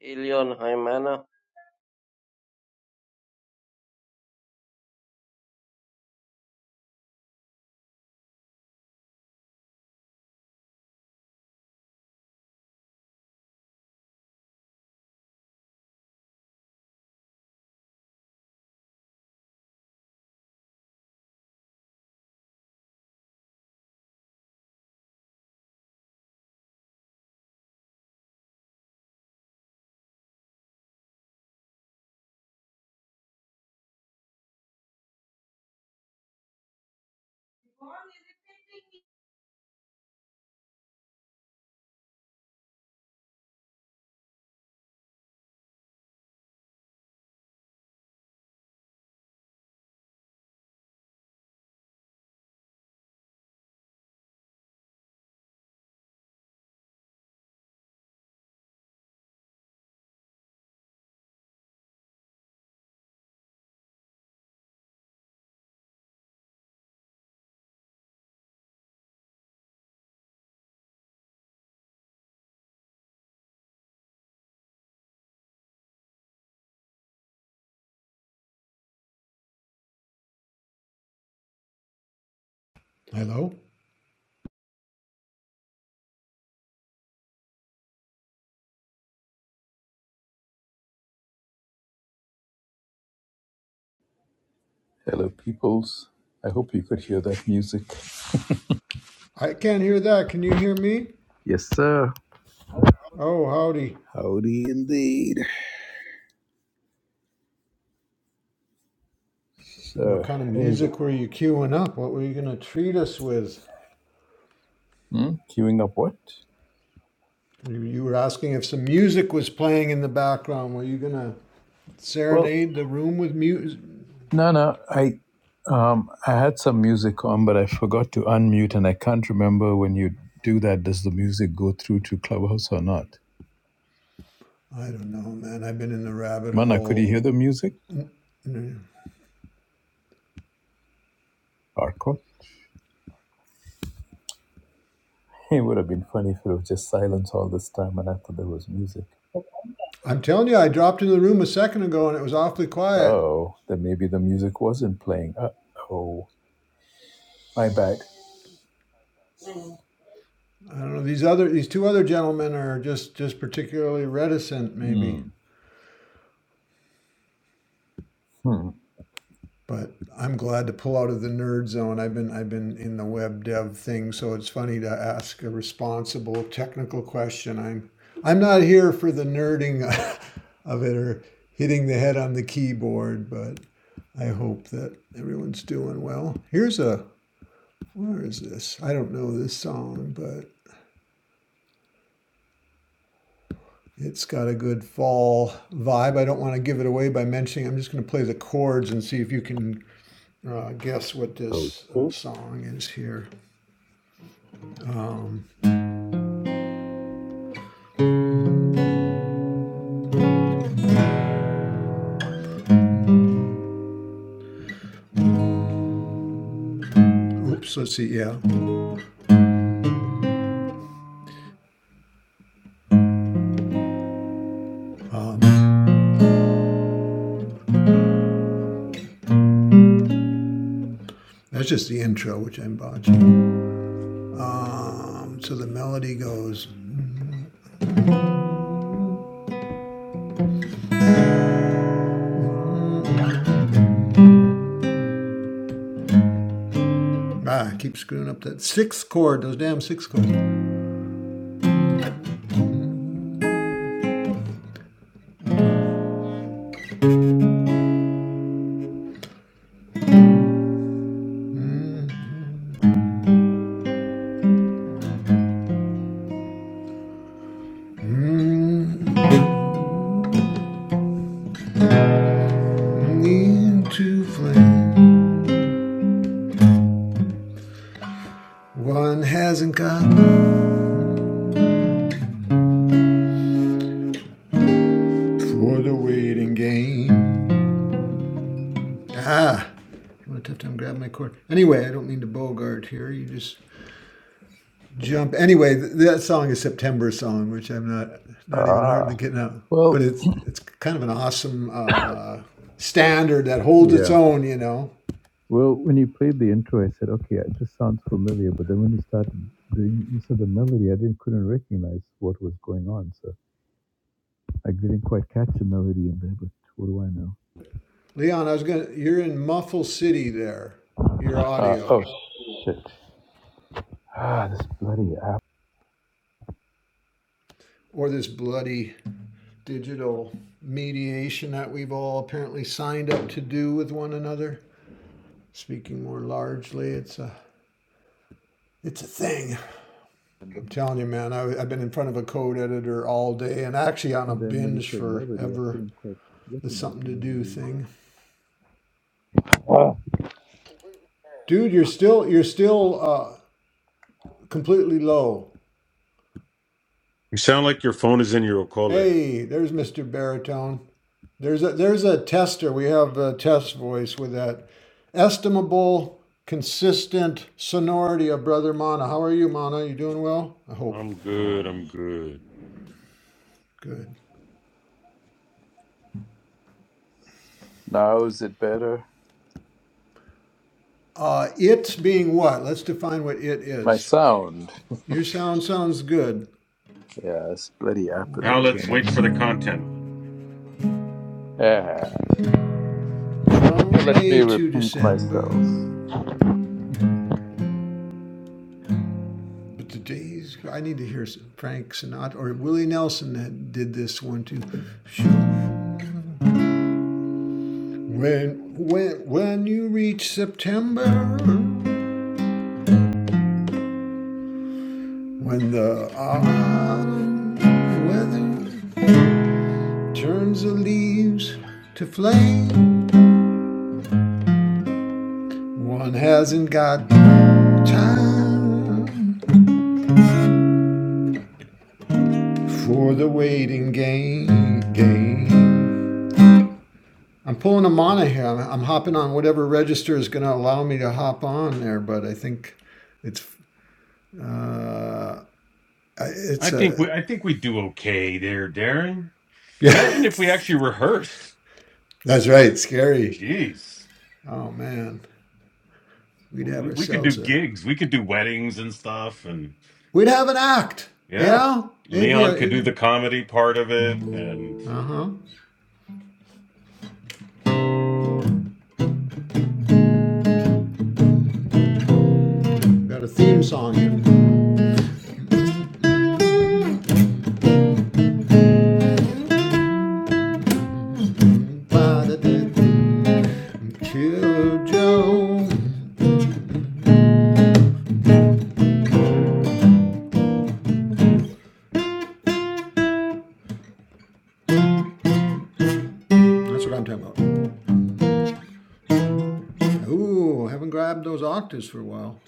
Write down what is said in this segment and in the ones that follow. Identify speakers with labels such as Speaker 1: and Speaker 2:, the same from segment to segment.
Speaker 1: Elion, hi Mana.
Speaker 2: Hello?
Speaker 3: Hello, peoples. I hope you could hear that music.
Speaker 2: I can't hear that. Can you hear me?
Speaker 3: Yes, sir.
Speaker 2: Oh, howdy.
Speaker 3: Howdy indeed.
Speaker 2: What
Speaker 3: So,
Speaker 2: kind of
Speaker 3: hey,
Speaker 2: music were you queuing up? What were you going to treat us with?
Speaker 3: hmm? queuing up what?
Speaker 2: You, you were asking if some music was playing in the background. Were you going to
Speaker 3: Well,
Speaker 2: serenade the room with music?
Speaker 3: no, no. I, um, I had some music on, but I forgot to unmute, and I can't remember when you do that. Does the music go through to Clubhouse or not?
Speaker 2: I don't know, man. I've been in the rabbit
Speaker 3: Mana, could you
Speaker 2: hole.
Speaker 3: hear the music?
Speaker 2: I'm
Speaker 3: Arco? It would have been funny if it was just silence all this time, and I thought there was music.
Speaker 2: telling you, I dropped into the room a second ago and it was awfully quiet.
Speaker 3: Oh, then maybe the music wasn't playing. Uh oh, my bad.
Speaker 2: I don't know. These other, these two other gentlemen are just, just particularly reticent, maybe.
Speaker 3: Hmm. Hmm.
Speaker 2: But I'm glad to pull out of the nerd zone. I've been I've been in the web dev thing, so it's funny to ask a responsible technical question. I'm I'm not here for the nerding of it or hitting the head on the keyboard, but I hope that everyone's doing well. Here's a where is this? I don't know this song, but it's got a good fall vibe. I don't want to give it away by mentioning. I'm just going to play the chords and see if you can uh, guess what this uh,
Speaker 3: Okay.
Speaker 2: song is here. Oops, let's see, yeah. That's just the intro, which I'm botching. Um, so the melody goes, ah, I keep screwing up that sixth chord, those damn sixth chords. Into flame, one hasn't got for the waiting game. Ah, I'm having a tough time grabbing my chord. Anyway, I don't mean to bogart here. You just jump. Anyway, th- that song is September song, which I'm not not even
Speaker 3: Ah.
Speaker 2: hardly getting out. But
Speaker 3: Well,
Speaker 2: it's it's kind of an awesome uh, standard that holds its
Speaker 3: yeah.
Speaker 2: own, you know.
Speaker 3: Well, when you played the intro, I said, okay, uh, this sounds familiar. But then when you started doing, you said the melody, I didn't couldn't recognize what was going on. So I didn't quite catch the melody in there. But what do I know?
Speaker 2: Leon, I was gonna. You're in Muffle City there. Your
Speaker 3: Uh,
Speaker 2: audio
Speaker 3: oh shit! Ah, this bloody app.
Speaker 2: or this bloody digital mediation that we've all apparently signed up to do with one another. Speaking more largely, it's a it's a thing. I'm telling you, man. I, I've been in front of a code editor all day, and actually on a
Speaker 3: And then when you
Speaker 2: binge
Speaker 3: said melody, I
Speaker 2: forever
Speaker 3: couldn't quite
Speaker 2: the
Speaker 3: recognize
Speaker 2: something
Speaker 3: the
Speaker 2: to do
Speaker 3: melody.
Speaker 2: thing.
Speaker 3: Ah,
Speaker 2: Dude, you're still you're still uh, completely low.
Speaker 4: You sound like your phone is in your okole.
Speaker 2: Hey, there's Mr. Baritone. There's a there's a tester. We have a test voice with that estimable, consistent sonority of Brother Mana. How are you, Mana? You doing well? I hope.
Speaker 4: I'm good. I'm good.
Speaker 2: Good.
Speaker 3: now is it better?
Speaker 2: Uh, it being what? Let's define what it
Speaker 3: My
Speaker 2: is.
Speaker 3: sound.
Speaker 2: Your sound sounds good.
Speaker 3: Yeah, this bloody app is
Speaker 4: Now
Speaker 3: a
Speaker 4: let's
Speaker 3: pain.
Speaker 2: With
Speaker 3: in
Speaker 4: wait for
Speaker 3: the-
Speaker 4: the
Speaker 2: uh,
Speaker 4: content.
Speaker 3: Yeah.
Speaker 2: from
Speaker 3: Let
Speaker 2: May
Speaker 3: me
Speaker 2: to
Speaker 3: repeat
Speaker 2: December.
Speaker 3: myself.
Speaker 2: But today's, I need to hear Frank Sinatra or Willie Nelson that did this one too. When, when, when you reach September, when the autumn weather turns the leaves to flame, one hasn't got time for the waiting game. game. I'm pulling a mana here. I'm, I'm hopping on whatever register is going to allow me to hop on there, but I think it's uh,
Speaker 4: I
Speaker 2: it's
Speaker 4: think
Speaker 2: a
Speaker 4: we I think we do okay there, Darren.
Speaker 2: yeah.
Speaker 4: Imagine if we
Speaker 2: It's,
Speaker 4: actually rehearsed.
Speaker 2: That's right. Scary.
Speaker 4: Jeez,
Speaker 2: Oh man, we'd have
Speaker 4: we we could do
Speaker 2: ourselves a
Speaker 4: gigs. We could do weddings and stuff, and
Speaker 2: we'd have an act. You
Speaker 4: yeah,
Speaker 2: know, it'd be
Speaker 4: Leon could do
Speaker 2: a
Speaker 4: the comedy part of it and
Speaker 2: uh huh. Got a theme song. Joe. That's what I'm talking about. Ooh, haven't grabbed those octaves for a while.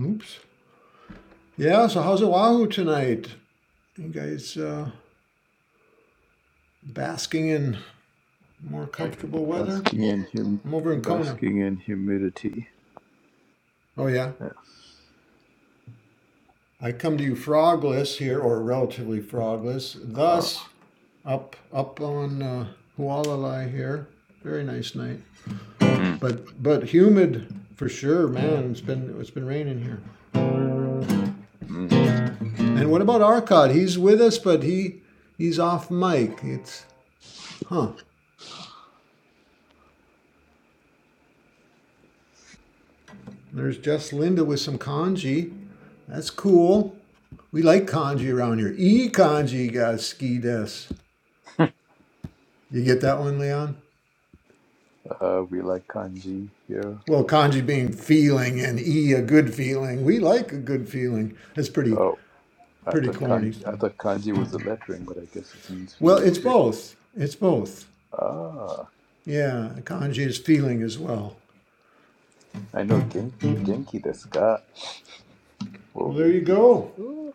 Speaker 2: Oops. Yeah. So how's Oahu tonight? You guys uh, basking in more comfortable weather?
Speaker 3: Basking in hum-
Speaker 2: I'm over in Kona.
Speaker 3: basking in humidity.
Speaker 2: Oh, yeah.
Speaker 3: Yes.
Speaker 2: I come to you frogless here, or relatively frogless,
Speaker 3: Ah.
Speaker 2: thus up up on uh, Hualalai here. Very nice night,
Speaker 3: Mm.
Speaker 2: but but humid for sure, man. It's been it's been raining here.
Speaker 3: Mm.
Speaker 2: And what about Arcot? He's with us, but he he's off mic. It's huh. There's just Linda with some kanji. That's cool. We like kanji around here. E kanji got ski des. You get that one, Leon?
Speaker 3: Uh, we like kanji here.
Speaker 2: Well, kanji being feeling and e a good feeling. We like a good feeling. That's pretty
Speaker 3: Oh, I
Speaker 2: pretty
Speaker 3: thought kan-
Speaker 2: corny.
Speaker 3: I thought kanji was a lettering, but I guess it means
Speaker 2: Well,
Speaker 3: feeling
Speaker 2: it's
Speaker 3: too.
Speaker 2: both. It's both.
Speaker 3: Ah,
Speaker 2: Yeah, kanji is feeling as well.
Speaker 3: I know gen- genki desu ka. Oh,
Speaker 2: Well, there you
Speaker 3: genki desu.
Speaker 2: go.
Speaker 3: Ooh.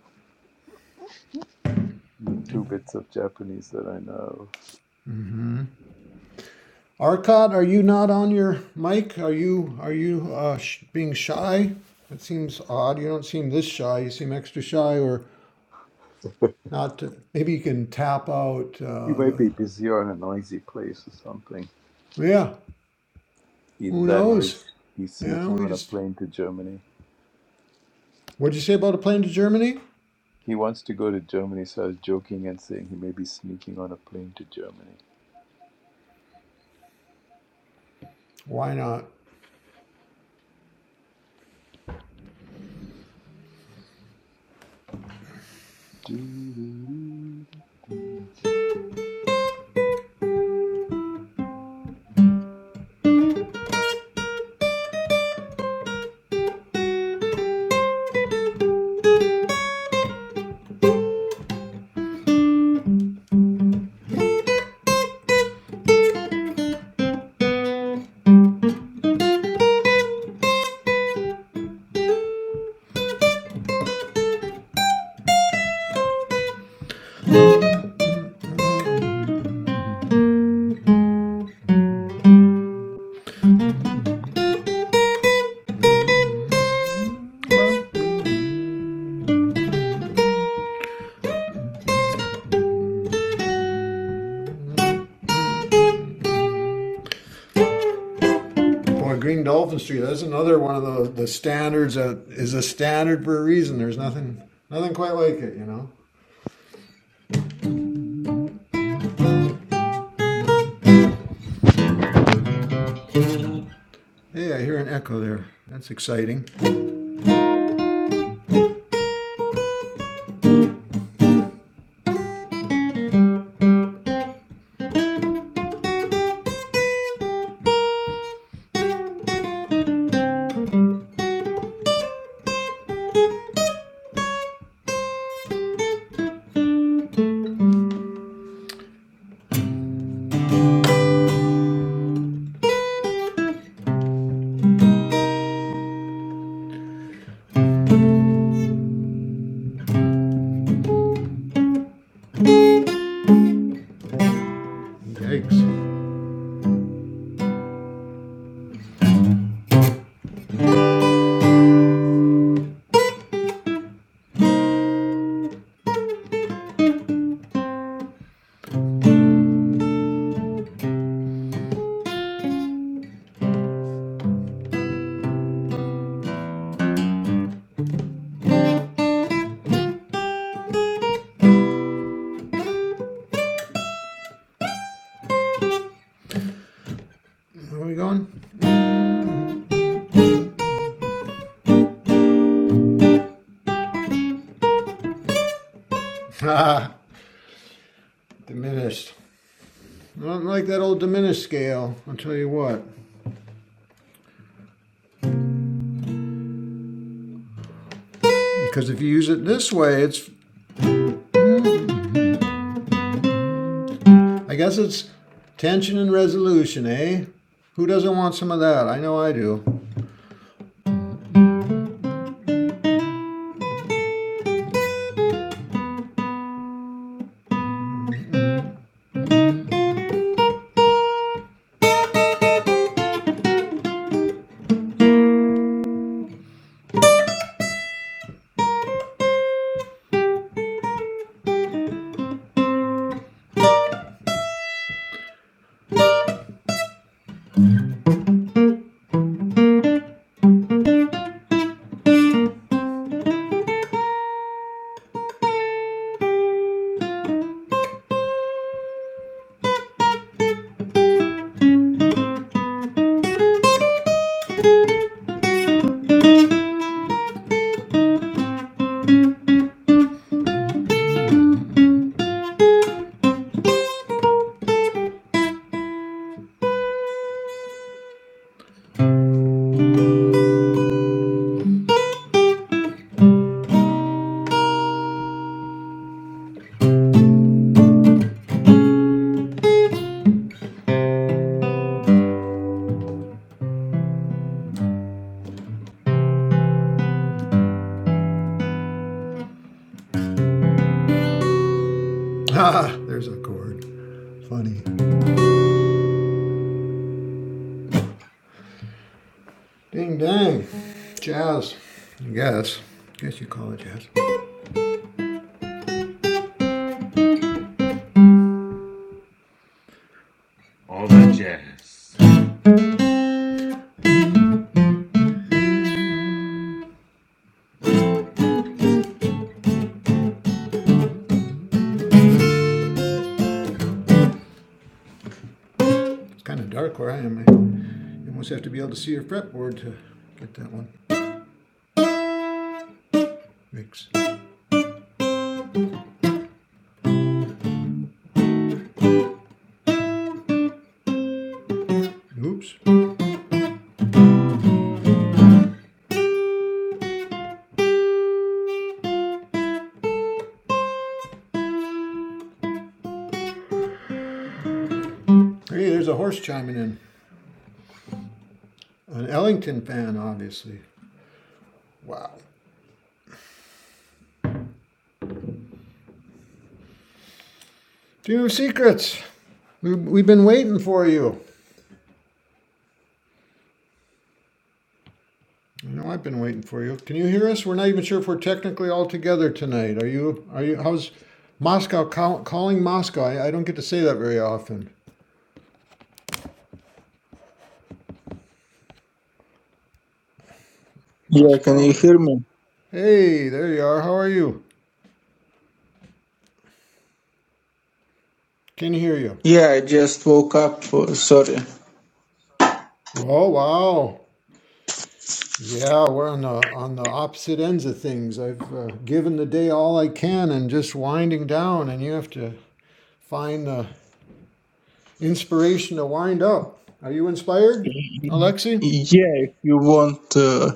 Speaker 3: The two bits of Japanese that I know.
Speaker 2: Arcot, are you not on your mic? Are you are you uh, sh- being shy? It seems odd. You don't seem this shy. You seem extra shy or not. To, Maybe you can tap out
Speaker 3: He
Speaker 2: uh,
Speaker 3: might
Speaker 2: the.
Speaker 3: be busy or in a noisy place or something.
Speaker 2: Yeah,
Speaker 3: Either
Speaker 2: Who
Speaker 3: that or
Speaker 2: knows?
Speaker 3: he's, he's
Speaker 2: You know,
Speaker 3: sneaking
Speaker 2: we
Speaker 3: on a
Speaker 2: just.
Speaker 3: plane to Germany.
Speaker 2: What'd you say about a plane to Germany?
Speaker 3: He wants to go to Germany, so I was joking and saying he may be sneaking on a plane to Germany.
Speaker 2: Why not?
Speaker 3: Hmm.
Speaker 2: Boy, Green Dolphin Street. That's another one of the the standards that is a standard for a reason. There's nothing nothing quite like it, you know. Hey, I hear an echo there. That's exciting. Yikes. Where are we going? Ah, diminished. I don't like that old diminished scale. I'll tell you what. Because if you use it this way, it's I guess it's tension and resolution, eh? Who doesn't want some of that? I know I do. Ah, there's a chord. Funny. Ding dang. Jazz. I guess. I guess you call it jazz.
Speaker 4: all that jazz.
Speaker 2: It's kind of dark where I am. You almost have to be able to see your fretboard to get that one. Mix. Oops. Hey, there's a horse chiming in. An Ellington fan, obviously. Wow. Two Secrets. We've been waiting for you. I know I've been waiting for you. Can you hear us? We're not even sure if we're technically all together tonight. Are you? Are you? How's Moscow call, calling Moscow? I, I don't get to say that very often.
Speaker 5: Yeah, can you
Speaker 2: Moscow.
Speaker 5: hear me?
Speaker 2: Hey, there you are. How are you? Can hear you.
Speaker 5: Yeah, I just woke up. uh, Sorry.
Speaker 2: Oh wow. Yeah, we're on the on the opposite ends of things. I've uh, given the day all I can and just winding down, and you have to find the inspiration to wind up. Are you inspired, Alexi?
Speaker 5: Yeah, if you want uh,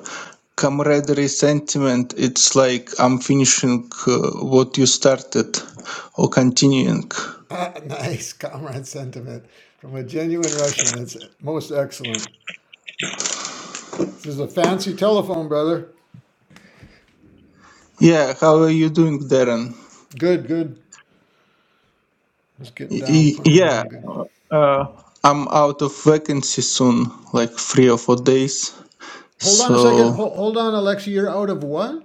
Speaker 5: camaraderie sentiment, it's like I'm finishing uh, what you started or continuing.
Speaker 2: Ah, nice comrade sentiment from a genuine Russian. That's most excellent. This is a fancy telephone, brother.
Speaker 5: Yeah, how are you doing, Darren?
Speaker 2: Good, good. Just getting
Speaker 5: Y-
Speaker 2: down,
Speaker 5: y-
Speaker 2: playing on a
Speaker 5: yeah,
Speaker 2: little good.
Speaker 5: uh, I'm out of vacancy soon, like three or four days.
Speaker 2: Hold on a second.
Speaker 5: So
Speaker 2: Hold, hold on, Alexei. You're out of what?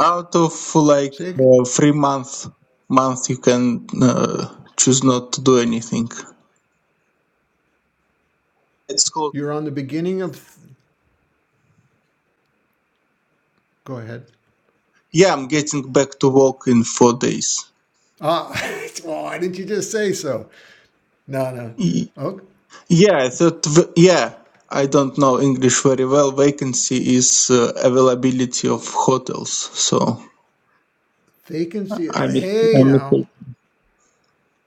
Speaker 5: out of like
Speaker 2: Say, ag-
Speaker 5: uh, three month month, you can uh, choose not to do anything. It's called
Speaker 2: you're on the beginning of. Th- Go ahead.
Speaker 5: Yeah, I'm getting back to work in four days.
Speaker 2: Ah, why didn't you just say so? No, no.
Speaker 5: Y-
Speaker 2: Oh,
Speaker 5: Yeah, I thought, v- yeah, I don't know English very well. Vacancy is uh, availability of hotels, so
Speaker 2: vacancy.
Speaker 5: I
Speaker 2: Uh,
Speaker 5: mis I
Speaker 2: hey, now.
Speaker 5: mistake.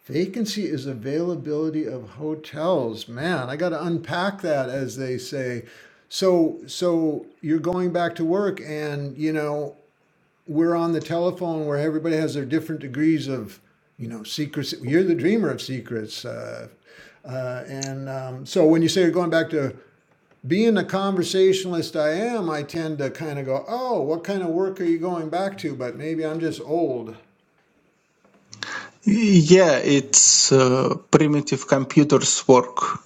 Speaker 2: Vacancy is availability of hotels. Man, I got to unpack that, as they say. So, so you're going back to work, and you know we're on the telephone where everybody has their different degrees of, you know, secrets. You're the dreamer of secrets, uh, uh, and um, so when you say you're going back to being a conversationalist, I am. I tend to kind of go, oh, what kind of work are you going back to? But maybe I'm just old.
Speaker 5: Yeah, it's uh, primitive computers work.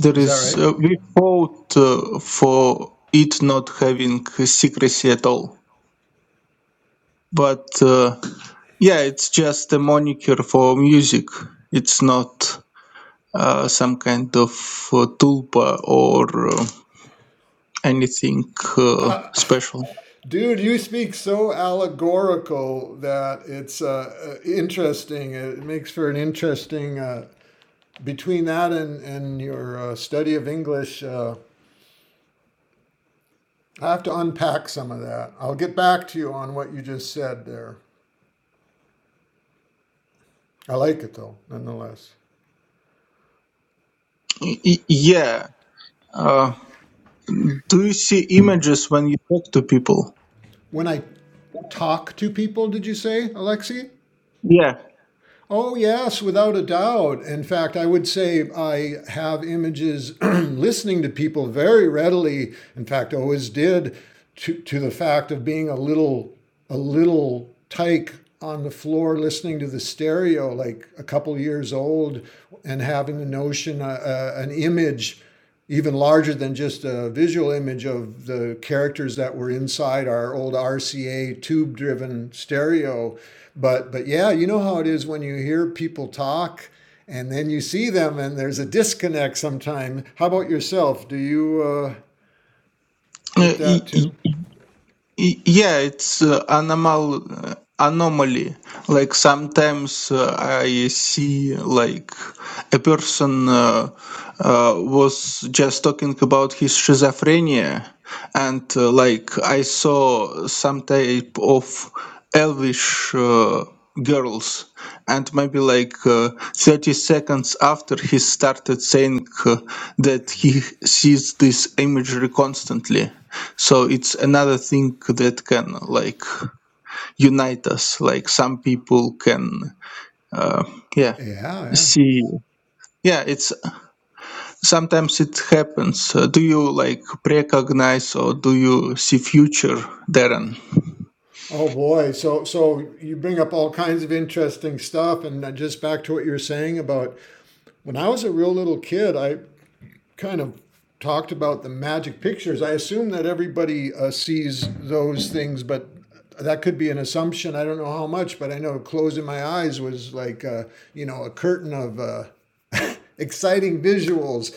Speaker 5: There
Speaker 2: Is that
Speaker 5: is
Speaker 2: right?
Speaker 5: uh, we fought uh, for it not having secrecy at all, but uh, yeah, it's just a moniker for music. It's not. uh, some kind of uh, tulpa or uh, anything uh,
Speaker 2: Uh,
Speaker 5: special.
Speaker 2: Dude, you speak so allegorical that it's uh, uh, interesting. It makes for an interesting uh, between that and and your uh, study of English. Uh, I have to unpack some of that. I'll get back to you on what you just said there. I like it though, nonetheless.
Speaker 5: Y- y- yeah. Uh, do you see images when you talk to people?
Speaker 2: When I talk to people, did you say, Alexei?
Speaker 5: Yeah.
Speaker 2: Oh, yes, without a doubt. In fact, I would say I have images listening to people very readily. In fact, always did to, to the fact of being a little a little tyke on the floor listening to the stereo, like a couple years old, and having a notion, uh, uh, an image even larger than just a visual image of the characters that were inside our old RCA tube driven stereo but but yeah you know how it is when you hear people talk and then you see them and there's a disconnect sometime how about yourself do you uh,
Speaker 5: Uh,
Speaker 2: get that
Speaker 5: y- y-
Speaker 2: too
Speaker 5: Y- Yeah, it's uh, anomal uh, anomaly. Like sometimes uh, I see like a person uh, uh, was just talking about his schizophrenia, and uh, like I saw some type of elvish uh, girls, and maybe like uh, thirty seconds after he started saying uh, that he sees this imagery constantly so it's another thing that can like unite us like some people can uh, yeah
Speaker 2: yeah yeah
Speaker 5: see yeah it's sometimes it happens uh, do you like recognize or do you see future darren
Speaker 2: oh boy so so you bring up all kinds of interesting stuff and just back to what you were saying about when i was a real little kid i kind of talked about the magic pictures. I assume that everybody uh, sees those things, but that could be an assumption. I don't know how much, but I know closing my eyes was like, uh, you know, a curtain of uh, exciting visuals.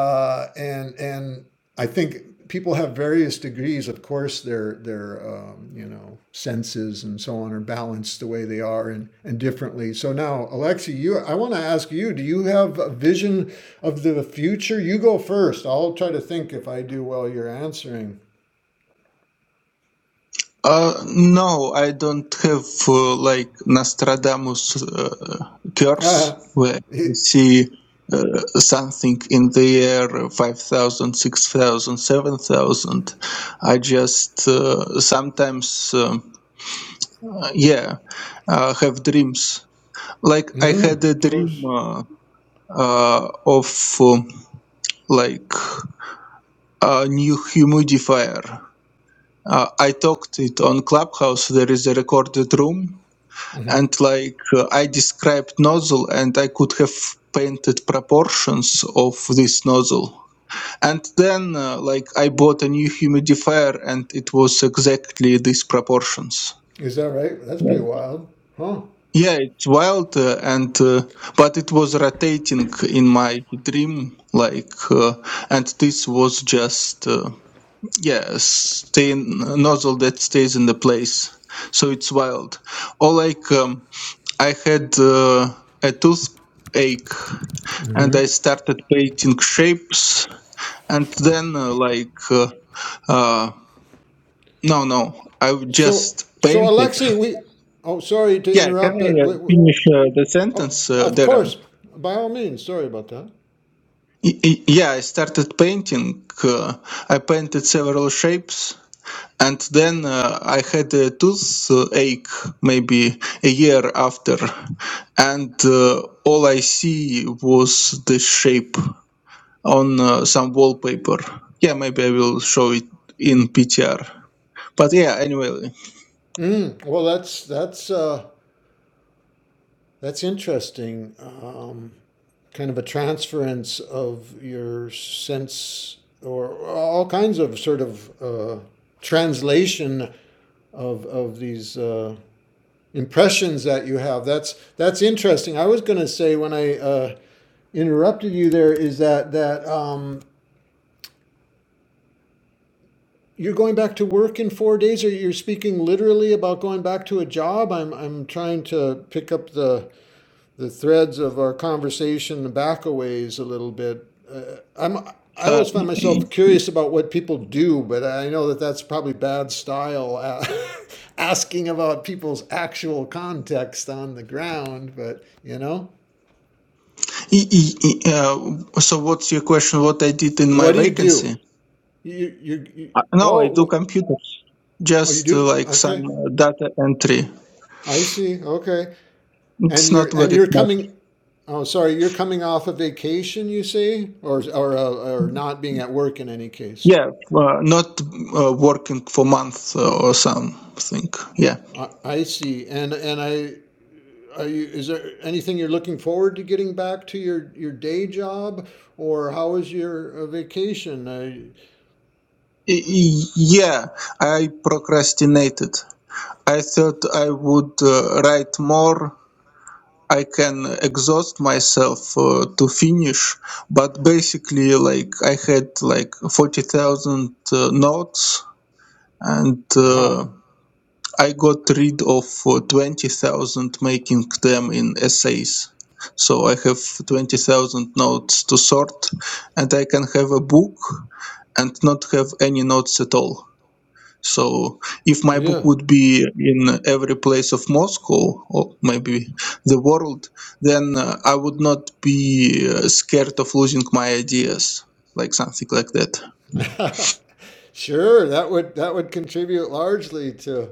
Speaker 2: Uh, and and I think people have various degrees. Of course, their their um, you know senses and so on are balanced the way they are and and differently. So now, Alexi, you I want to ask you: Do you have a vision of the future? You go first. I'll try to think if I do while you're answering.
Speaker 5: Uh, no, I don't have uh, like Nostradamus uh, curse where I
Speaker 2: It-
Speaker 5: see uh, something in the year 5000 6000 7000. I just uh, sometimes, um, uh, yeah, uh, have dreams. Like I
Speaker 2: mm,
Speaker 5: had a
Speaker 2: of
Speaker 5: dream
Speaker 2: course.
Speaker 5: uh, uh, of um, like a new humidifier. Uh, I talked it on Clubhouse. There is a recorded room
Speaker 2: hmm
Speaker 5: and like uh, I described nozzle and I could have painted proportions of this nozzle. And then uh, like I bought a new humidifier and it was exactly these proportions.
Speaker 2: Is that right? That's pretty wild, huh?
Speaker 5: Yeah, it's wild uh, and uh, but it was rotating in my dream like uh, and this was just uh, yeah, stay nozzle that stays in the place. So it's wild. Or like um, I had uh, a toothache and I
Speaker 2: Mm-hmm.
Speaker 5: started painting shapes and then uh, like uh, uh, no no I
Speaker 2: So
Speaker 5: just
Speaker 2: so
Speaker 5: painted
Speaker 2: Alexi, we. Oh, sorry to
Speaker 5: yeah can
Speaker 2: interrupt, but
Speaker 5: I uh,
Speaker 2: we, we-
Speaker 5: finish uh, the
Speaker 2: Oh,
Speaker 5: sentence uh,
Speaker 2: of
Speaker 5: Darren
Speaker 2: course. By all means. Sorry about that.
Speaker 5: Y- y- yeah I started painting uh, I painted several shapes and then uh, I had a toothache maybe a year after and uh, all I see was the shape on uh, some wallpaper. Yeah, maybe I will show it in PTR. But yeah, anyway.
Speaker 2: Mm, well, that's that's uh, that's interesting. Um, kind of a transference of your sense, or all kinds of sort of uh, translation of of these uh, impressions that you have. That's that's interesting. I was going to say when I uh, interrupted you there is that that um, You're going back to work in four days, or you're speaking literally about going back to a job? I'm I'm trying to pick up the the threads of our conversation back a ways a little bit. Uh, I'm I
Speaker 5: Uh,
Speaker 2: always find
Speaker 5: y-
Speaker 2: myself curious about what people do, but I know that that's probably bad style, uh, asking about people's actual context on the ground. But you know,
Speaker 5: y- y- y- uh, so what's your question? What I did in my
Speaker 2: what do you do?
Speaker 5: vacancy?
Speaker 2: You you, you
Speaker 5: Uh, No, I do
Speaker 2: oh
Speaker 5: computer,
Speaker 2: oh you
Speaker 5: just uh,
Speaker 2: do
Speaker 5: like some
Speaker 2: okay.
Speaker 5: uh, data entry.
Speaker 2: I see. Okay. And
Speaker 5: It's
Speaker 2: you're
Speaker 5: not
Speaker 2: and
Speaker 5: very
Speaker 2: you're
Speaker 5: smart.
Speaker 2: coming. Oh, sorry, you're coming off a vacation, you say, or or uh, or not being at work in any case.
Speaker 5: Yeah, uh, not uh, working for month uh, or something. Yeah.
Speaker 2: I, see. And and I. Are you, is there anything you're looking forward to getting back to your, your day job, or how was your uh, vacation? I,
Speaker 5: Y- y- Yeah, I procrastinated. I thought I would uh, write more I can exhaust myself uh, to finish, but basically, like I had like forty thousand uh, notes, and uh,
Speaker 2: wow,
Speaker 5: I got rid of uh, twenty thousand, making them in essays. So I have twenty thousand notes to sort, and I can have a book and not have any notes at all. So if my book
Speaker 2: yeah,
Speaker 5: would be in every place of Moscow or maybe the world, then uh, I would not be uh, scared of losing my ideas, like something like that.
Speaker 2: sure. That would that would contribute largely to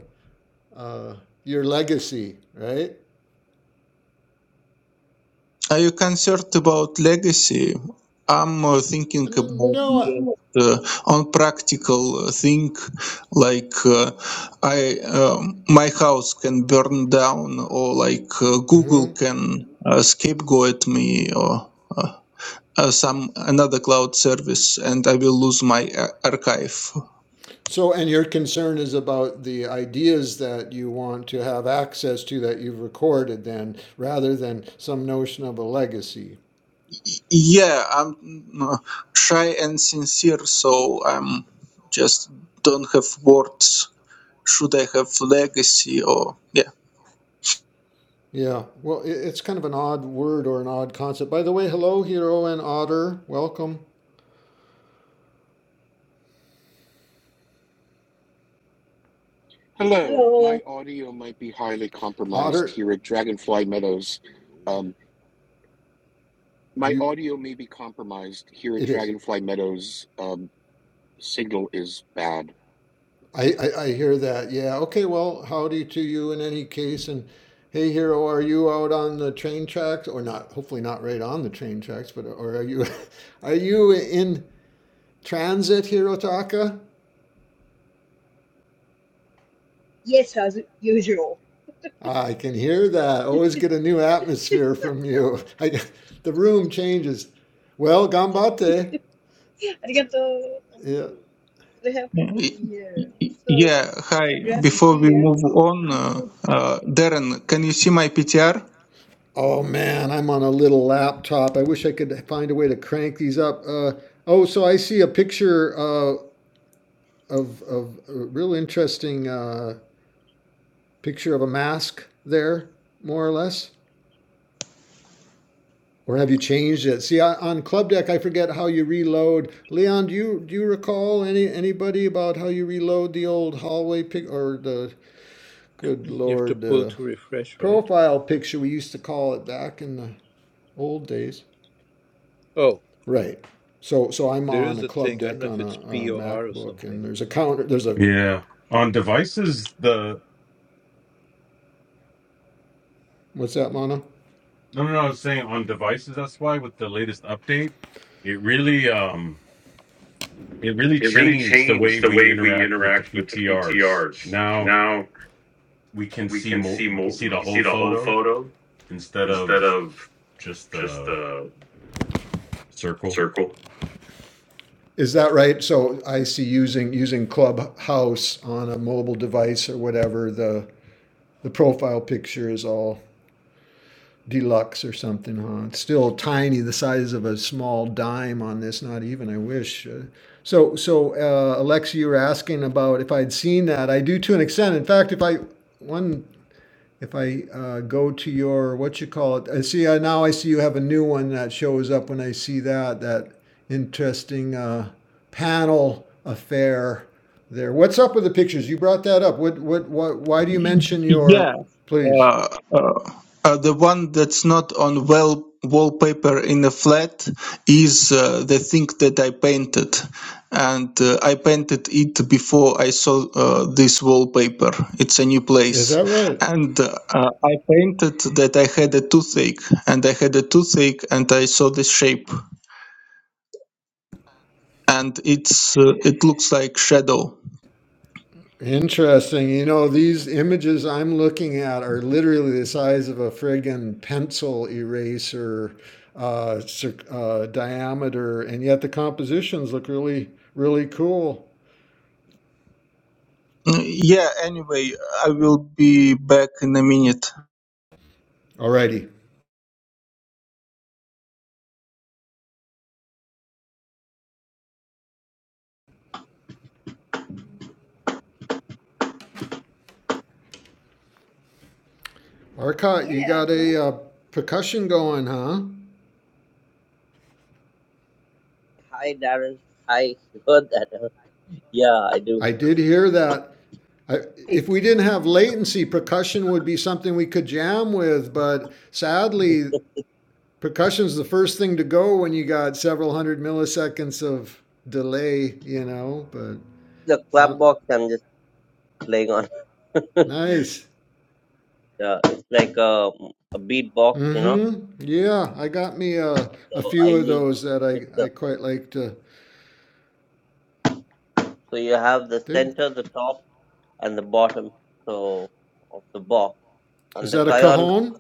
Speaker 2: uh, your legacy, right?
Speaker 5: Are you concerned about legacy? I'm uh, thinking
Speaker 2: N-
Speaker 5: about
Speaker 2: No,
Speaker 5: uh, on practical thing like uh, I um my house can burn down or like
Speaker 2: I,
Speaker 5: uh, Google
Speaker 2: Mhm.
Speaker 5: can uh, scapegoat me or. uh, uh, some another cloud service and I will lose my uh, archive.
Speaker 2: So, and your concern is about the ideas that you want to have access to that you've recorded, then, rather than some notion of a legacy.
Speaker 5: Yeah, I'm mm, shy and sincere, so I'm just don't have words. Should I have legacy or yeah?
Speaker 2: Yeah, well, it's kind of an odd word or an odd concept. By the way, hello, hero and otter. Welcome,
Speaker 6: Hello,
Speaker 7: Hello.
Speaker 6: my audio might be highly compromised
Speaker 2: otter.
Speaker 6: here at Dragonfly Meadows. Um, my
Speaker 2: You,
Speaker 6: audio may be compromised here at
Speaker 2: it is.
Speaker 6: Dragonfly Meadows. Um, signal is bad.
Speaker 2: I, I, I hear that. Yeah. Okay. Well, howdy to you in any case. And hey, hero, are you out on the train tracks or not? Hopefully not right on the train tracks, but or are you, are you in transit, Hirotaka.
Speaker 7: Yes, as usual.
Speaker 2: I can hear that. Always get a new atmosphere from you. I, the room changes. Well, gambate.
Speaker 7: Arigato. Thank
Speaker 2: Yeah.
Speaker 7: you. Very happy to
Speaker 5: Y-
Speaker 7: be here.
Speaker 5: y-
Speaker 7: So,
Speaker 5: Yeah,
Speaker 7: so
Speaker 5: hi.
Speaker 7: glad to
Speaker 5: Before
Speaker 7: see
Speaker 5: we
Speaker 7: you.
Speaker 5: move on, uh,
Speaker 7: Michael.
Speaker 5: uh, Darren, can you see my PTR?
Speaker 2: Oh man, I'm on a little laptop. I wish I could find a way to crank these up. Uh, oh, so I see a picture uh, of of a real interesting uh, picture of a mask there, more or less. Or have you changed it? See, on Club Deck, I forget how you reload. Leon, do you do you recall any anybody about how you reload the old hallway pic or the good
Speaker 3: You have to
Speaker 2: lord
Speaker 3: pull
Speaker 2: uh,
Speaker 3: to refresh, right?
Speaker 2: profile picture we used to call it back in the old days?
Speaker 3: Oh,
Speaker 2: Right. So so I'm
Speaker 3: there
Speaker 2: on
Speaker 3: is
Speaker 2: a
Speaker 3: a
Speaker 2: Club
Speaker 3: thing. I don't
Speaker 2: Deck
Speaker 3: know
Speaker 2: on
Speaker 3: if
Speaker 2: a,
Speaker 3: it's
Speaker 2: a
Speaker 3: P or R or
Speaker 2: MacBook, and
Speaker 3: something.
Speaker 2: there's a counter. There's a
Speaker 4: Yeah, on devices the
Speaker 2: what's that, Mono?
Speaker 4: no no no. I was saying on devices. That's why with the latest update, it really um it really
Speaker 2: It really
Speaker 4: changed the way
Speaker 2: changed the
Speaker 4: we
Speaker 2: way we
Speaker 4: interact with the
Speaker 2: interact with the
Speaker 4: PTRs.
Speaker 2: PTRs.
Speaker 4: Now
Speaker 2: Now
Speaker 4: we can
Speaker 2: we
Speaker 4: see
Speaker 2: can
Speaker 4: more.
Speaker 2: see
Speaker 4: We can
Speaker 2: more.
Speaker 4: see
Speaker 2: We
Speaker 4: the
Speaker 2: can
Speaker 4: whole
Speaker 2: see the whole
Speaker 4: photo
Speaker 2: photo
Speaker 4: instead
Speaker 2: instead
Speaker 4: of
Speaker 2: of
Speaker 4: just
Speaker 2: just
Speaker 4: the
Speaker 2: the
Speaker 4: circle.
Speaker 2: circle. Is that right? So I see using, using Clubhouse on a mobile device or whatever, the, the profile picture is all deluxe or something, huh? It's still tiny, the size of a small dime on this, not even, I wish. Uh, So, so uh, Alexa, you were asking about if I'd seen that. I do to an extent. In fact, if I, one If I uh, go to your, what you call it, I see, uh, now I see you have a new one that shows up when I see that, that interesting uh, panel affair there. What's up with the pictures? You brought that up. What, what, what, why do you mention your,
Speaker 5: Yeah,
Speaker 2: please?
Speaker 5: uh, uh, uh, the one that's not on well wallpaper in a flat is uh, the thing that I painted, and uh, I painted it before I saw uh, this wallpaper. It's a new
Speaker 2: Is
Speaker 5: place,
Speaker 2: that right?
Speaker 5: and uh, I painted that I had a toothache, and I had a toothache, and I saw this shape, and it's uh, it looks like shadow.
Speaker 2: Interesting. You know, these images I'm looking at are literally the size of a friggin' pencil eraser uh, uh, diameter, and yet the compositions look really, really cool.
Speaker 5: Mm, Yeah. Anyway, I will be back in a minute.
Speaker 2: Alrighty. Arcot, you
Speaker 7: Yeah,
Speaker 2: got
Speaker 7: cool.
Speaker 2: a uh, percussion going, huh?
Speaker 1: Hi Darren. Hi. You heard that? huh? Yeah, I do.
Speaker 2: I did hear that. I,
Speaker 7: Hey,
Speaker 2: if we didn't have latency, percussion would be something we could jam with, but sadly, percussion's the first thing to go when you got several hundred milliseconds of delay, you know, but
Speaker 1: The clap
Speaker 2: sound
Speaker 1: box I'm just playing on.
Speaker 2: nice.
Speaker 1: Yeah, it's like a, a beat box, you know.
Speaker 2: Mm-hmm. Yeah, I got me a, a
Speaker 1: So I
Speaker 2: few of
Speaker 1: use
Speaker 2: those that
Speaker 1: just
Speaker 2: I, I
Speaker 1: the
Speaker 2: quite like to.
Speaker 1: so you have the
Speaker 2: They-
Speaker 1: center, the top, and the bottom. So of the box
Speaker 2: Is
Speaker 1: and the
Speaker 2: that a
Speaker 1: cajon.
Speaker 2: cajon?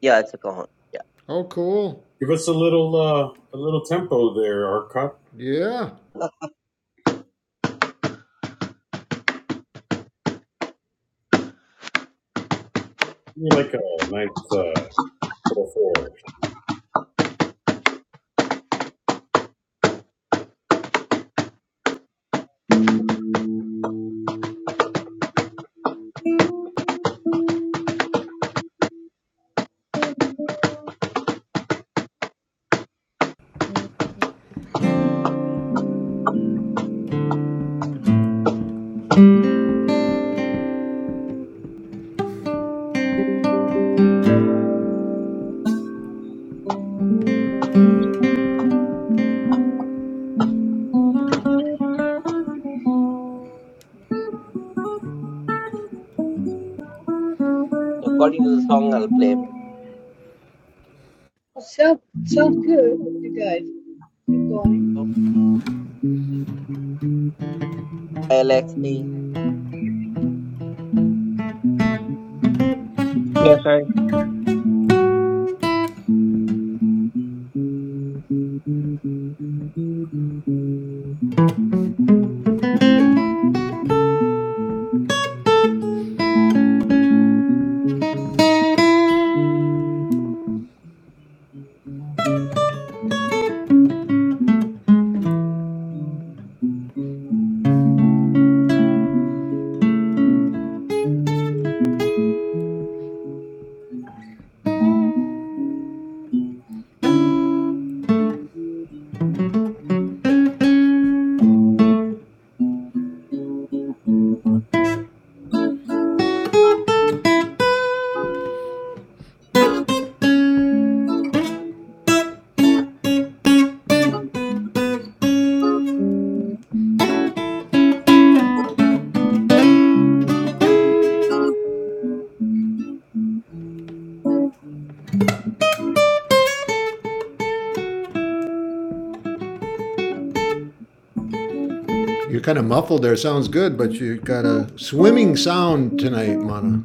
Speaker 1: Yeah, it's a cajon. Yeah.
Speaker 2: Oh, cool.
Speaker 4: Give us a little uh, a little tempo there, Arcot.
Speaker 2: Yeah.
Speaker 4: Give me like a nice uh, four four. Thank you.
Speaker 1: So according to the song, I'll play.
Speaker 7: Well, sound, sounds good, you guys. Keep going.
Speaker 1: So, LXD.
Speaker 5: Yeah. Hi.
Speaker 4: Oh. A. What's
Speaker 2: You're kind of muffled there. Sounds good, but you got a swimming sound tonight, Mana.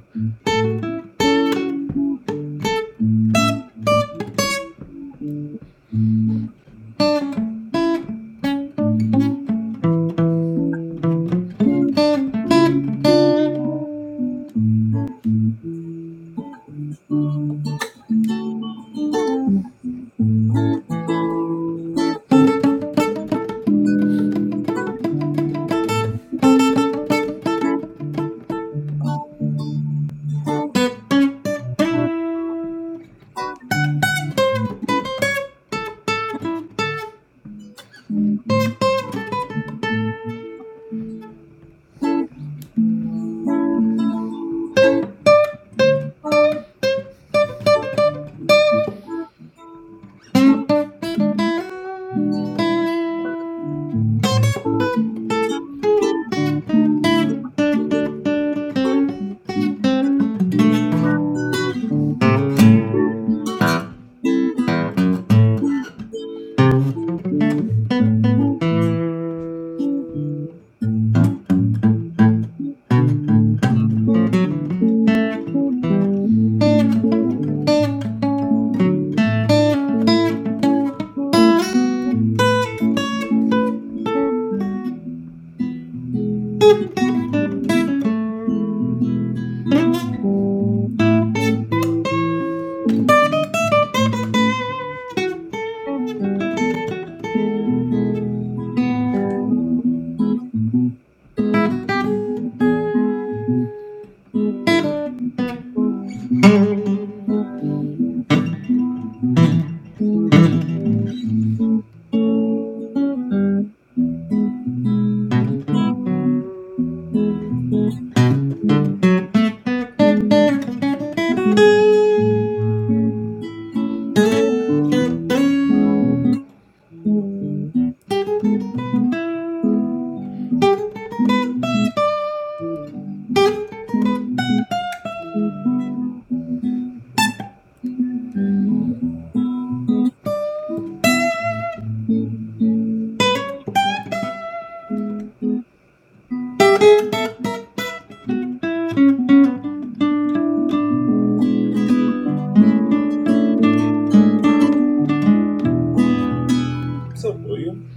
Speaker 4: up, William?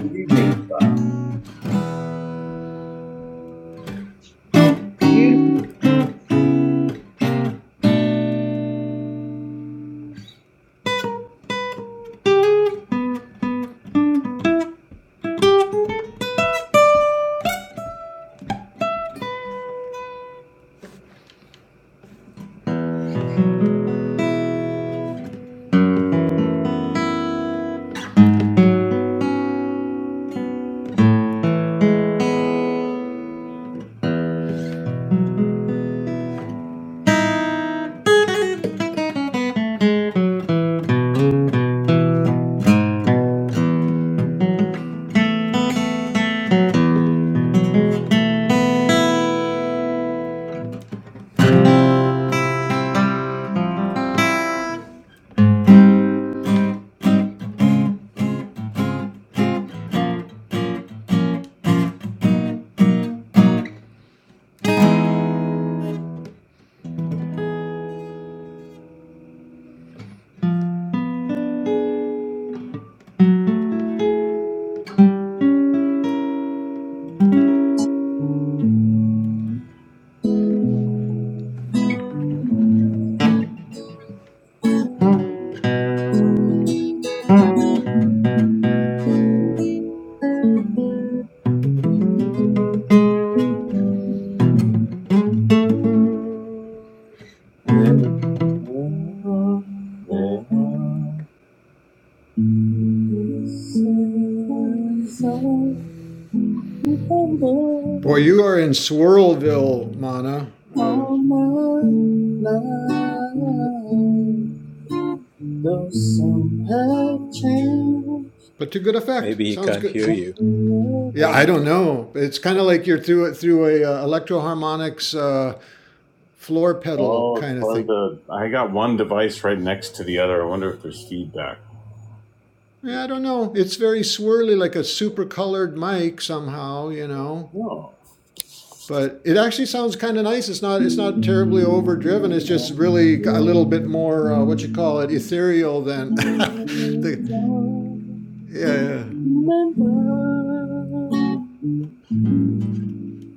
Speaker 4: Good evening. Uh,
Speaker 7: Beautiful.
Speaker 4: there- there- there- All
Speaker 2: Boy, you are in Swirlville, Mana, uh,
Speaker 4: my life, Though some have changed,
Speaker 2: but to good effect.
Speaker 3: Maybe he
Speaker 2: Sounds
Speaker 3: can't
Speaker 2: good.
Speaker 3: hear you.
Speaker 2: Yeah, I don't know. It's kind of like you're through it through a uh, electroharmonics uh, floor pedal
Speaker 4: Oh, it's
Speaker 2: kind of
Speaker 4: probably
Speaker 2: thing.
Speaker 4: the. I got one device right next to the other. I wonder if there's feedback.
Speaker 2: Yeah, I don't know. It's very swirly, like a super colored mic somehow. You know. but it actually sounds kind of nice. It's not it's not terribly overdriven. It's just really a little bit more uh, what you
Speaker 4: No.
Speaker 2: call it ethereal than the
Speaker 4: Remember
Speaker 2: yeah yeah.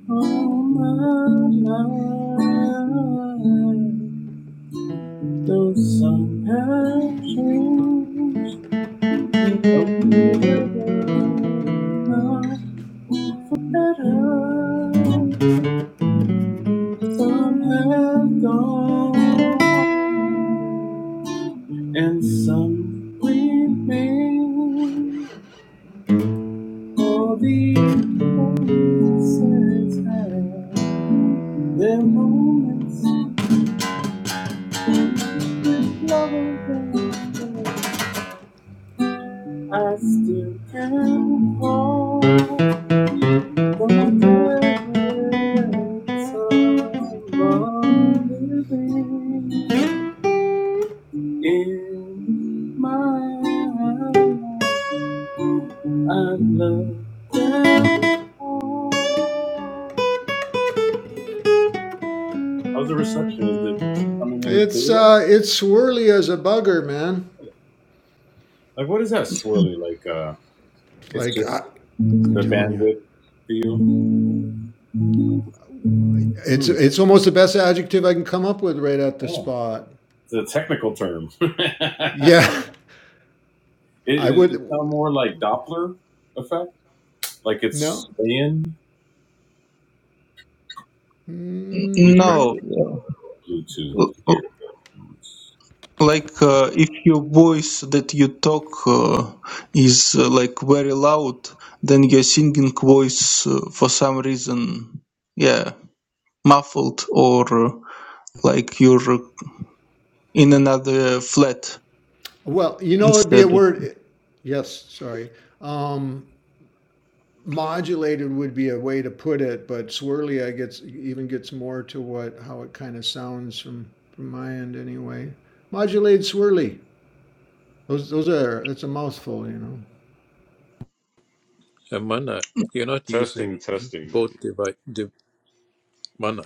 Speaker 4: all my life. Though some have changed, some forever, not for better. Some have gone, and some remain for the places have their moments with lovers and friends. I still can call for my and someone living in my life. I love them all. How's the reception? Is it coming in
Speaker 2: It's
Speaker 4: clearer?
Speaker 2: uh, it's swirly as a bugger, man.
Speaker 4: Like, what is that swirly? Like, uh, it's
Speaker 2: Like
Speaker 4: just
Speaker 2: I, I'm
Speaker 4: the
Speaker 2: telling you,
Speaker 4: bandwidth for you?
Speaker 2: it's
Speaker 4: Hmm.
Speaker 2: it's almost the best adjective I can come up with right at the
Speaker 4: Yeah,
Speaker 2: spot.
Speaker 4: it's a technical term. it,
Speaker 2: Yeah,
Speaker 4: it,
Speaker 2: I
Speaker 4: it
Speaker 2: would
Speaker 4: sounds more like Doppler effect. Like it's
Speaker 2: no
Speaker 4: in. We
Speaker 2: Mm,
Speaker 4: try
Speaker 2: no.
Speaker 5: No, l-
Speaker 4: Bluetooth earphones.
Speaker 5: like uh, if your voice that you talk uh, is uh, like very loud, then your singing voice uh, for some reason, yeah, muffled or uh, like you're in another flat
Speaker 2: Well, you know it'd be a
Speaker 5: instead.
Speaker 2: word. Yes, sorry. Um, modulated would be a way to put it, but swirly I gets even gets more to what how it kind of sounds from from my end anyway. Modulated swirly. Those those are that's a mouthful, you know.
Speaker 3: Amana, you're not
Speaker 4: Testing,
Speaker 3: using
Speaker 4: testing.
Speaker 3: both device. De- Mana,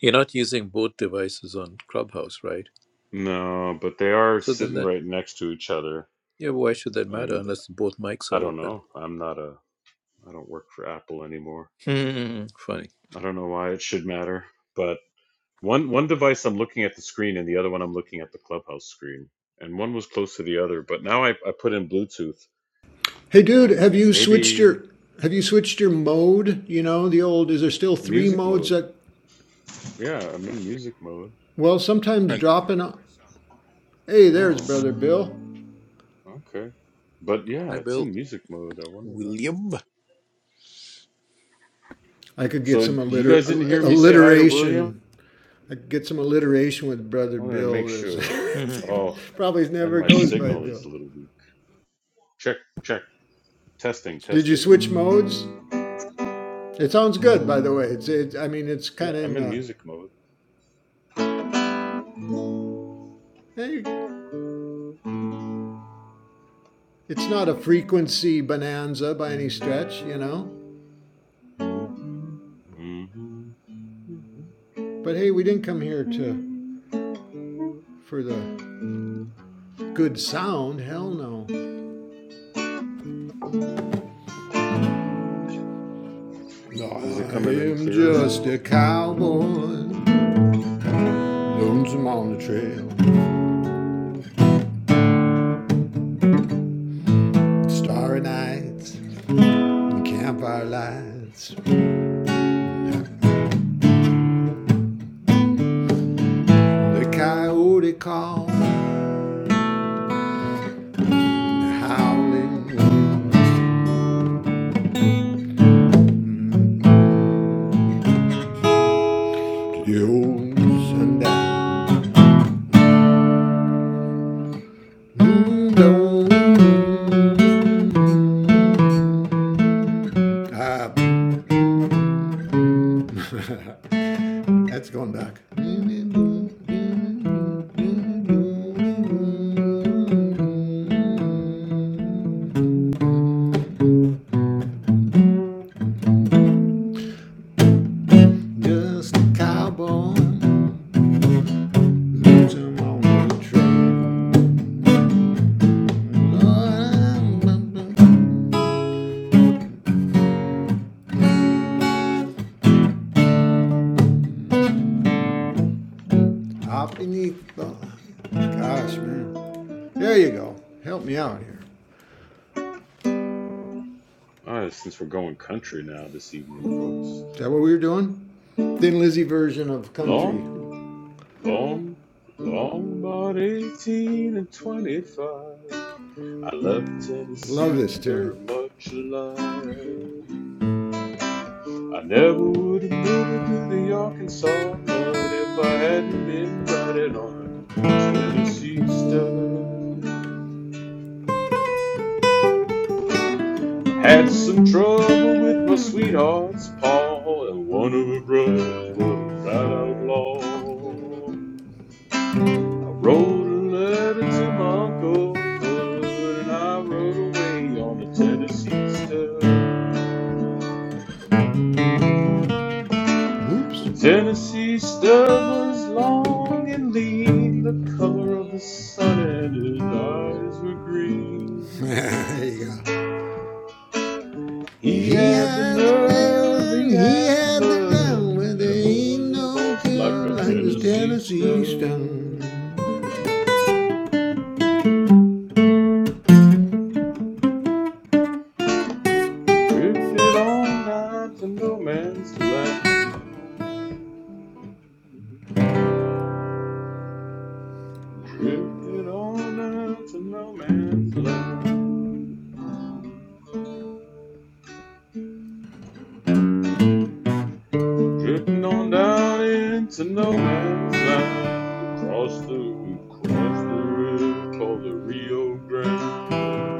Speaker 3: you're not using both devices on Clubhouse, right?
Speaker 4: No, but they are
Speaker 3: So then
Speaker 4: sitting
Speaker 3: that
Speaker 4: right next to each other.
Speaker 3: yeah, why should that matter
Speaker 4: And
Speaker 3: unless both mics
Speaker 4: I
Speaker 3: are
Speaker 4: don't
Speaker 3: open?
Speaker 4: know. I'm not a. I don't work for Apple anymore.
Speaker 3: Hmm, funny.
Speaker 4: I don't know why it should matter, but one one device I'm looking at the screen and the other one I'm looking at the Clubhouse screen, and one was close to the other. But now I, I put in Bluetooth
Speaker 2: Hey dude,
Speaker 4: and
Speaker 2: have
Speaker 4: may
Speaker 2: you switched
Speaker 4: maybe
Speaker 2: your have you switched your mode? You know, the old is there still three
Speaker 4: music
Speaker 2: modes
Speaker 4: mode.
Speaker 2: that
Speaker 4: Yeah, I'm in music mode.
Speaker 2: well sometimes
Speaker 8: And
Speaker 2: dropping o- Hey, there's
Speaker 4: Oh,
Speaker 2: brother Bill.
Speaker 4: okay. But yeah,
Speaker 3: Hi,
Speaker 4: it's
Speaker 3: Bill.
Speaker 4: in music mode. I wonder why.
Speaker 3: William.
Speaker 2: I could get
Speaker 4: So
Speaker 2: some
Speaker 4: you
Speaker 2: alliter-
Speaker 4: guys didn't hear me say hi to William?
Speaker 2: alliteration. I could get some alliteration with brother
Speaker 4: I wanted to make
Speaker 2: Bill. As
Speaker 4: sure.
Speaker 3: hey,
Speaker 4: Oh,
Speaker 2: probably
Speaker 4: and
Speaker 2: never
Speaker 4: my
Speaker 2: goes by
Speaker 4: signal is
Speaker 2: Bill.
Speaker 4: a little weak. Check, check. Testing,
Speaker 2: Did you switch
Speaker 4: testing.
Speaker 2: modes? It sounds good, by the way. It's, it, I mean, it's
Speaker 4: Yeah,
Speaker 2: kind of
Speaker 4: I'm
Speaker 2: in
Speaker 4: in
Speaker 2: the.
Speaker 4: music mode.
Speaker 2: eh, It's not a frequency bonanza by any stretch, you know.
Speaker 4: Mhm.
Speaker 2: But hey, we didn't come here to for the good sound. Hell no.
Speaker 4: Is it
Speaker 2: I
Speaker 4: coming in
Speaker 2: am
Speaker 4: clearer? All
Speaker 2: just a cowboy, lonesome on the trail. Starry nights, and campfire lights, the coyote call, the howling winds, to the old sundown. Uh, has gone dark. Just a cowboy losing on the trail. Lord, I'm Up beneath the. Gosh, man. There you go. Help me out here.
Speaker 4: right, since we're going country now this evening,
Speaker 2: Is
Speaker 4: folks.
Speaker 2: that what we were doing? Thin Lizzy version of country.
Speaker 4: Long, long, long about 18 and 25. I love
Speaker 2: Love
Speaker 4: Tennessee
Speaker 2: this tune.
Speaker 4: very much alive. I never would have made it to the Arkansas mud if I hadn't been riding on a Tennessee stud. Had some trouble with my sweetheart's paw and one of her brothers was a flat outlaw. I wrote a letter to my uncle Fudd and I rode away on a Tennessee stud.
Speaker 2: Oops.
Speaker 4: The Tennessee stud was long and lean, the color of the sun, and his eyes were green.
Speaker 2: there you go.
Speaker 4: He
Speaker 2: He
Speaker 4: had the
Speaker 2: had the
Speaker 4: nerve,
Speaker 2: rain,
Speaker 4: he
Speaker 2: he
Speaker 4: had the
Speaker 2: had the ground, but
Speaker 4: blood. Never
Speaker 2: there ain't
Speaker 4: was a
Speaker 2: no
Speaker 4: horse
Speaker 2: cure
Speaker 4: like a
Speaker 2: like this
Speaker 4: Tennessee
Speaker 2: Tennessee
Speaker 4: stud.
Speaker 2: stone.
Speaker 4: We drifted on down to no man's land. Drifted on down to no man's land. Drifting on down into no man's land. We crossed the, we crossed the river called the Rio Grande.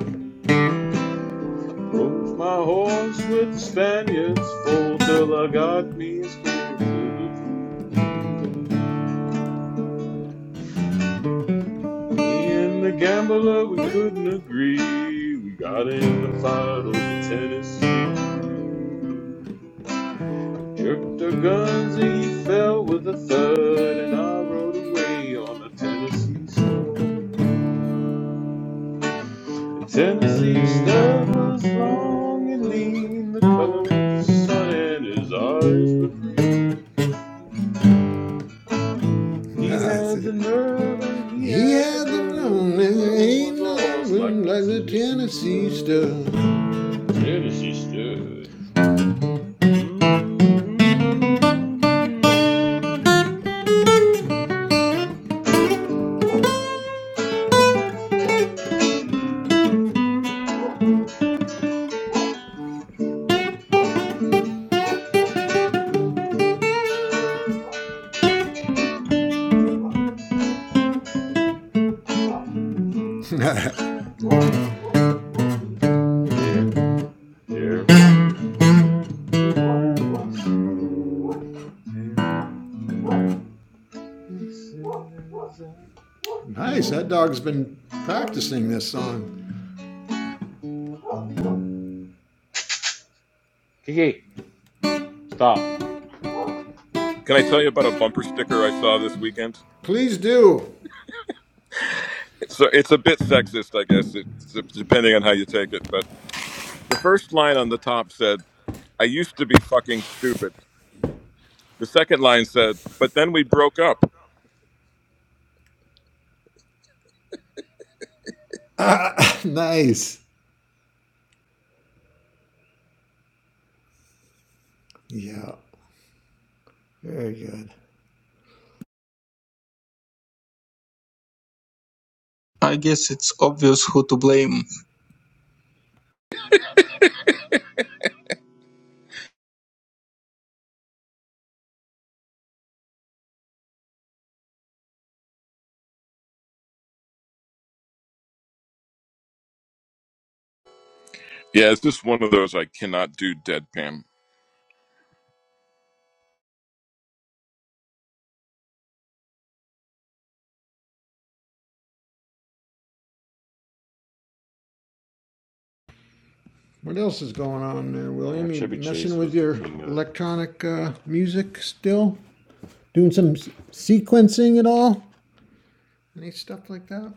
Speaker 4: Moved my horse with the Spaniards full till I got me as quick to the blue. Me and the gambler, we couldn't agree. We got in a fight over Tennessee. Jerked our guns and he fell with a thud, and I rode away on a Tennessee stud. The Tennessee stud was long and lean, the color of the sun, and his eyes were green. He
Speaker 2: That's
Speaker 4: had the
Speaker 2: it.
Speaker 4: nerve and he
Speaker 2: He
Speaker 4: had the
Speaker 2: had the
Speaker 4: blood.
Speaker 2: ground,
Speaker 4: The
Speaker 2: but there
Speaker 4: world was
Speaker 2: ain't
Speaker 4: a
Speaker 2: no
Speaker 4: horse like
Speaker 2: bloom
Speaker 4: a
Speaker 2: like the
Speaker 4: Tennessee
Speaker 2: Tennessee stone.
Speaker 4: stud. Tennessee stud. Mm-hmm.
Speaker 2: nice,
Speaker 4: There, there.
Speaker 2: that dog's been practicing this song.
Speaker 4: Okay, stop.
Speaker 8: can I tell you about a bumper sticker I saw this weekend?
Speaker 2: Please do.
Speaker 8: So it's a bit sexist, I guess, it, depending on how you take it. But the first line on the top said, I used to be fucking stupid. The second line said, but then we broke up.
Speaker 2: nice. Yeah, very good.
Speaker 5: I guess it's obvious who to blame.
Speaker 8: Yeah, it's just one of those I cannot do deadpan.
Speaker 2: What else is going on there,
Speaker 4: Yeah,
Speaker 2: William? You
Speaker 4: Chevy
Speaker 2: messing
Speaker 4: Chase
Speaker 2: with
Speaker 4: was the
Speaker 2: your
Speaker 4: king of.
Speaker 2: electronic uh, music still? doing some sequencing at all? Any stuff like that?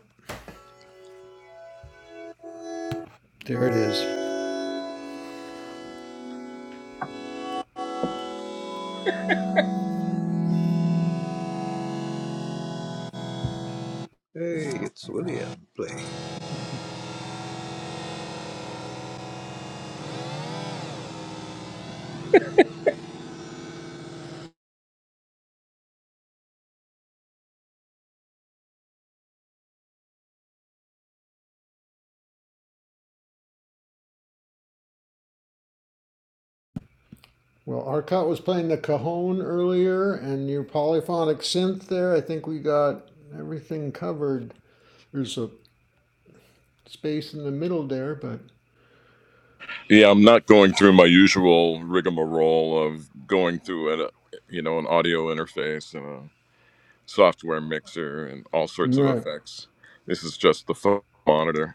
Speaker 2: There it is.
Speaker 3: it's William playing.
Speaker 2: Well, Arcot was playing the cajon earlier, and your polyphonic synth there. I think we got everything covered. There's a space in the middle there, but
Speaker 8: Yeah, I'm not going through my usual rigmarole of going through an, uh, you know, an audio interface and a software mixer and all sorts of
Speaker 2: right.
Speaker 8: effects. This is just the phone monitor.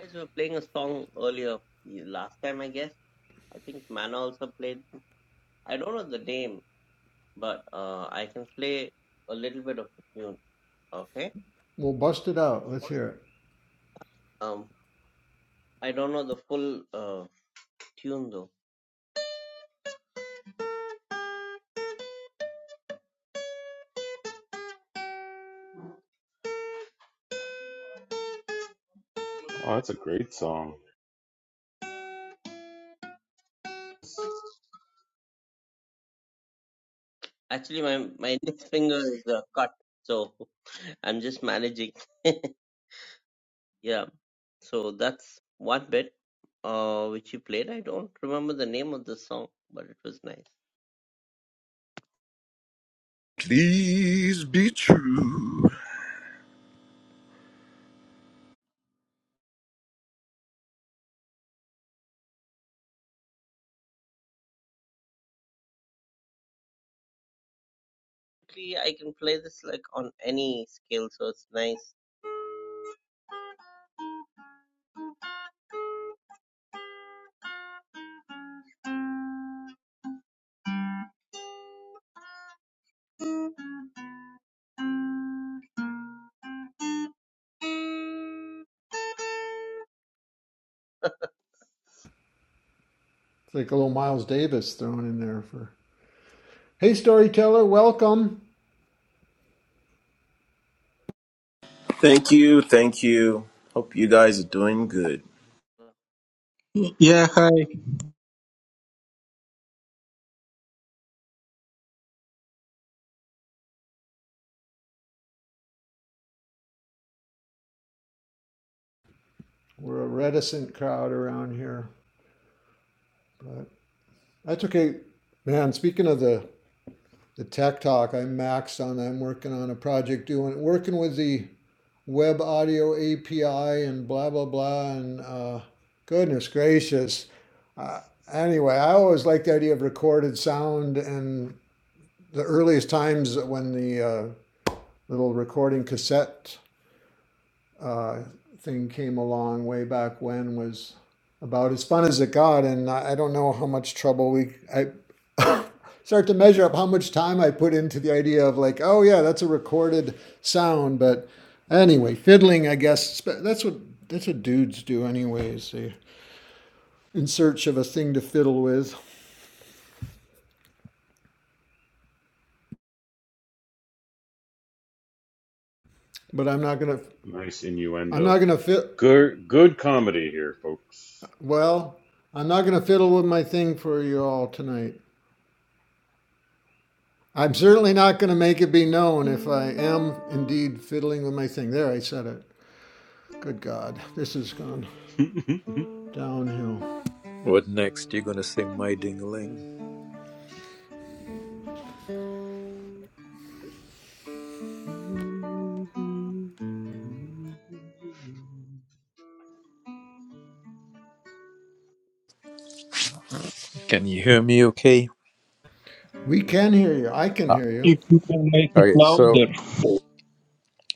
Speaker 1: Guys, were playing a song earlier last time, I guess. I think Mana also played. I don't know the name. but uh, I can play a little bit of the tune. Okay.
Speaker 2: We'll bust it out. Let's hear it.
Speaker 1: Um, I don't know the full uh, tune though.
Speaker 4: Oh, that's a great song.
Speaker 1: Actually, my my index finger is uh, cut, so I'm just managing. yeah. So that's one bit uh, which you played. I don't remember the name of the song, but it was nice.
Speaker 8: Please be true.
Speaker 1: Actually, I can play this like on any scale, so it's nice.
Speaker 2: It's like a little Miles Davis thrown in there for. Hey, storyteller, welcome.
Speaker 9: Thank you. Thank you. Hope you guys are doing good.
Speaker 5: Yeah, hi.
Speaker 2: We're a reticent crowd around here, but that's okay. Man, speaking of the the tech talk. I'm maxed on. I'm working on a project doing working with the web audio API and blah blah blah. And uh, goodness gracious. Uh, anyway, I always liked the idea of recorded sound and the earliest times when the uh, little recording cassette uh, thing came along way back when was about as fun as it got, and I don't know how much trouble we I start to measure up how much time I put into the idea of like, oh yeah, that's a recorded sound, but anyway, fiddling, I guess that's what that's what dudes do anyways. They in search of a thing to fiddle with, but I'm not gonna
Speaker 4: Nice
Speaker 2: I'm
Speaker 4: innuendo.
Speaker 2: not gonna fit
Speaker 4: Good, good comedy here, folks.
Speaker 2: well. I'm not gonna fiddle with my thing for you all tonight. I'm certainly not going to make it be known if I am indeed fiddling with my thing. There, I said it. Good God, this has gone
Speaker 4: Anyone?
Speaker 2: downhill.
Speaker 3: What next? You're gonna sing "My Ding-a-Ling"? Can you hear me? Okay.
Speaker 2: We can hear you. I can
Speaker 3: Ah,
Speaker 2: hear you.
Speaker 5: If you can make it
Speaker 3: okay, so
Speaker 5: louder.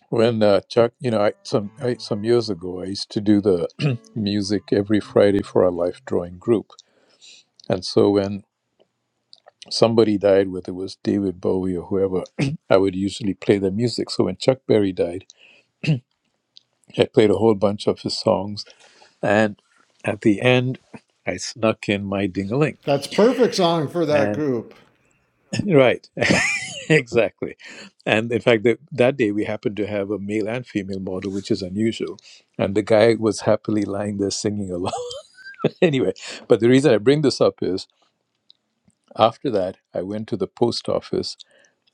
Speaker 3: when uh, Chuck, you know, I, some I, some years ago, I used to do the music every Friday for our life drawing group, and so when somebody died, whether it was David Bowie or whoever, I would usually play their music. So when Chuck Berry died, I played a whole bunch of his songs, and at the end, I snuck in my ding-a-ling.
Speaker 2: That's perfect song for that
Speaker 3: and
Speaker 2: group.
Speaker 3: Right, exactly. And in fact, the, that day we happened to have a male and female model, which is unusual. And the guy was happily lying there singing along. anyway, but the reason I bring this up is after that, I went to the post office.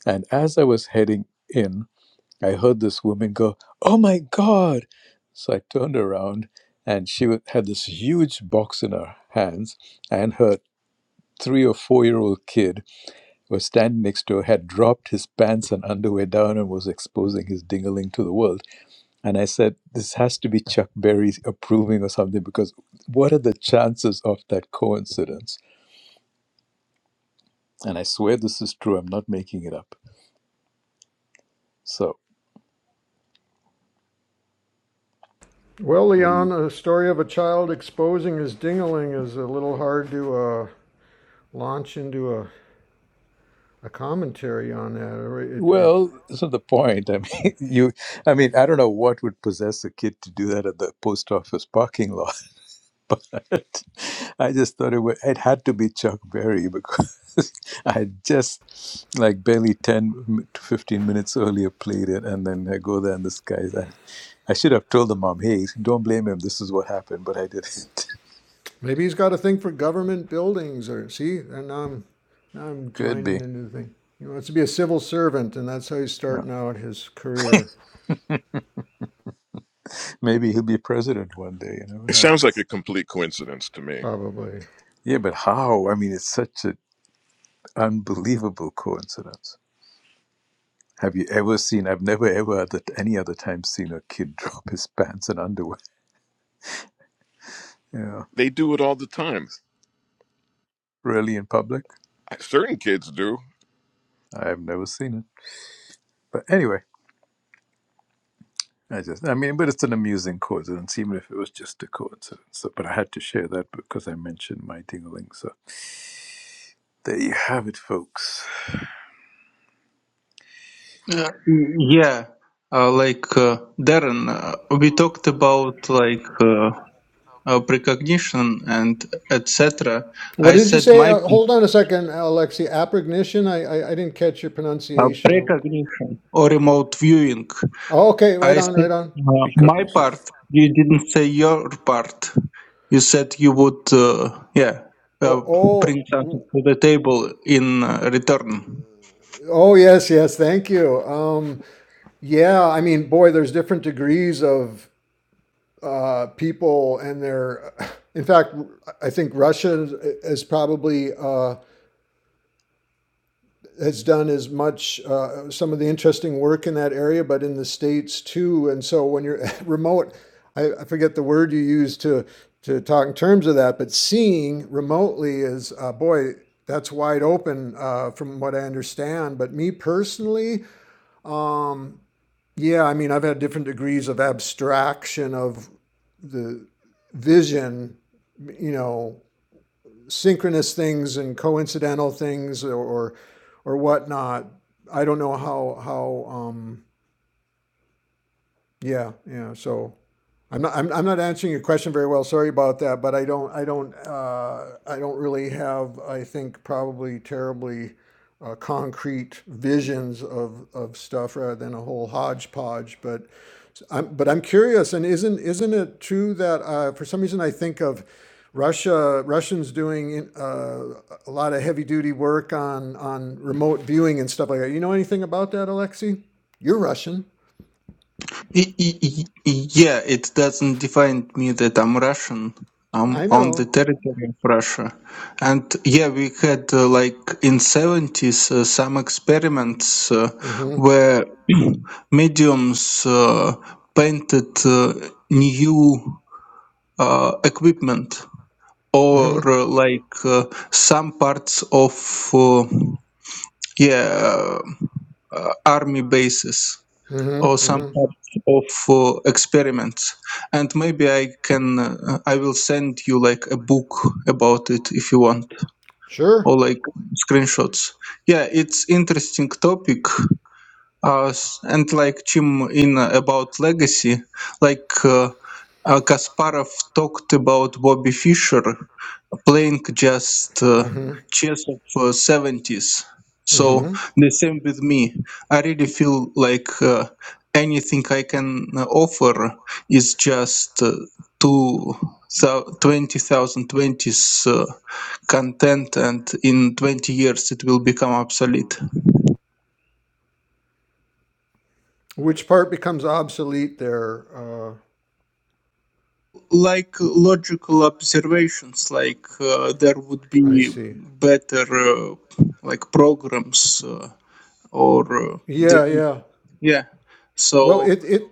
Speaker 3: And as I was heading in, I heard this woman go, Oh my God. So I turned around and she wa- had this huge box in her hands and her three or four year old kid who was standing next to her, had dropped his pants and underwear down and was exposing his dingaling to the world. And I said, This has to be Chuck Berry approving or something because what are the chances of that coincidence? And I swear this is true. I'm not making it up. So,
Speaker 2: Well,
Speaker 3: what do
Speaker 2: Leon,
Speaker 3: you?
Speaker 2: a story of a child exposing his dingling is a little hard to uh, launch into a, a commentary on that. It, it
Speaker 3: Well, so the point. I mean, you. I mean, I don't know what would possess a kid to do that at the post office parking lot but I just thought it would it had to be Chuck Berry because I had just like barely 10 to 15 minutes earlier played it and then I go there and this guy's I, I should have told the mom hey don't blame him this is what happened but I didn't
Speaker 2: Maybe he's got a thing for government buildings or see, and now I'm now I'm
Speaker 3: could be
Speaker 2: joining a new thing. He wants to be a civil servant, and that's how he's
Speaker 3: yeah.
Speaker 2: starting out his career,
Speaker 3: maybe he'll be president one day you never
Speaker 8: It
Speaker 3: know
Speaker 8: sounds like a complete coincidence to me.
Speaker 2: probably.
Speaker 3: yeah but how I mean it's such an unbelievable coincidence have you ever seen I've never ever at any other time seen a kid drop his pants and underwear yeah
Speaker 8: They do it all the time.
Speaker 3: really in public
Speaker 8: Certain kids do.
Speaker 3: I've never seen it. But anyway, I just, I mean, but it's an amusing coincidence, even if it was just a coincidence. So, but I had to share that because I mentioned my ding-a-ling. So there you have it, folks.
Speaker 5: Uh, yeah, uh, like uh, Darren, uh, we talked about like. uh, uh, precognition and etc.
Speaker 2: What
Speaker 5: I
Speaker 2: did you
Speaker 5: said
Speaker 2: say?
Speaker 5: my
Speaker 2: Uh, hold on a second, Alexi. Aprignition. I, I I didn't catch your
Speaker 5: uh,
Speaker 2: pronunciation.
Speaker 5: precognition or remote viewing.
Speaker 2: oh, okay, right
Speaker 5: I
Speaker 2: on,
Speaker 5: said
Speaker 2: right on.
Speaker 5: uh, my
Speaker 3: Recognition.
Speaker 5: part. You didn't say your part. You said you would, uh, yeah, uh,
Speaker 2: Oh, oh
Speaker 5: bring something to the table in uh, return.
Speaker 2: oh yes, yes. Thank you. Um, yeah. I mean, boy, there's different degrees of uh, people and their. In fact, I think Russia is is probably uh, has done as much uh, some of the interesting work in that area, but in the states too. And so when you're remote, I, I forget the word you use to to talk in terms of that, but seeing remotely is uh, boy. That's wide open uh, from what I understand. But me personally, um, yeah, I mean, I've had different degrees of abstraction of the vision, you know, synchronous things and coincidental things or or, or whatnot. I don't know how how um, yeah, yeah. So I'm not I'm, I'm not answering your question very well. Sorry about that, but I don't I don't uh, I don't really have I think probably terribly uh, concrete visions of, of stuff rather than a whole hodgepodge. But I'm but I'm curious, and isn't isn't it true that uh, for some reason I think of Russia Russians doing uh, a lot of heavy duty work on on remote viewing and stuff like that. You know anything about that, Alexei? You're Russian.
Speaker 5: Y- y- y- Yeah, it doesn't define me that I'm Russian. I'm
Speaker 2: I
Speaker 5: on
Speaker 2: know.
Speaker 5: the territory of Russia, and yeah, we had uh, like in seventies uh, some experiments uh,
Speaker 2: Mm-hmm.
Speaker 5: where mediums uh, painted uh, new uh, equipment or uh, like uh, some parts of uh, yeah uh, army bases or
Speaker 2: Mm-hmm.
Speaker 5: some
Speaker 2: hmm
Speaker 5: types of uh, experiments and maybe i can uh, i will send you like a book about it if you want
Speaker 2: Sure.
Speaker 5: or like screenshots yeah it's interesting topic uh, s- and like jim in uh, about legacy like uh, uh, kasparov talked about bobby fischer playing just uh,
Speaker 2: hmm
Speaker 5: chess of uh, 70s so the same with me i really feel like uh, anything i can uh, offer is just uh, two thou- 20,020s uh, content and in 20 years it will become obsolete
Speaker 2: Which part becomes obsolete there? Uh,
Speaker 5: like logical observations like uh, there would
Speaker 2: I
Speaker 5: be
Speaker 2: see.
Speaker 5: better uh, like programs uh, or uh,
Speaker 2: Yeah,
Speaker 5: there
Speaker 2: yeah.
Speaker 5: Yeah.
Speaker 2: Well,
Speaker 5: So
Speaker 2: it it.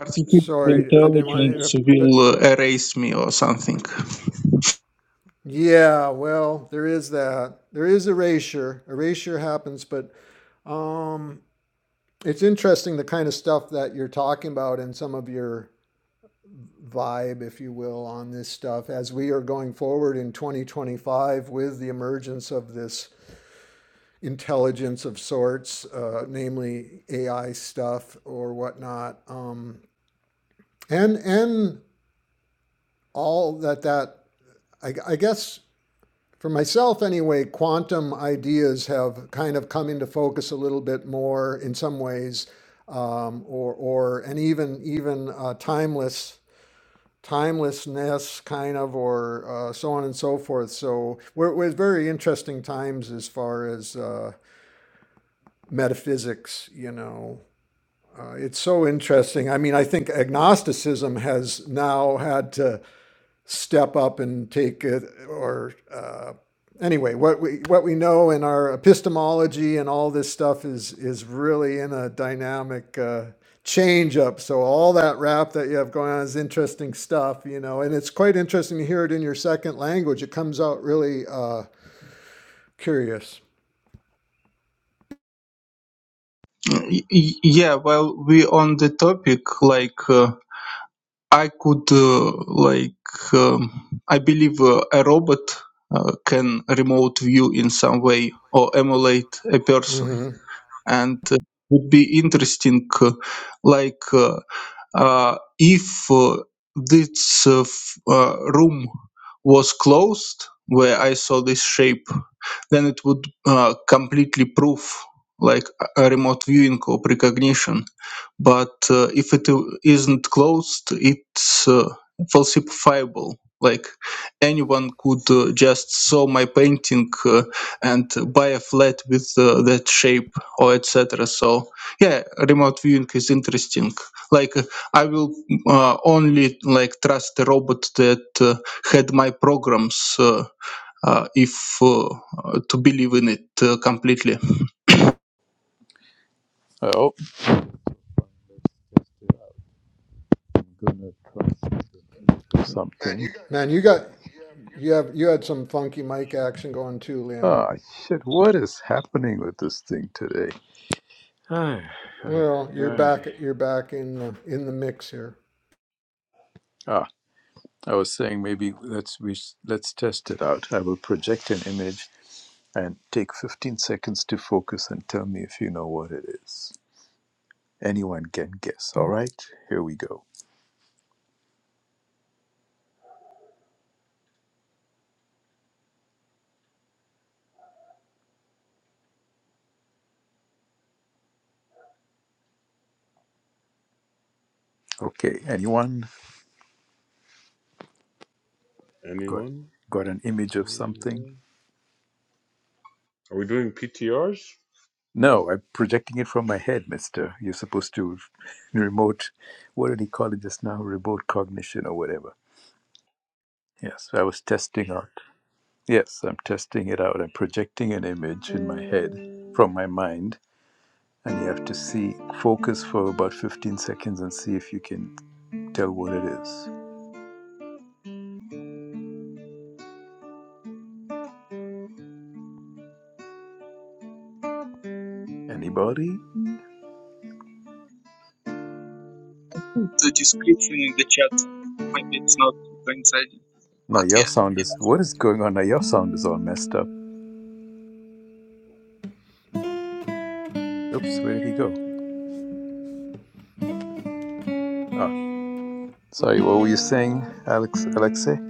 Speaker 5: artificial
Speaker 2: Sorry, I didn't want to
Speaker 5: intelligence
Speaker 2: interrupt, but
Speaker 5: will uh, erase me or something.
Speaker 2: yeah. Well, there is that. There is erasure. Erasure happens, but um, it's interesting the kind of stuff that you're talking about and some of your vibe, if you will, on this stuff as we are going forward in 2025 with the emergence of this intelligence of sorts, uh, namely AI stuff or whatnot, um, and and all that that I, I guess for myself anyway, quantum ideas have kind of come into focus a little bit more in some ways, um, or or and even even uh, timeless timelessness kind of or uh, so on and so forth so we're, we're very interesting times as far as uh, metaphysics you know Uh, it's so interesting. I mean, I think agnosticism has now had to step up and take it, or uh, anyway, what we what we know in our epistemology and all this stuff is is really in a dynamic uh, change up. So all that rap that you have going on is interesting stuff, you know, and it's quite interesting to hear it in your second language. It comes out really uh, curious.
Speaker 5: Y- y- yeah. Well, we on the topic like uh, I could uh, like um, I believe uh, a robot. Uh, can remote view in some way or emulate a person
Speaker 2: hmm
Speaker 5: and uh, would be interesting uh, like uh, uh, if uh, this uh, f- uh, room was closed where i saw this shape then it would uh, completely prove like a a remote viewing or precognition but uh, if it i- isn't closed it's uh, falsifiable like anyone could uh, just saw my painting uh, and buy a flat with uh, that shape or etc so yeah remote viewing is interesting like uh, i will uh, only like trust a robot that uh, had my programs uh, uh, if uh, uh, to believe in it uh, completely
Speaker 3: Oh, I'm gonna try something. do something.
Speaker 2: Man, you got you have you had some funky mic action going too,
Speaker 3: Oh
Speaker 2: Leon.
Speaker 3: shit! What is happening with this thing today? Ay, ay,
Speaker 2: Well,
Speaker 3: ay,
Speaker 2: you're
Speaker 3: ay.
Speaker 2: back. You're back in the, in the mix here.
Speaker 3: Ah, I was saying maybe let's we s- let's test it out. I will project an image and take 15 seconds to focus and tell me if you know what it is. Anyone can guess. All right, here we go. Okay, anyone got
Speaker 4: Anyone
Speaker 3: got an image of something?
Speaker 4: there? Are we doing PTRs?
Speaker 3: No, I'm projecting it from my head, Mister. You're supposed to remote. What did he call it just now? Remote cognition or whatever. Yes, I was testing out. Yes, I'm testing it out. I'm projecting an image in my head from my mind, and you have to see focus for about 15 seconds and see if you can tell what it is. Anybody?
Speaker 5: The description in the chat. Maybe it's not coinciding,
Speaker 3: Now
Speaker 5: but
Speaker 3: your
Speaker 5: yeah.
Speaker 3: sound
Speaker 5: yeah.
Speaker 3: is what is going on? Now your sound is all messed up. Oops, where did he go? Ah, sorry. What were you saying, Alex? Alexei?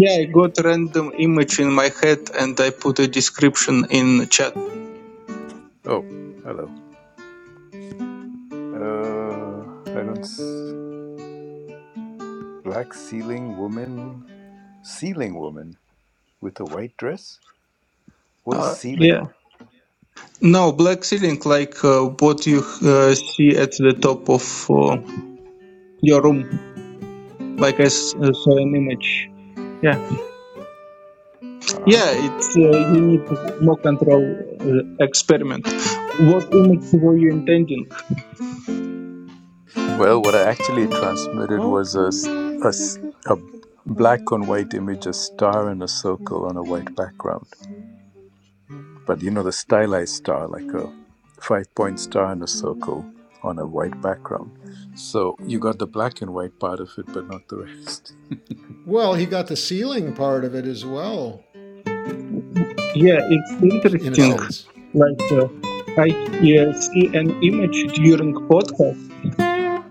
Speaker 5: yeah i got random image in my head and i put a description in chat
Speaker 3: Oh, hello. Uh, I don't. s- Black ceiling woman. Ceiling woman with a white dress. What is
Speaker 5: uh, yeah
Speaker 3: ceiling?
Speaker 5: no black ceiling like uh, what you uh, see at the top of uh, your room, like I s- uh, saw an image. Yeah,
Speaker 3: Huh?
Speaker 5: yeah, it's uh, you need more control uh, experiment. What image were you intending?
Speaker 3: Well, what I actually transmitted
Speaker 4: Oh,
Speaker 3: was a s- a
Speaker 4: mine took
Speaker 3: s-
Speaker 4: a
Speaker 3: a
Speaker 4: look at
Speaker 3: black on
Speaker 4: my
Speaker 3: white image, a star
Speaker 4: life.
Speaker 3: and a
Speaker 4: It's
Speaker 3: circle on a white
Speaker 4: wonderful.
Speaker 3: background.
Speaker 4: So much fun.
Speaker 3: But you know, the stylized star, like a five point star in a circle
Speaker 4: When
Speaker 3: on a white background. So you got the black and white part of it, but not the rest.
Speaker 2: Well, he got the ceiling part of it as well,
Speaker 5: Yeah, it's
Speaker 2: in a
Speaker 5: interesting.
Speaker 3: How?
Speaker 2: sense.
Speaker 5: Like uh, I uh, see an image during podcast,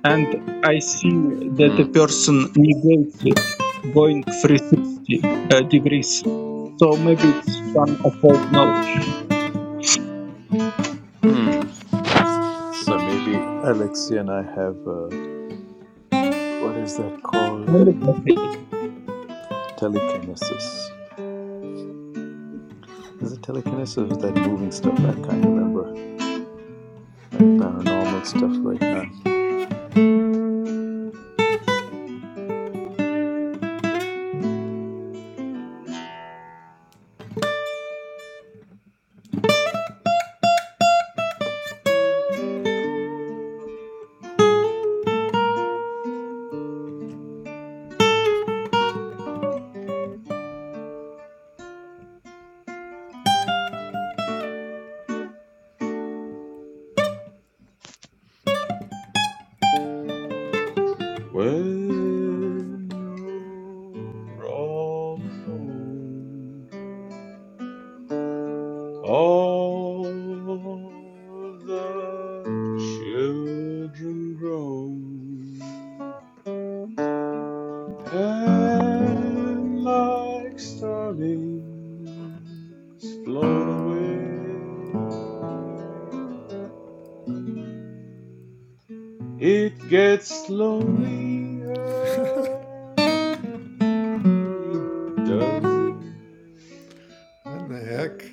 Speaker 5: and I see that the
Speaker 3: Mm.
Speaker 5: person negates it, going 360 uh, degrees. So maybe it's some occult knowledge.
Speaker 3: Mm. So maybe Alexia and I have uh what is that called?
Speaker 5: Telepathy,
Speaker 3: Telekinesis. Is it telekinesis or is that moving stuff? I can't remember. Like paranormal stuff right now.
Speaker 4: you're all alone, all the children groan, and like starlings flown away. It gets lonely early, doesn't it?
Speaker 2: What in the heck?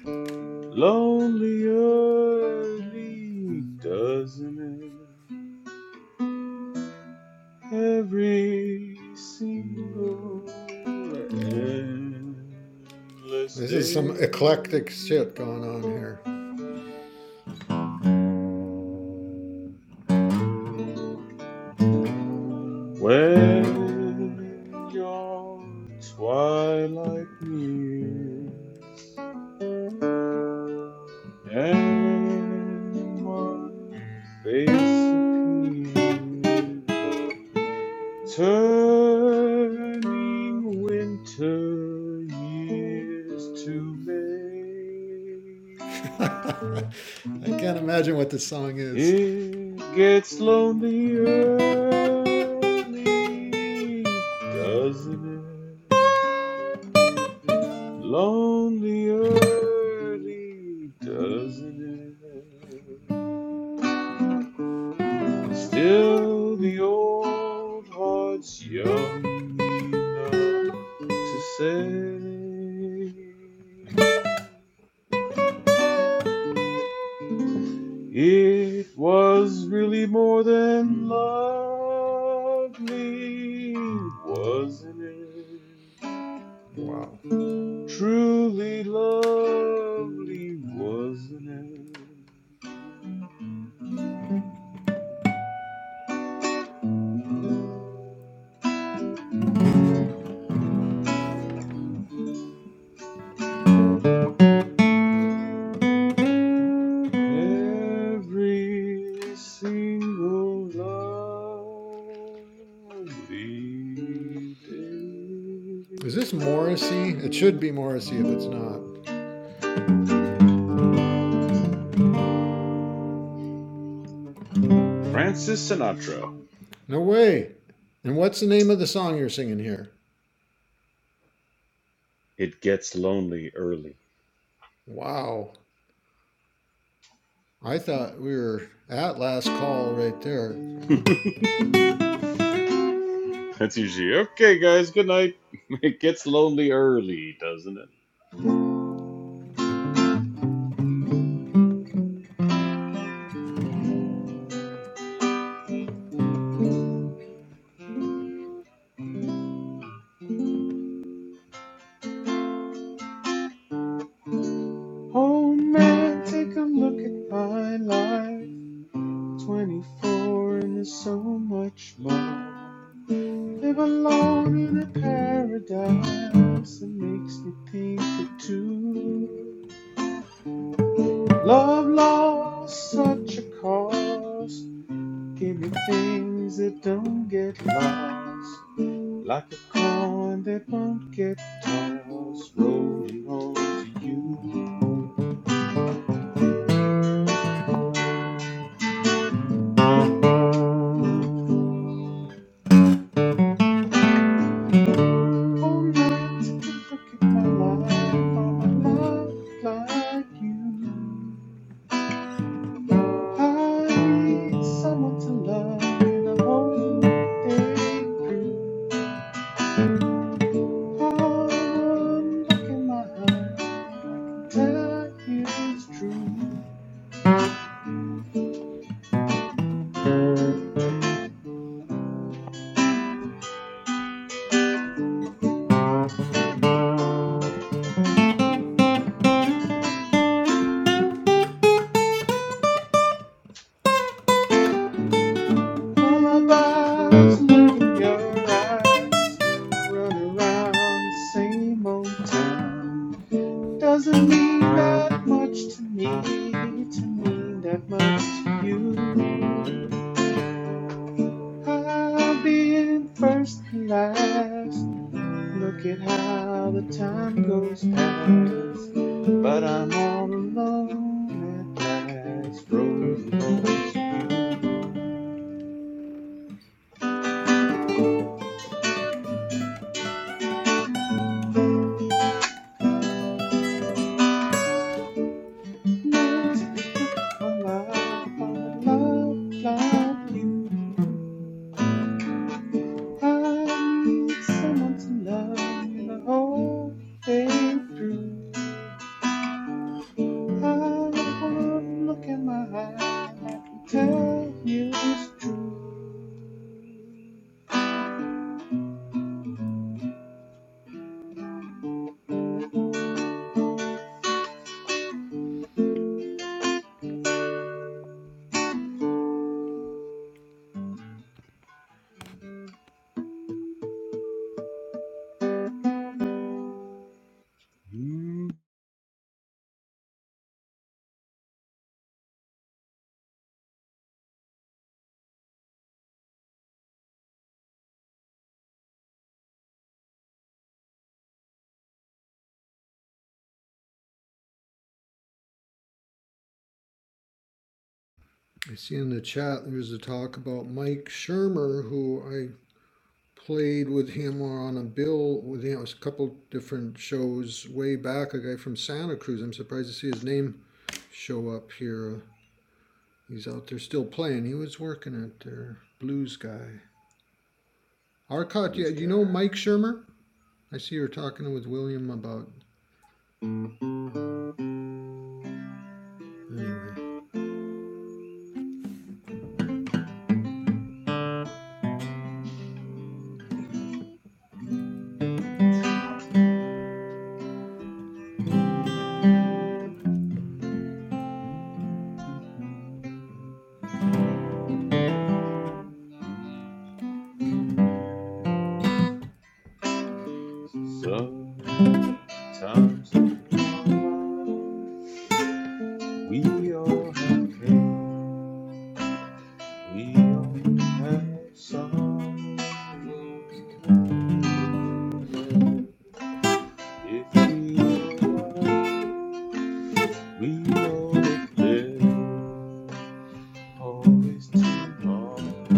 Speaker 4: Lonely early, doesn't it? Every single endless
Speaker 2: This is
Speaker 4: day
Speaker 2: some eclectic shit going on here.
Speaker 4: when your twilight nears. And one face appeared, turning winter years to May.
Speaker 2: I can't imagine what this song is.
Speaker 4: It gets lonely early, doesn't it? Lonely early, doesn't it? Still, the old heart's young enough to say it was really more than lovely, wasn't it?
Speaker 2: Wow.
Speaker 4: Truly lovely, wasn't it? Every single lonely
Speaker 2: Is this
Speaker 4: day.
Speaker 2: Morrissey? It should be Morrissey if it's not.
Speaker 4: Francis Sinatra.
Speaker 2: No way. And what's the name of the song you're singing here?
Speaker 4: It gets lonely early.
Speaker 2: Wow. I thought we were at last call right there.
Speaker 4: That's usually okay, guys. Good night. It gets lonely early, doesn't it? Oh man, take a look at my life. 24 and there's so much more. Live alone in a paradise that makes me think of two. Love lost such a cost. Give me things that don't get lost. Like a coin that won't get tossed. Rolling on to home run. Take a look at my life. I'm a love blind. I need someone to love me the whole day. One look in my eyes, I can tell you it's true. Lullabies look in your eyes, run around the same old town. Doesn't mean that much to me, to mean that much to you. I've been first and last. Look at how the time goes past. But I'm all alone at last, roadless. You make my life. I'm in love like you. I need someone to love me the whole day through. I want look in my eye and I can tell you it's true. Mm,
Speaker 2: I see in the chat there's a talk about Mike Shermer, who I played with him on a bill with him. It was a couple different shows way back. A guy from Santa Cruz. I'm surprised to see his name show up here. He's out there still playing. He was working at their blues guy. Arcot,
Speaker 4: blue
Speaker 2: yeah,
Speaker 4: sky.
Speaker 2: you know Mike Shermer? I see you're talking with William about. Anyway,
Speaker 4: Mm, mm. Sometimes in our lives, we all have pain, we all have sorrow. But if we are right, we know that there's always tomorrow.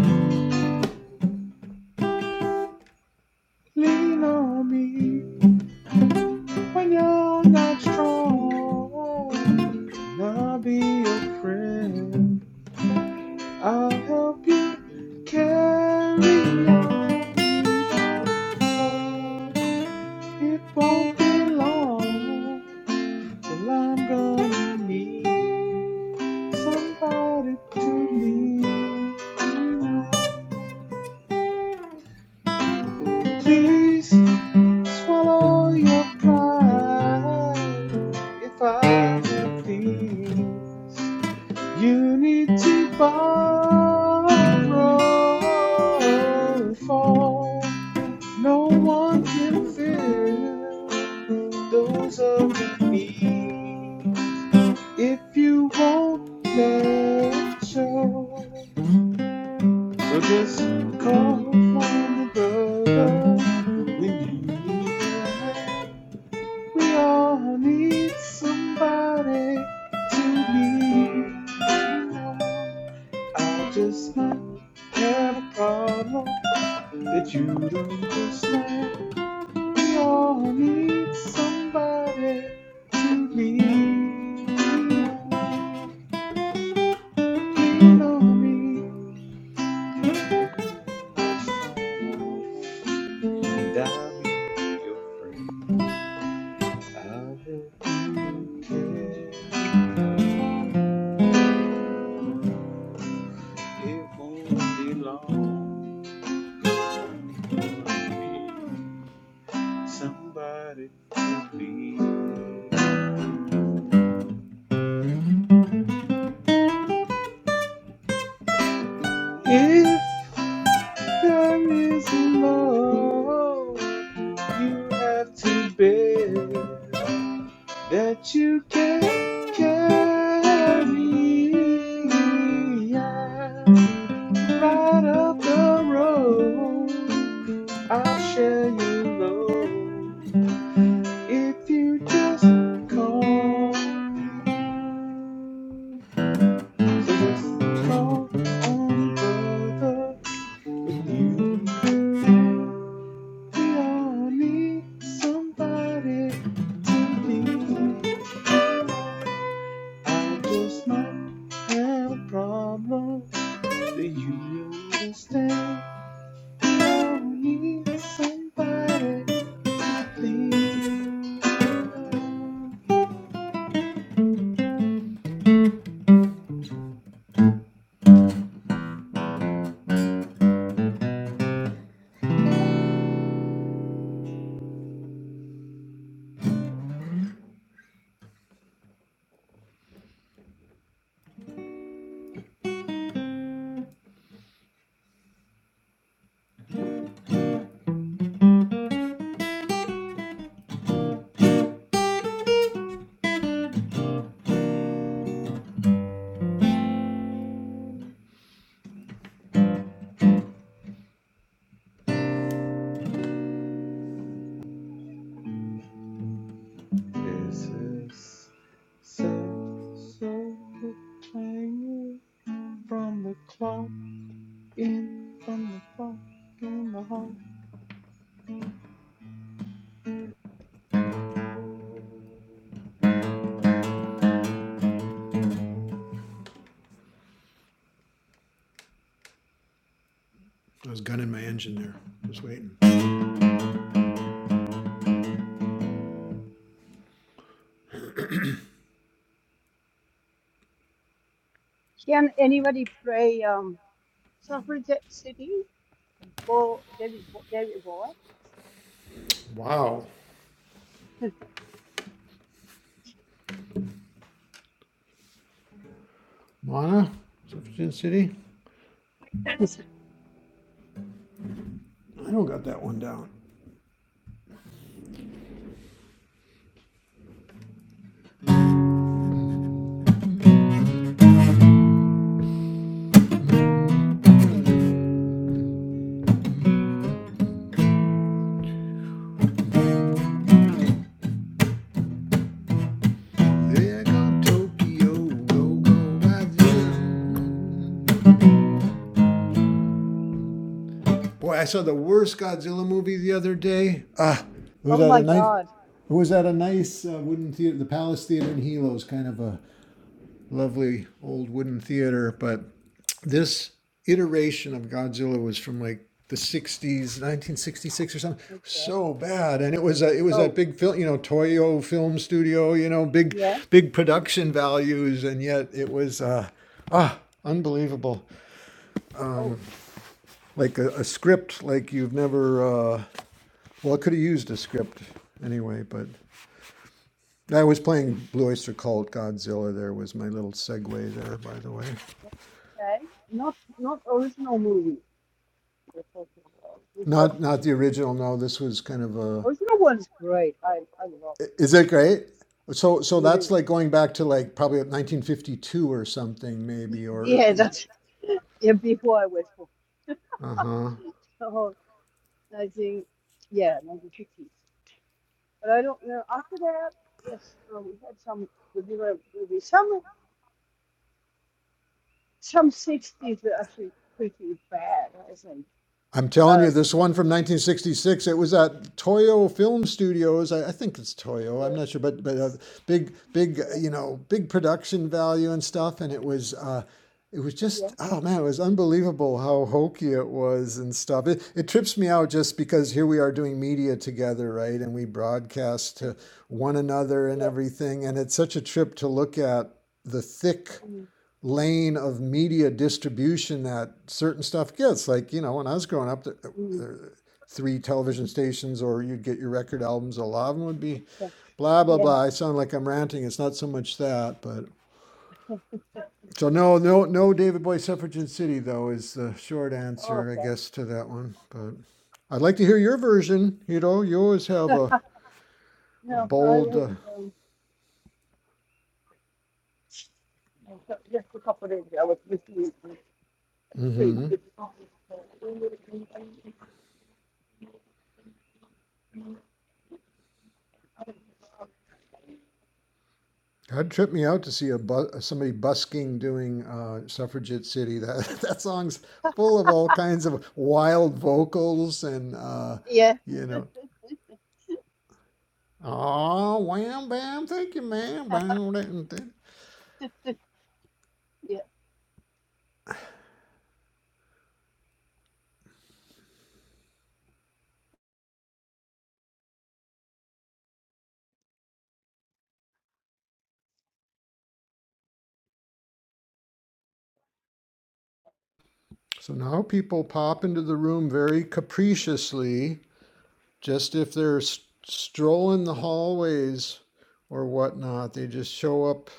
Speaker 4: Lean on me. When you're not strong, I'll be your friend. I'll help you carry on. Need help, though. It won't be long till I'm gonna need somebody to lean on. Please swallow your pride if I have things. You need to borrow for no one can fill those other needs if you won't let show. So just call one another when you need a hand. We all need somebody to lean on. I just might have a problem that you would understand. We all need somebody to lean on, lean on me when we're not strong. And I'll be your friend. I'll help you carry on. It won't be long. I'm gonna need somebody to please. If there is more you have to bear that you can't carry, yeah, right up the road, I'll share your load if you just call. So just call on me, brother. With you in hand, we all need somebody to be. I just might have a problem that you understand. We all need somebody to be. This is so, so hanging from the clock. in from the fog in the hall.
Speaker 2: I was gunning my engine there. Just waiting.
Speaker 7: Can anybody pray um, Suffragette City for David, Bo- David Bowie?
Speaker 2: Wow. Mana, Jefferson City?
Speaker 7: Yes.
Speaker 2: I don't got that one down. There go Tokyo, go go Godzilla. Boy, I saw the worst Godzilla movie the other day. Ah, it was
Speaker 7: Oh
Speaker 2: at
Speaker 7: my
Speaker 2: a nice, it
Speaker 7: God.
Speaker 2: was at a nice uh, wooden theater, the Palace Theater in Hilo is kind of a lovely old wooden theater. But this iteration of Godzilla was from like the 60s 1966 or something
Speaker 7: Okay.
Speaker 2: so bad and it was a, it was
Speaker 7: Oh,
Speaker 2: that big film you know toyo film studio you know big
Speaker 7: yeah.
Speaker 2: big production values and yet it was uh ah unbelievable
Speaker 7: Oh,
Speaker 2: like a, a script like you've never uh well i could have used a script anyway but i was playing blue oyster cult godzilla there was my little segue there by the way
Speaker 7: okay. Not not original movie. We're talking about.
Speaker 2: Not not the original. No, this was kind of a.
Speaker 7: Original one's great. I I love
Speaker 2: Is it great? So so
Speaker 7: either.
Speaker 2: that's like going back to like probably 1952 or something maybe or.
Speaker 7: Yeah,
Speaker 2: Is,
Speaker 7: that's yeah. Before I was born,
Speaker 2: uh-huh
Speaker 7: so I think yeah, 1950s. But I don't know. After that, yes, uh, we had some regular movies. Some some 60s were actually pretty bad. I was like,
Speaker 2: I'm telling
Speaker 7: uh,
Speaker 2: you, this
Speaker 7: kind of
Speaker 2: one from
Speaker 7: six-
Speaker 2: 1966. It was at Toyo Film Studios. I, I think it's Toyo. I'm
Speaker 7: okay,
Speaker 2: not sure, but but uh, big big uh,
Speaker 7: yeah,
Speaker 2: you know big production value and stuff. And it was uh, it was
Speaker 7: yeah,
Speaker 2: just oh man, it was unbelievable how hokey it was and stuff. It it trips me out just because here we are doing media together, right? And we broadcast
Speaker 7: yeah,
Speaker 2: to one another and
Speaker 7: yeah,
Speaker 2: everything. And it's such a trip to look at the thick
Speaker 7: mm,
Speaker 2: lane of media distribution that certain stuff gets. Like, you know, when I was growing up, there, there
Speaker 7: mm,
Speaker 2: were three television stations, or you'd get your record albums, a lot of them would be
Speaker 7: yeah,
Speaker 2: blah, blah,
Speaker 7: yeah.
Speaker 2: blah. I sound like I'm ranting. It's not so much that, but. So no, no, no. David Boy, Suffragette City, though, is the short answer, I
Speaker 7: Okay.
Speaker 2: guess, to that one. But I'd like to hear your version. You know, you always have a, a
Speaker 7: No, I
Speaker 2: bold.
Speaker 7: was
Speaker 2: Uh,
Speaker 7: um, just a couple of days ago. I was with you. Yeah.
Speaker 2: mhm. That tripped me out to see a bu- somebody busking doing uh, Suffragette City. That that song's full of all kinds of wild vocals and uh, you know, oh wham bam, thank you ma'am. bam, dam, dam."
Speaker 7: yeah. Yeah.
Speaker 2: So now people pop into the room very capriciously, just if they're s- strolling the hallways or whatnot. They just show up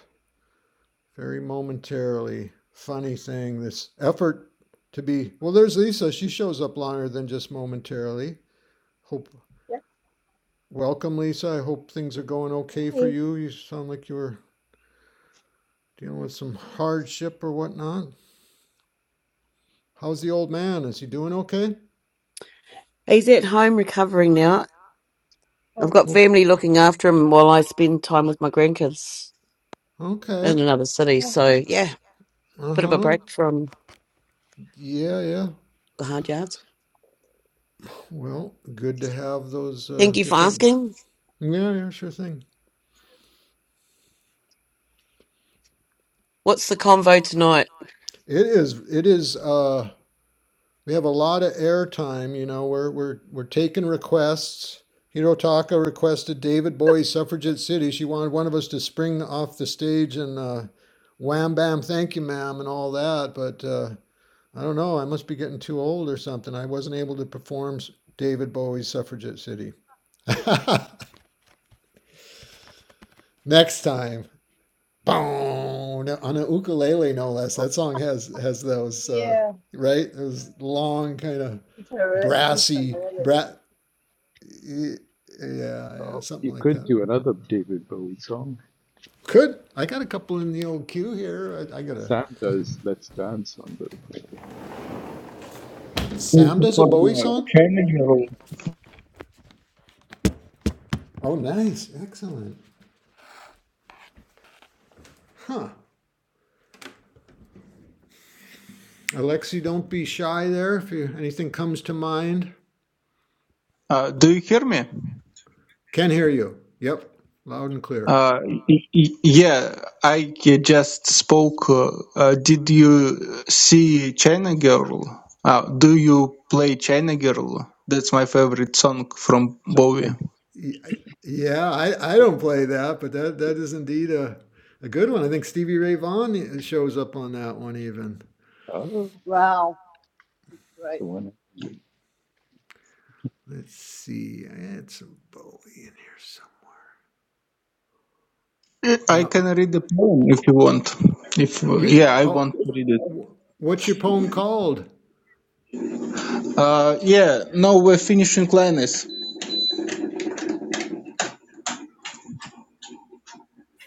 Speaker 2: very momentarily funny thing this effort to be well there's lisa she shows up longer than just momentarily hope welcome lisa i hope things are going okay for
Speaker 7: Hi.
Speaker 2: you you sound like you were dealing with some hardship or whatnot how's the old man is he doing okay
Speaker 10: He's at home recovering now. I've
Speaker 7: Oh,
Speaker 10: got family looking after him while I spend time with my grandkids
Speaker 2: okay
Speaker 10: in another city.
Speaker 7: oh,
Speaker 10: So, yeah, bit of a
Speaker 2: uh-huh
Speaker 10: break from
Speaker 2: yeah yeah
Speaker 10: the hard yards.
Speaker 2: well good to have those uh
Speaker 10: Thank you for
Speaker 2: different
Speaker 10: asking.
Speaker 2: yeah yeah sure thing
Speaker 10: What's the convo tonight?
Speaker 2: it is it is uh we have a lot of airtime. You know, we're we're we're taking requests. Hirotaka requested David Bowie Suffragette City. She wanted one of us to spring off the stage and uh, wham bam, thank you, ma'am, and all that. But uh, I don't know. I must be getting too old or something. I wasn't able to perform David Bowie's Suffragette City. Next time. Boom. On a ukulele, no less.
Speaker 3: Oh,
Speaker 2: That song has has those uh,
Speaker 7: yeah.
Speaker 2: right. Those long kind of
Speaker 7: It's her. It's her.
Speaker 2: brassy brat Yeah, yeah,
Speaker 3: oh,
Speaker 2: something
Speaker 3: you
Speaker 2: like
Speaker 3: could
Speaker 2: that.
Speaker 3: do another David Bowie song.
Speaker 2: Could I got a couple in the old queue here? I, I got a
Speaker 3: Sam does Let's Dance on the
Speaker 2: Sam
Speaker 5: into
Speaker 2: does a Bowie
Speaker 5: form, uh,
Speaker 2: song.
Speaker 5: channel your
Speaker 2: Oh, nice, excellent. Alexi, don't be shy there. If you, anything comes to mind,
Speaker 5: Uh, do you hear me?
Speaker 2: can hear you. Yep, loud and clear.
Speaker 5: Uh, y- y- yeah, I just spoke. Uh, uh, did you see China Girl? Uh, do you play China Girl? That's my favorite song from Bowie.
Speaker 3: China
Speaker 2: Yeah, I, I don't play that, but that
Speaker 3: Girl.
Speaker 2: that is indeed a a good one. I think Stevie Ray Vaughan shows up on that one even.
Speaker 3: Oh,
Speaker 7: Wow. It's great.
Speaker 3: the one hungry.
Speaker 2: Let's see, I had some Bowie in here somewhere.
Speaker 5: I
Speaker 2: now.
Speaker 5: can read the poem if you want. If
Speaker 2: You
Speaker 5: yeah, I
Speaker 2: oh,
Speaker 5: want to read it.
Speaker 2: what's your poem called?
Speaker 5: Uh, yeah, no, we're finishing line is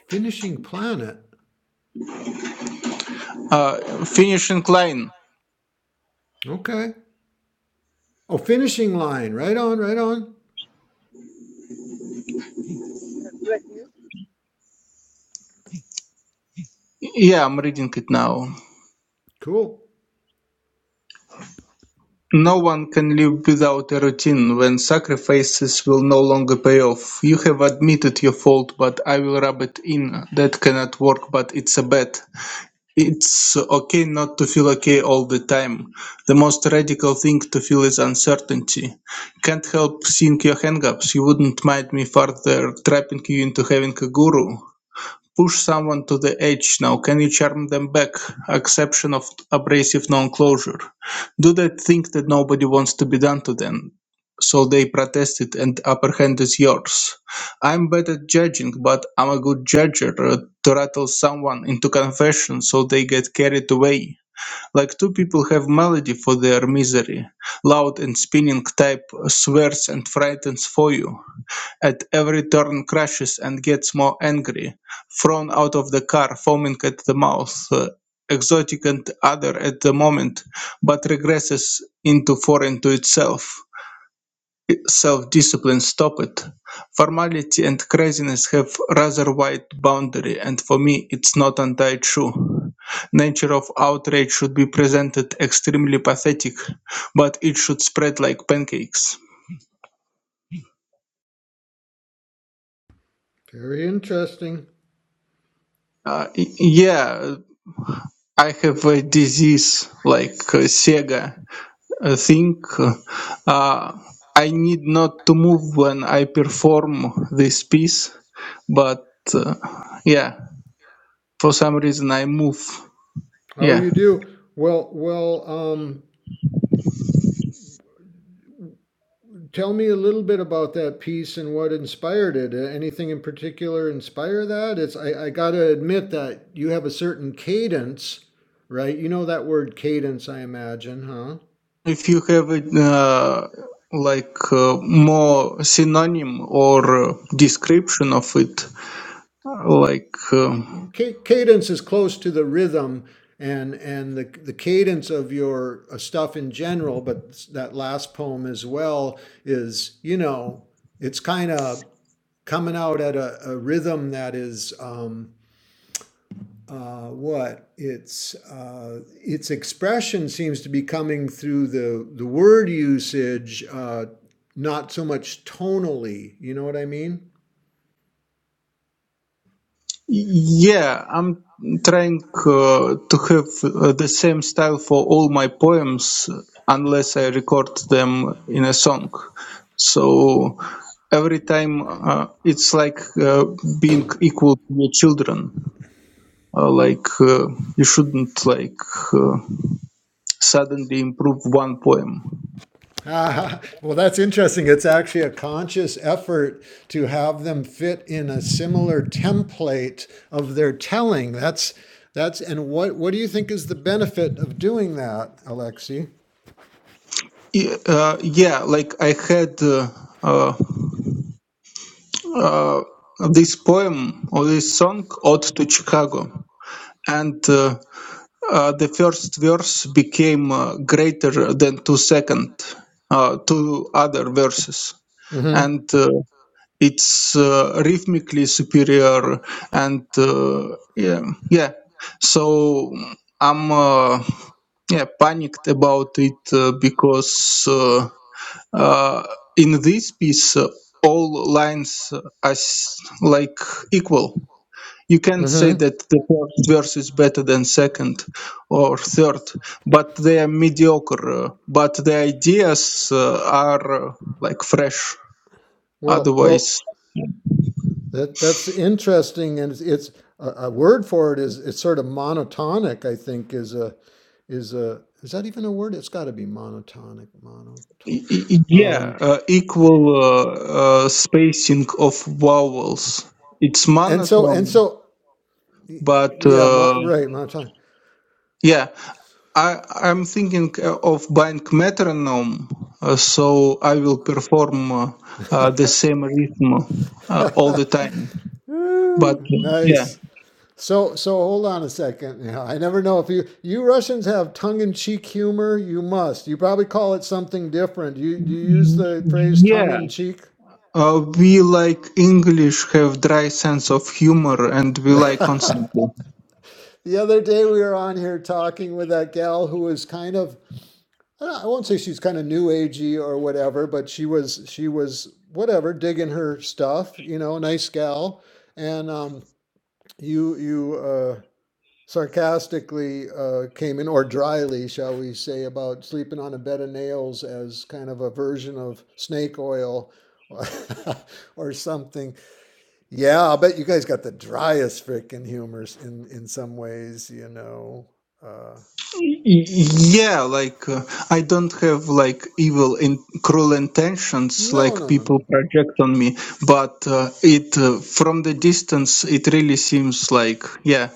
Speaker 2: Finishing Planet.
Speaker 5: uh finishing line.
Speaker 2: Okay. Oh, finishing line. Right on, right on.
Speaker 7: Uh, great news.
Speaker 5: Yeah, I'm reading it now.
Speaker 2: Cool.
Speaker 5: No one can live without a routine when sacrifices will no longer pay off. You have admitted your fault, but I will rub it in. That cannot work, but it's a bet. It's okay not to feel okay all the time. The most radical thing to feel is uncertainty. Can't help seeing your hangups. You wouldn't mind me further trapping you into having a guru. Push someone to the edge now, can you charm them back? Exception of abrasive non-closure. Do they think that nobody wants to be done to them? So they protested and upper hand is yours. I'm bad at judging, but I'm a good judger uh, to rattle someone into confession so they get carried away. Like two people have melody for their misery. Loud and spinning type swears and frightens for you. At every turn crashes and gets more angry, thrown out of the car, foaming at the mouth, uh, exotic and other at the moment, but regresses into foreign to itself. Self-discipline stop it. Formality and craziness have rather wide boundary, and for me it's not anti-true. Nature of outrage should be presented extremely pathetic, but it should spread like pancakes.
Speaker 2: Very interesting.
Speaker 5: Uh, yeah, I have a disease like uh, Sega uh, thing. Uh, I need not to move when I perform this piece, but uh, yeah, for some reason I move.
Speaker 2: Oh,
Speaker 5: Yeah.
Speaker 2: you do. Well, well, um, tell me a little bit about that piece and what inspired it. Uh, Anything in particular inspire that? It's I, I gotta admit that you have a certain cadence, right? You know that word cadence, I imagine, huh?
Speaker 5: If you have it, uh, like uh, more synonym or uh, description of it, like. uh,
Speaker 2: cadence is close to the rhythm and and the the cadence of your uh, stuff in general but that last poem as well is you know it's kind of coming out at a, a rhythm that is um uh, what it's uh, its expression seems to be coming through the the word usage, uh, not so much tonally. You know what I mean?
Speaker 5: Yeah, I'm trying uh, to have uh, the same style for all my poems, unless I record them in a song. So every time uh, it's like uh, being equal to your children. Uh, like uh, you shouldn't like uh, suddenly improve one poem.
Speaker 2: Ah, well, that's interesting. It's actually a conscious effort to have them fit in a similar template of their telling. That's that's and what what do you think is the benefit of doing that, Alexi?
Speaker 5: Y- Uh, yeah, like I had uh, uh, uh, this poem or this song, "Ode to Chicago," and. Uh, uh, the first verse became uh, greater than two second uh, two other verses and uh, it's uh, rhythmically superior and uh, yeah yeah so i'm uh, yeah panicked about it uh, because uh, uh, in this piece uh, all lines are s- like equal you can't say
Speaker 2: hmm
Speaker 5: that the first verse is better than second or third, but they are mediocre. uh, But the ideas uh, are uh, like fresh.
Speaker 2: Well, well,
Speaker 5: Otherwise,
Speaker 2: that that's interesting, and it's, it's a, a word for it is it's sort of monotonic. I think is a is a is that even a word? It's got to be monotonic,
Speaker 5: y-
Speaker 2: monotone.
Speaker 5: y- yeah,
Speaker 2: Um,
Speaker 5: uh, equal uh, uh, spacing of vowels. It's
Speaker 2: and so and
Speaker 5: monotone,
Speaker 2: so,
Speaker 5: but
Speaker 2: yeah,
Speaker 5: uh,
Speaker 2: mon, right, monotonic.
Speaker 5: yeah, I, I'm thinking uh, of buying metronome, uh, so I will perform uh, uh, the same rhythm uh, all the time.
Speaker 2: Woo,
Speaker 5: But yeah,
Speaker 2: nice. So so hold on a second. Yeah, I never know if you you Russians have tongue in cheek humor. You must. You probably call it something different. You you use
Speaker 5: Mm,
Speaker 2: the phrase tongue
Speaker 5: yeah.
Speaker 2: in cheek.
Speaker 5: Uh, we like English have dry sense of humor, and we like
Speaker 2: the
Speaker 5: constantly.
Speaker 2: other day we were on here talking with that gal who was kind of I, don't, I won't say she's kind of new agey or whatever, but she was she was whatever digging her stuff. You know, nice gal. And um, you you. Uh, sarcastically uh, came in, or dryly, shall we say, about sleeping on a bed of nails as kind of a version of snake oil or something. Yeah, I'll bet you guys got the driest frickin' humors in in some ways, you know. Uh,
Speaker 5: Y- Yeah, like uh, I don't have like evil in cruel intentions,
Speaker 2: no,
Speaker 5: like
Speaker 2: no, no,
Speaker 5: people
Speaker 2: no.
Speaker 5: project on me. But uh, it uh, from the distance, it really seems like yeah,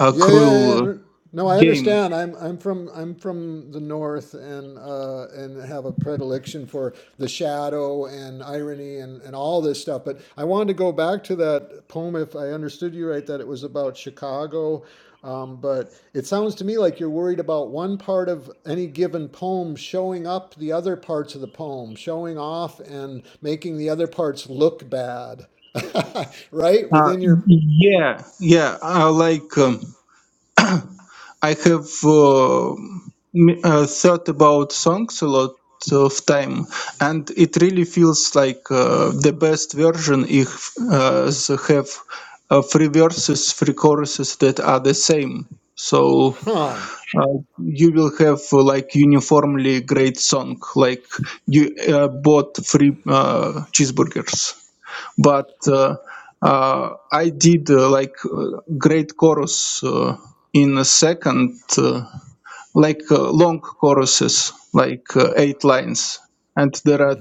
Speaker 5: a
Speaker 2: Yeah, yeah,
Speaker 5: cruel uh,
Speaker 2: yeah. No, I
Speaker 5: game.
Speaker 2: understand. I'm I'm from I'm from the north and uh, and have a predilection for the shadow and irony and, and all this stuff. But I wanted to go back to that poem if I understood you right, that it was about Chicago. Um, but it sounds to me like you're worried about one part of any given poem showing up the other parts of the poem, showing off and making the other parts look bad. right?
Speaker 5: Uh,
Speaker 2: Within your
Speaker 5: yeah, yeah. I like. Um, I have uh, m- uh, thought about songs a lot of time, and it really feels like uh, the best version if uh, they have uh, three verses, three choruses that are the same. So
Speaker 2: huh.
Speaker 5: uh, you will have uh, like uniformly great song, like you uh, bought three uh, cheeseburgers. But uh, uh, I did uh, like uh, great chorus. Uh, in a second Uh, like uh, long choruses, like uh, eight lines, and there are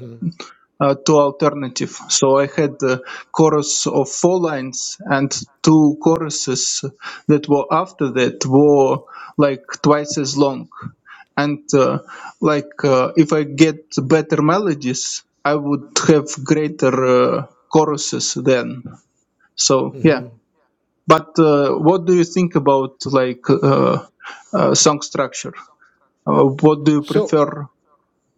Speaker 5: uh, two alternative. So I had a chorus of four lines, and two choruses that were after that were like twice as long. And uh, like uh, if I get better melodies, I would have greater uh, choruses then. So yeah. But uh, what do you think about like uh, uh, song structure? Uh, what do you
Speaker 2: So.
Speaker 5: prefer?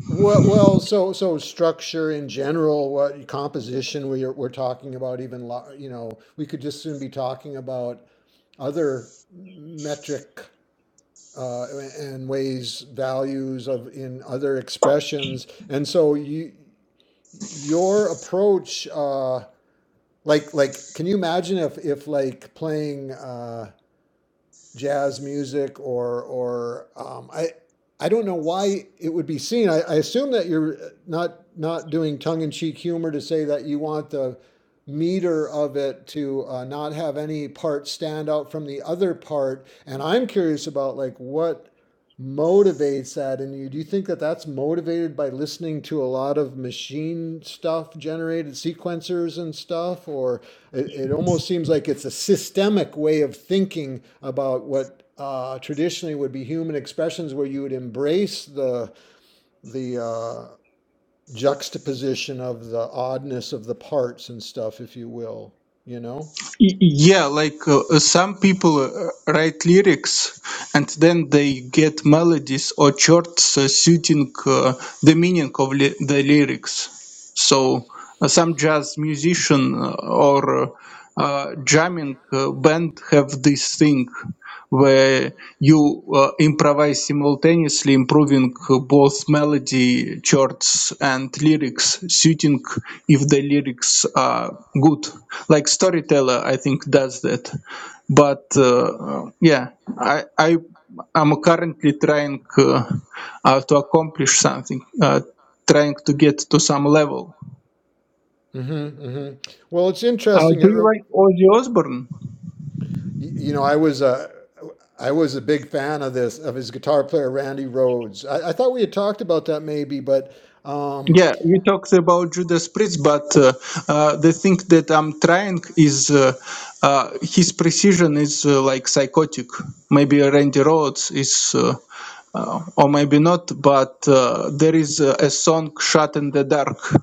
Speaker 2: Well, well, so so structure in general, what composition we are, we're talking about, even lo- you know, we could just soon be talking about other metric uh, and ways values of in other expressions, and so you your approach, uh, like like, can you imagine if if like playing. Uh, jazz music or or um, I I don't know why it would be seen. I, I assume that you're not not doing tongue in cheek humor to say that you want the meter of it to uh, not have any part stand out from the other part. And I'm curious about like what motivates that in you. Do you think that that's motivated by listening to a lot of machine stuff generated sequencers and stuff? Or it, it almost seems like it's a systemic way of thinking about what. Uh, traditionally would be human expressions where you would embrace the the uh, juxtaposition of the oddness of the parts and stuff if you will you know
Speaker 5: Y- yeah, like uh, uh, some people uh, write lyrics and then they get melodies or chords uh, suiting uh, the meaning of li- the lyrics. So uh, some jazz musician uh, or uh, uh, jamming uh, band have this thing. where you uh, improvise simultaneously, improving both melody, chords, and lyrics, suiting if the lyrics are good. Like Storyteller, I think, does that. But uh, yeah, I, I I'm currently trying uh, uh, to accomplish something, uh, trying to get to some level.
Speaker 2: Mm-hmm, mm-hmm. Well, it's
Speaker 5: Uh,
Speaker 2: interesting. It,
Speaker 5: do you
Speaker 2: re-
Speaker 5: like Ozzy Osbourne?
Speaker 2: you, know, I was a I was a big fan of this of his guitar player Randy Rhodes. I, I thought we had talked about that maybe, but um,
Speaker 5: Yeah, we talked about Judas Priest, but uh, uh, the thing that I'm trying is uh, uh, his precision is uh, like psychotic. Maybe Randy Rhodes is, uh, uh, or maybe not, but uh, there is uh, a song shot in the Dark."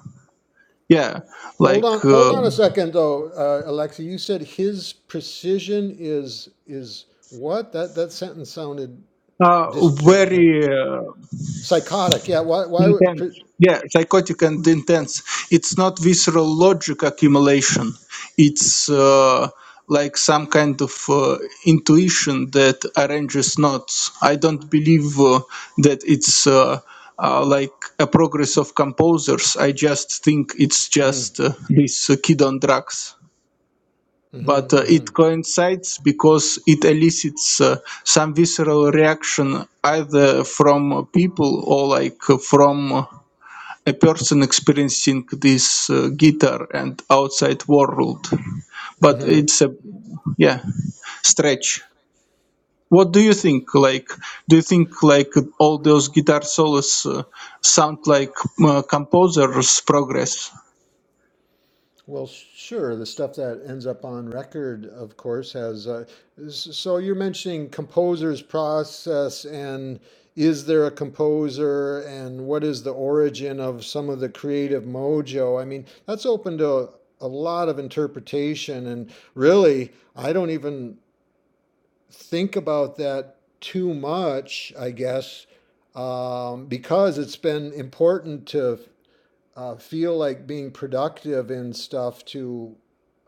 Speaker 5: Yeah,
Speaker 2: hold
Speaker 5: like
Speaker 2: on,
Speaker 5: uh,
Speaker 2: hold on a second though, uh, Alexa. You said his precision is is what? That that sentence sounded
Speaker 5: uh,
Speaker 2: disjo-
Speaker 5: very. uh,
Speaker 2: psychotic. Yeah. Why? Why would? Pre-
Speaker 5: Intense. Yeah, psychotic and intense. It's not visceral logic accumulation. It's uh, like some kind of uh, intuition that arranges knots. I don't believe uh, that it's uh, uh, like a progress of composers. I just think it's just uh, this uh, kid on drugs. But uh,
Speaker 2: hmm
Speaker 5: it coincides because it elicits uh, some visceral reaction either from people or like uh, from a person experiencing this uh, guitar and outside world but
Speaker 2: hmm
Speaker 5: it's a yeah stretch what do you think like do you think like all those guitar solos uh, sound like uh, composer's progress
Speaker 2: Well, sure. The stuff that ends up on record, of course, has. Uh, s- so you're mentioning composer's process, and is there a composer, and what is the origin of some of the creative mojo? I mean, that's open to a lot of interpretation, and really, I don't even think about that too much, I guess, um, because it's been important to uh, feel like being productive in stuff to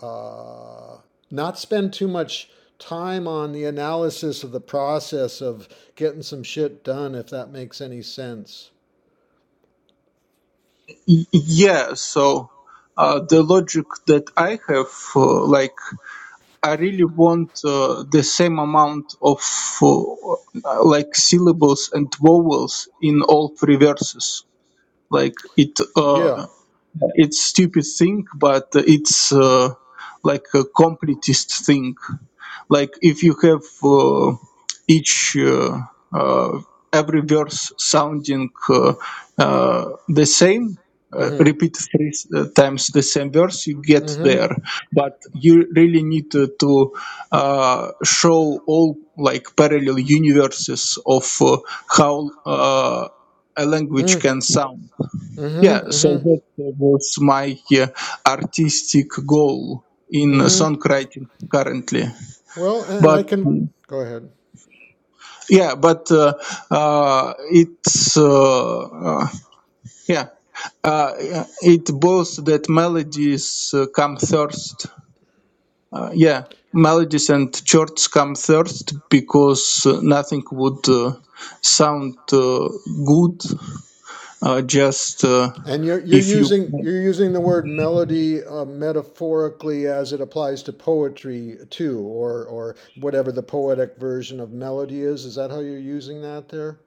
Speaker 2: uh, not spend too much time on the analysis of the process of getting some shit done, if that makes any sense.
Speaker 5: Y- yeah so uh, the logic that i have uh, like i really want uh, the same amount of uh, like syllables and vowels in all three verses like it
Speaker 2: Yeah.
Speaker 5: uh, it's stupid thing but it's uh, like a completist thing like if you have uh, each uh, uh, every verse sounding uh, uh, the same uh,
Speaker 2: Mm-hmm.
Speaker 5: repeat three s- uh, times the same verse you get there but you really need to, to uh, show all like parallel universes of uh, how uh, a language can sound yeah,
Speaker 2: Mm-hmm. Mm-hmm.
Speaker 5: so that was my uh, artistic goal in
Speaker 2: Mm-hmm.
Speaker 5: songwriting currently.
Speaker 2: Well, and
Speaker 5: But
Speaker 2: I can go ahead.
Speaker 5: yeah, but uh, uh, it's uh, uh, yeah, uh, yeah, it both that melodies uh, come first. Uh, yeah, melodies and chords come first because uh, nothing would uh, sound uh, good uh, just uh,
Speaker 2: And you're you're
Speaker 5: if you
Speaker 2: using you're using the word melody uh, metaphorically as it applies to poetry too, or or whatever the poetic version of melody is. Is that how you're using that there?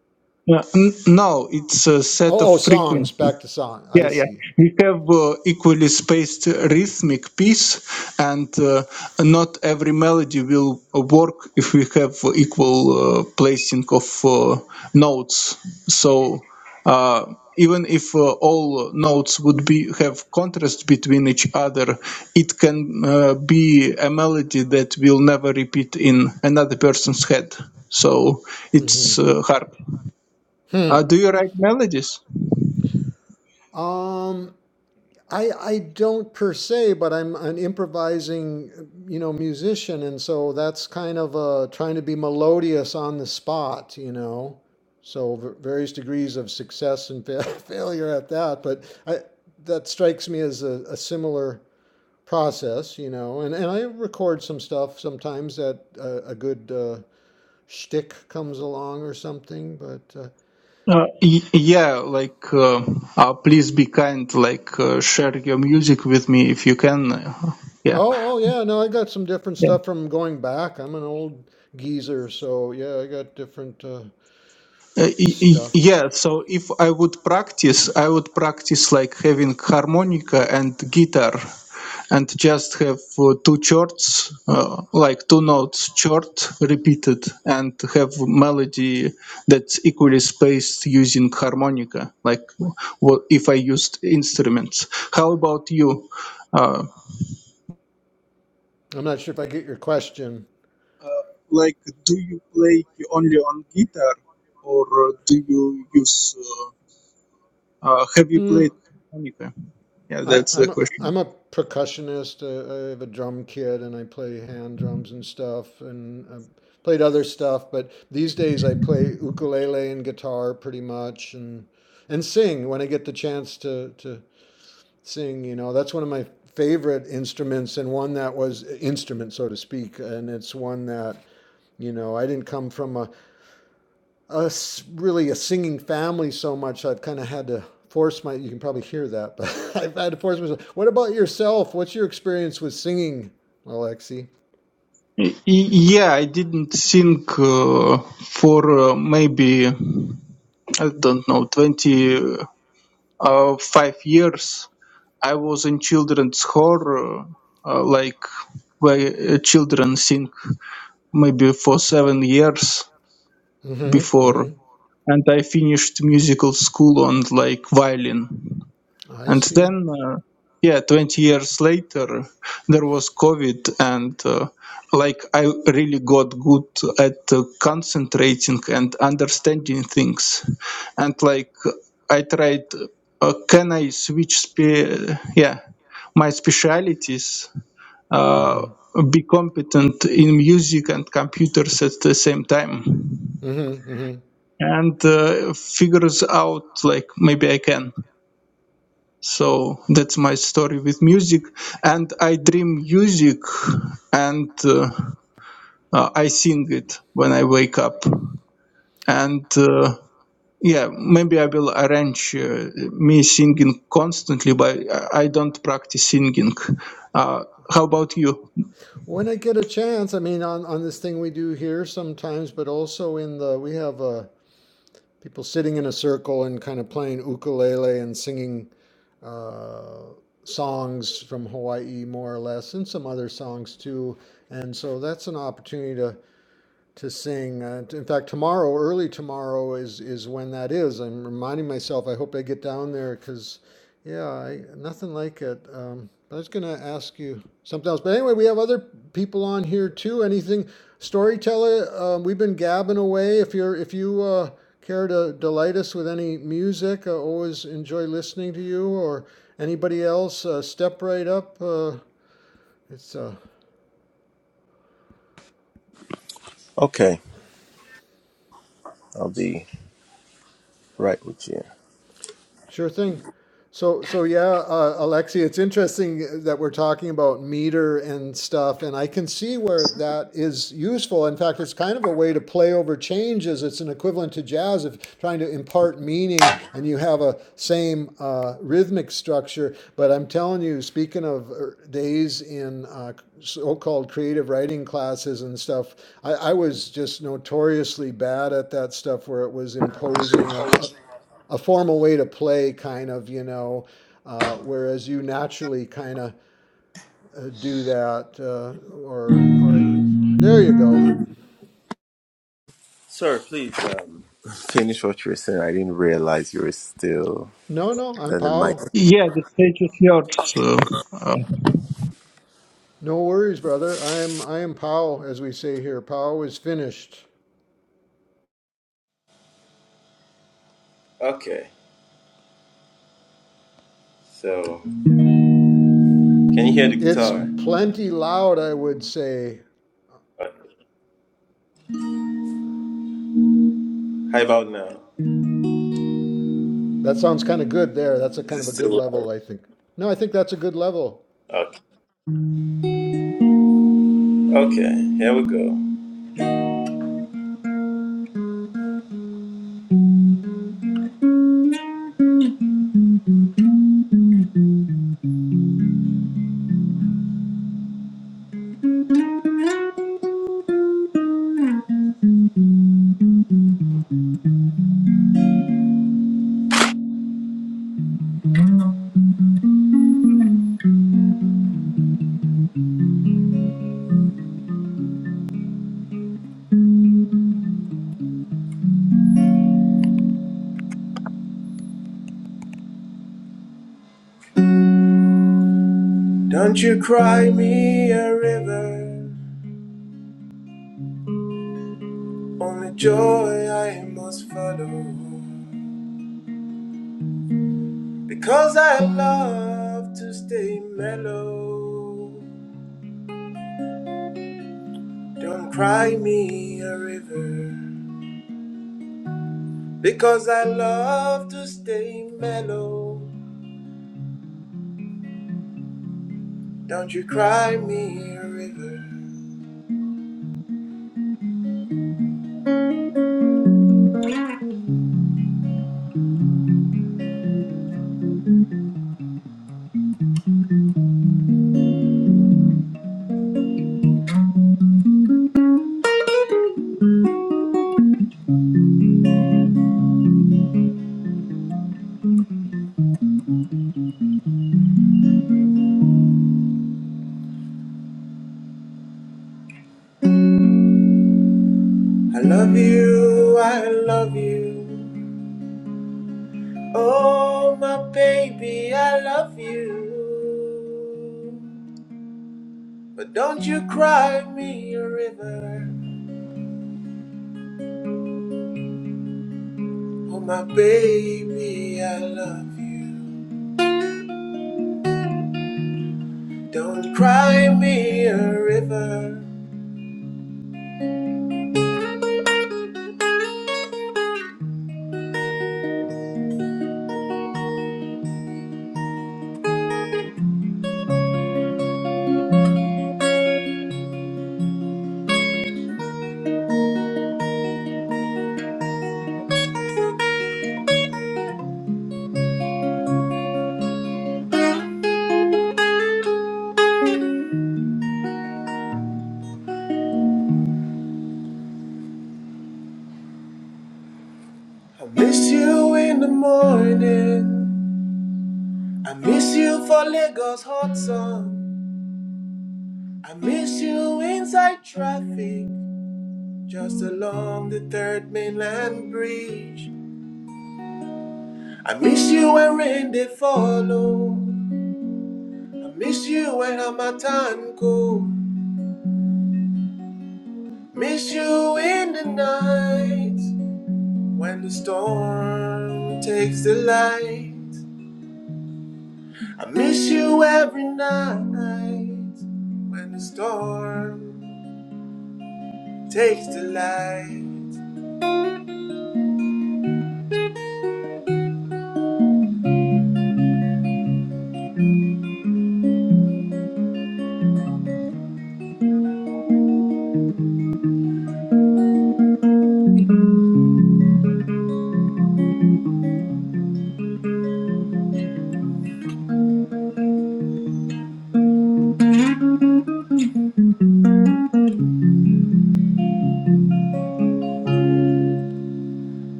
Speaker 5: Uh, n- no, it's a set of
Speaker 2: Oh, oh, songs.
Speaker 5: frequency.
Speaker 2: Back to song. I
Speaker 5: Yeah, yeah.
Speaker 2: see.
Speaker 5: We have uh, equally spaced rhythmic piece, and uh, not every melody will uh, work if we have equal uh, placing of uh, notes. So uh, even if uh, all notes would be have contrast between each other, it can uh, be a melody that will never repeat in another person's head. So
Speaker 2: hmm
Speaker 5: it's uh, hard.
Speaker 2: Hmm.
Speaker 5: Uh, do you write melodies?
Speaker 2: Um, I I don't per se, but I'm an improvising, you know, musician, and so that's kind of uh, trying to be melodious on the spot, you know. So v- various degrees of success and fa- failure at that, but I that strikes me as a, a similar process, you know. And and I record some stuff sometimes that uh, a good uh, shtick comes along or something, but. Uh,
Speaker 5: Uh, y- yeah, like uh, uh, please be kind, like uh, share your music with me if you can. Uh, yeah.
Speaker 2: Oh, oh yeah, no, I got some different stuff from going back. I'm an old geezer, so yeah, I got different uh,
Speaker 5: Uh, y- y-
Speaker 2: stuff.
Speaker 5: yeah, so if I would practice, I would practice like having harmonica and guitar and just have uh, two chords, uh, like two notes chord repeated and have melody that's equally spaced using harmonica, like what if I used instruments. How about you? Uh,
Speaker 2: I'm not sure if I get your question.
Speaker 5: uh, like, do you play only on guitar or uh, do you use, uh, uh, have you
Speaker 2: Hmm.
Speaker 5: played harmonica? Yeah,
Speaker 2: I,
Speaker 5: that's the
Speaker 2: I'm a,
Speaker 5: question.
Speaker 2: I'm a percussionist. Uh, I have a drum kit and I play hand drums and stuff, and I played other stuff. But these days I play ukulele and guitar pretty much, and and sing when I get the chance to to sing. You know, that's one of my favorite instruments, and one that was instrument, so to speak. And it's one that you know I didn't come from a a really a singing family so much. I've kind of had to force my. You can probably hear that, but I've had to force myself. What about yourself? What's your experience with singing, Alexi?
Speaker 5: Yeah, I didn't think uh, for uh, maybe, I don't know, 25 uh, five years. I was in children's horror, uh, uh, like where uh, children sing maybe for seven years
Speaker 2: Mm-hmm.
Speaker 5: before.
Speaker 2: Mm-hmm.
Speaker 5: And I finished musical school on like violin.
Speaker 2: I
Speaker 5: and
Speaker 2: see.
Speaker 5: then uh, yeah 20 years later there was covid and uh, like i really got good at uh, concentrating and understanding things and like i tried uh, can i switch spe- yeah my specialities uh, be competent in music and computers at the same time
Speaker 2: Mm-hmm. Mm-hmm. mm-hmm.
Speaker 5: and uh, figures out like maybe i can so that's my story with music. And I dream music and uh, uh, I sing it when I wake up. And uh, yeah, maybe I will arrange uh, me singing constantly, but I I don't practice singing. Uh, how about you?
Speaker 2: When I get a chance, I mean, on, on this thing we do here sometimes, but also in the we have a people sitting in a circle and kind of playing ukulele and singing uh, songs from Hawaii, more or less, and some other songs too. And so that's an opportunity to to sing. Uh, in fact, tomorrow, early tomorrow, is is when that is. I'm reminding myself. I hope I get down there because, yeah, I, nothing like it. Um, I was going to ask you something else. But anyway, we have other people on here too. Anything storyteller? Um, we've been gabbing away. If you're if you uh, care to delight us with any music, I always enjoy listening to you or anybody else. Uh, step right up. Uh, it's uh,
Speaker 9: Okay, I'll be right with you.
Speaker 2: Sure thing. So, so yeah, uh, Alexi, it's interesting that we're talking about meter and stuff, and I can see where that is useful. In fact, it's kind of a way to play over changes. It's an equivalent to jazz of trying to impart meaning, and you have a same uh, rhythmic structure. But I'm telling you, speaking of er, days in uh, so-called creative writing classes and stuff, I, I was just notoriously bad at that stuff, where it was imposing a, a a formal way to play, kind of, you know, uh, whereas you naturally kind of uh, do that, uh, or, or there you go.
Speaker 9: Sir, please um, finish what you were saying. I didn't realize you were still
Speaker 2: No, no, I'm
Speaker 9: at the mic.
Speaker 2: Pow.
Speaker 5: Yes. Uh, uh,
Speaker 2: No worries, brother. I'm I am Pow, as we say here. Pow is finished.
Speaker 9: Okay, so can you hear the
Speaker 2: It's
Speaker 9: guitar?
Speaker 2: plenty loud, I would say.
Speaker 9: Okay. How about now?
Speaker 2: That sounds kind of good there. That's a
Speaker 9: Is
Speaker 2: kind
Speaker 9: it
Speaker 2: of a good
Speaker 9: still loud?
Speaker 2: level, I think. No, I think that's a good level.
Speaker 9: Okay. Okay, here we go. Don't you cry me a river, only joy I must follow. Because I love to stay mellow. Don't cry me a river. Because I love to stay mellow. Don't you cry me a river. I love you, I love you. Oh, my baby, I love you. But don't you cry me a river. Oh, my baby, I love you. Don't cry me a river. I miss you in the morning. I miss you for Lagos hot sun. I miss you inside traffic, just along the third mainland bridge. I miss you when rain they follow. I miss you when Hamatan cold. Miss you in the night when the storm takes the light. I miss you every night when the storm takes the light.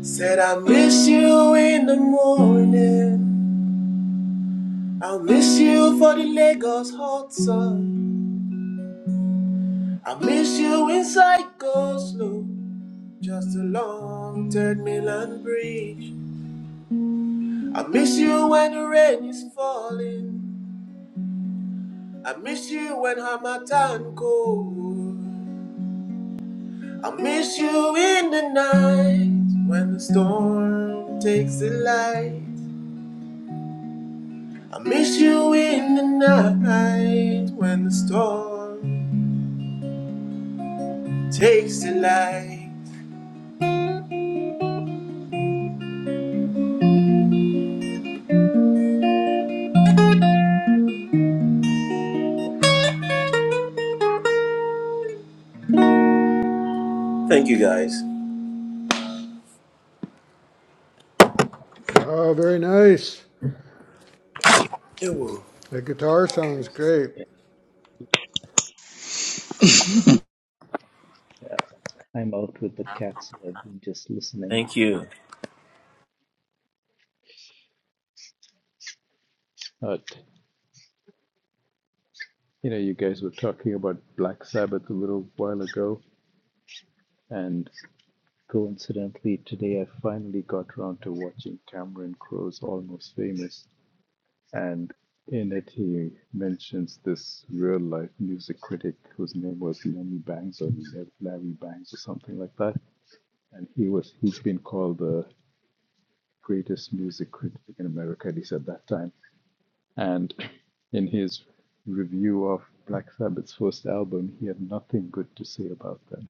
Speaker 9: Said I miss you in the morning. I'll miss you for the Lagos hot sun. I miss you inside Goslow, just along Third Milan Bridge. I miss you when the rain is falling. I miss you when Hamatan cold. I miss you in the night when the storm takes the light. I miss you in the night when the storm takes the light. Thank you guys.
Speaker 2: Wow, very nice.
Speaker 9: Ew.
Speaker 2: The guitar sounds great.
Speaker 3: yeah, I'm out with the cats. so I've been just listening.
Speaker 9: Thank you.
Speaker 3: But you know, you guys were talking about Black Sabbath a little while ago, and coincidentally today I finally got around to watching Cameron Crowe's Almost Famous, and in it he mentions this real life music critic whose name was Lenny Bangs or Larry Bangs or something like that, and he was he's been called the greatest music critic in America, at least at that time And in his review of Black Sabbath's first album, he had nothing good to say about them.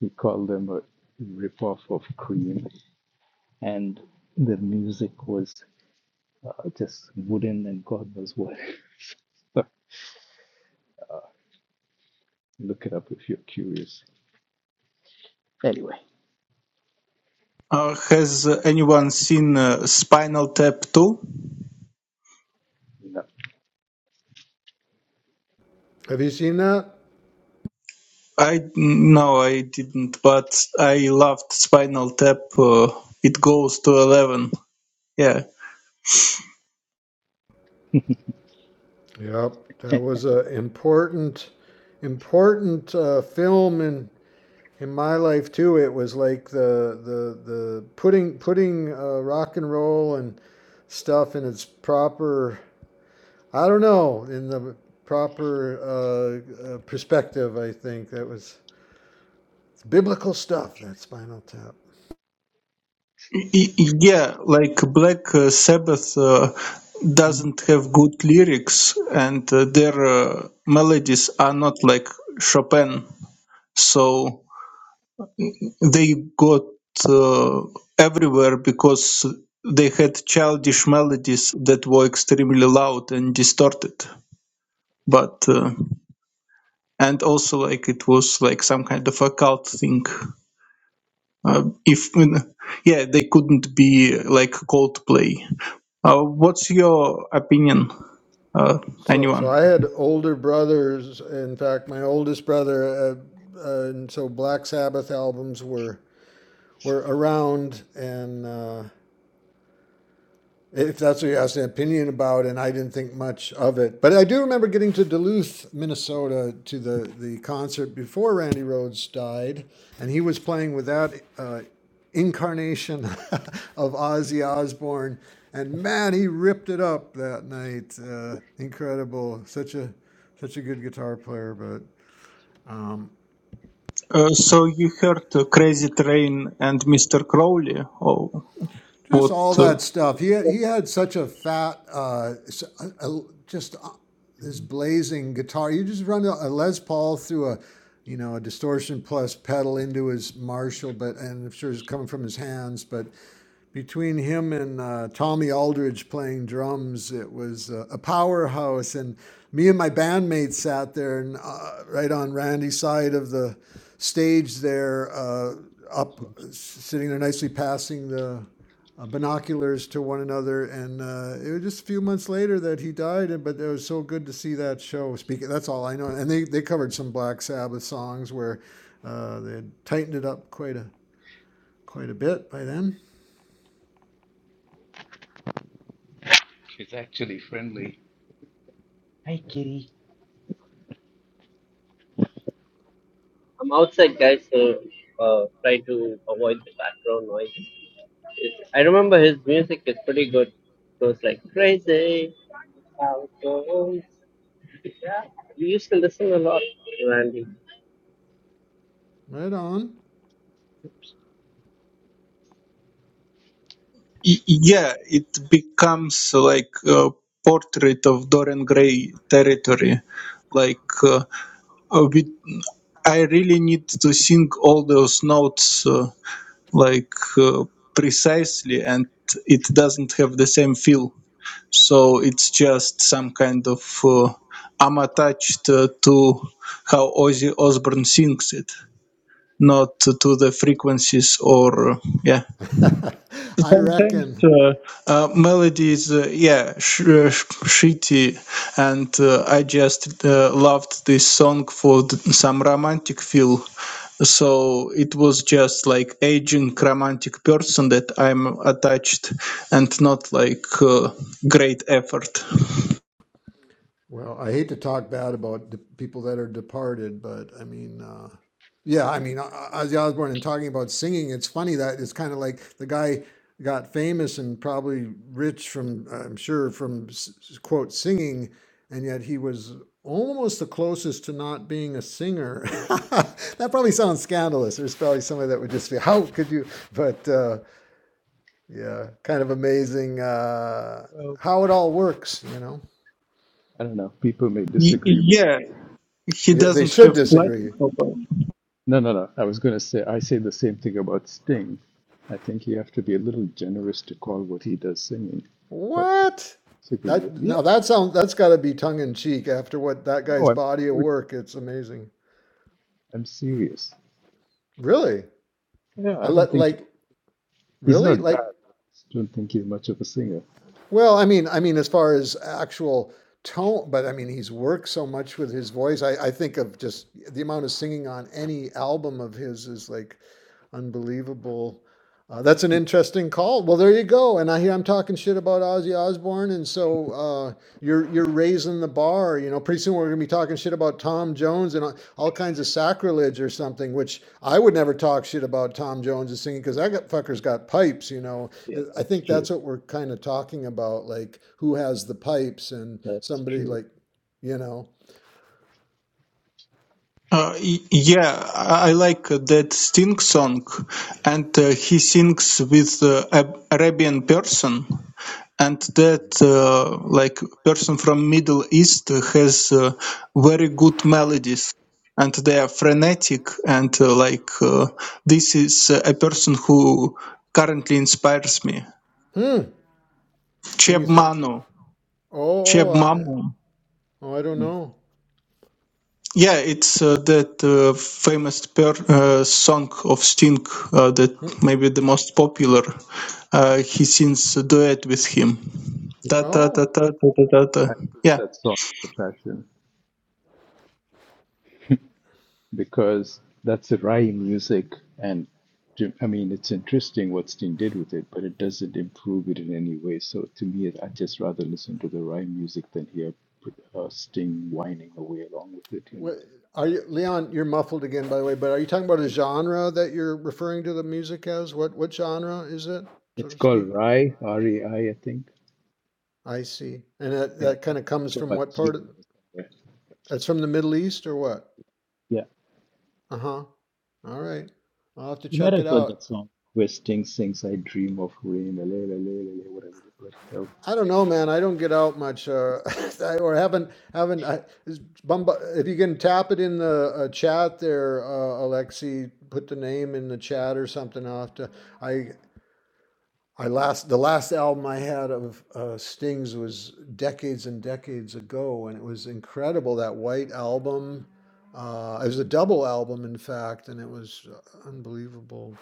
Speaker 3: He called them a ripoff of Cream, and the music was uh, just wooden and God knows what. So look it up if you're curious. Anyway,
Speaker 5: uh, has anyone seen uh, Spinal Tap 2?
Speaker 3: no.
Speaker 2: Have you seen that?
Speaker 5: I no, I didn't, but I loved Spinal Tap. Uh, it goes to 11 Yeah,
Speaker 2: Yep, that was a important, important uh, film in in my life too. It was like the the the putting putting uh, rock and roll and stuff in its proper. I don't know in the proper uh, uh, perspective. I think that was it's biblical stuff. That Spinal Tap.
Speaker 5: Y- yeah, like Black uh, Sabbath uh, doesn't have good lyrics, and uh, their uh, melodies are not like Chopin, so they got uh, everywhere because they had childish melodies that were extremely loud and distorted. But uh, and also like it was like some kind of occult thing. Uh, if yeah, they couldn't be like Coldplay Uh, what's your opinion, uh,
Speaker 2: So so I
Speaker 5: anyone?
Speaker 2: had older brothers. In fact, my oldest brother. Uh, uh, and so Black Sabbath albums were were around and uh, if that's what you asked an opinion about and i didn't think much of it but i do remember getting to duluth minnesota to the, the concert before randy rhodes died and he was playing with that uh, incarnation of ozzy osbourne and man he ripped it up that night uh, incredible such a such a good guitar player but Um,
Speaker 5: Uh, so you heard uh, Crazy Train and Mr. Crowley, or
Speaker 2: just
Speaker 5: what?
Speaker 2: all
Speaker 5: Uh,
Speaker 2: that stuff. He had, he had such a fat, uh, just uh, this blazing guitar. You just run a Les Paul through a, you know, a distortion plus pedal into his Marshall, but and I'm sure it's coming from his hands. But between him and uh, Tommy Aldridge playing drums, it was uh, a powerhouse. And me and my bandmates sat there and uh, right on Randy's side of the stage there, uh, up sitting there nicely passing the uh, binoculars to one another, and uh, it was just a few months later that he died. And but it was so good to see that show. Speaking, that's all I know. And they, they covered some Black Sabbath songs where uh, they had tightened it up quite a quite a bit by then.
Speaker 3: It's actually friendly.
Speaker 1: I'm outside, guys, so uh, try to avoid the background noise. I remember his music is pretty good. It goes like crazy. How it goes. We used to listen a lot when I
Speaker 2: Right on.
Speaker 5: y- yeah, it becomes like a portrait of Dorian Gray territory. Like uh, uh, we, I really need to sing all those notes uh, like uh, precisely, and it doesn't have the same feel. so it's just some kind of uh, I'm attached uh, to how Ozzy Osbourne sings it, not to the frequencies or uh, yeah.
Speaker 2: I
Speaker 5: Sometimes
Speaker 2: reckon
Speaker 5: uh, uh, melody is uh, yeah sh- uh, sh- shitty, and uh, I just uh, loved this song for th- some romantic feel. So it was just like aging romantic person that I'm attached, and not like uh, great effort.
Speaker 2: Well, I hate to talk bad about the people that are departed, but I mean, uh, yeah, I mean, Ozzy Osbourne and talking about singing, it's funny that it's kind of like the guy got famous and probably rich from, I'm sure, from s- quote singing, and yet he was almost the closest to not being a singer. that probably sounds scandalous. There's probably somebody that would just be, how could you? But uh, yeah, kind of amazing uh,
Speaker 3: Well,
Speaker 2: how it all works, you know.
Speaker 3: I don't know. People may
Speaker 5: Y-
Speaker 3: disagree.
Speaker 5: yeah, he
Speaker 2: Yeah, they
Speaker 5: doesn't
Speaker 2: should
Speaker 5: have
Speaker 2: disagree.
Speaker 5: plastic opera.
Speaker 3: No, no, no. I was going to say, I say the same thing about Sting. I think you have to be a little generous to call what he does singing. but.
Speaker 2: What?
Speaker 3: Sick with
Speaker 2: That
Speaker 3: Yeah,
Speaker 2: now that sounds that's got to be tongue in cheek after what that guy's
Speaker 3: no, I'm
Speaker 2: body of
Speaker 3: serious.
Speaker 2: work. It's amazing.
Speaker 3: I'm serious.
Speaker 2: Really?
Speaker 3: Yeah,
Speaker 2: I
Speaker 3: I don't
Speaker 2: let
Speaker 3: think he-
Speaker 2: like
Speaker 3: he's
Speaker 2: really
Speaker 3: not
Speaker 2: like
Speaker 3: bad. But I just don't think he's much of a singer.
Speaker 2: well, I mean, I mean as far as actual tone, but I mean he's worked so much with his voice. I I think of just the amount of singing on any album of his is like unbelievable. Uh, that's an interesting call. Well, there you go. And I hear I'm talking shit about Ozzy Osbourne, and so uh, you're you're raising the bar. You know, pretty soon we're gonna be talking shit about Tom Jones and all, all kinds of sacrilege or something. Which I would never talk shit about Tom Jones and singing because that got, fucker's got pipes. You know,
Speaker 3: Yeah,
Speaker 2: I
Speaker 3: that's
Speaker 2: think that's
Speaker 3: true.
Speaker 2: what we're kind of talking about, like who has the pipes and
Speaker 3: That's
Speaker 2: somebody
Speaker 3: true.
Speaker 2: like, you know,
Speaker 5: Uh, y- yeah, I I like that Sting song, and uh, he sings with uh, Ab- Arabian person, and that uh, like person from Middle East has uh, very good melodies, and they are frenetic, and uh, like uh, this is uh, a person who currently inspires me.
Speaker 2: hmm, can you
Speaker 5: Cheb
Speaker 2: think?
Speaker 5: Manu,
Speaker 2: Oh,
Speaker 5: Cheb
Speaker 2: oh,
Speaker 5: Mamu.
Speaker 2: I, oh, I don't
Speaker 3: Mm.
Speaker 2: know.
Speaker 5: Yeah, it's uh, that uh, famous per, uh, song of Sting uh, that maybe the most popular. Uh, he sings a duet with him.
Speaker 3: Yeah,
Speaker 5: Ta ta
Speaker 2: Oh.
Speaker 5: ta ta ta ta ta. ta.
Speaker 3: I think
Speaker 5: Yeah,
Speaker 3: that song, The Passion, because that's a rhyme music, and to- I mean, it's interesting what Sting did with it, but it doesn't improve it in any way. So to me, I just rather listen to the rhyme music than hear uh, Sting whining away along with it. You know,
Speaker 2: What, are you, Leon? You're muffled again, by the way. But are you talking about a genre that you're referring to the music as? What what genre is it, so
Speaker 3: it's
Speaker 2: to
Speaker 3: called
Speaker 2: speak?
Speaker 3: Rye, R E I, I think.
Speaker 2: I see. And that
Speaker 3: Yeah,
Speaker 2: that
Speaker 3: it's uh,
Speaker 2: kind of
Speaker 3: it's
Speaker 2: comes
Speaker 3: from
Speaker 2: from
Speaker 3: a
Speaker 2: what part? Of,
Speaker 3: dreaming or somewhere.
Speaker 2: that's from the Middle East or what?
Speaker 3: Yeah,
Speaker 2: Uh huh. All right. I'll have to
Speaker 3: you might
Speaker 2: check it
Speaker 3: have heard
Speaker 2: out.
Speaker 3: that song where Sting sings, "I dream of rain, la, la, la, la, la," whatever the bloody hell.
Speaker 2: I don't know, man. I don't get out much, uh, I- or haven't haven't. I, is Bumba, if you can tap it in the uh, chat there, uh, Alexi, put the name in the chat or something. I'll have to. I I last the last album I had of uh, Sting's was decades and decades ago, and it was incredible. That white album, uh, it was a double album, in fact, and it was uh, unbelievable.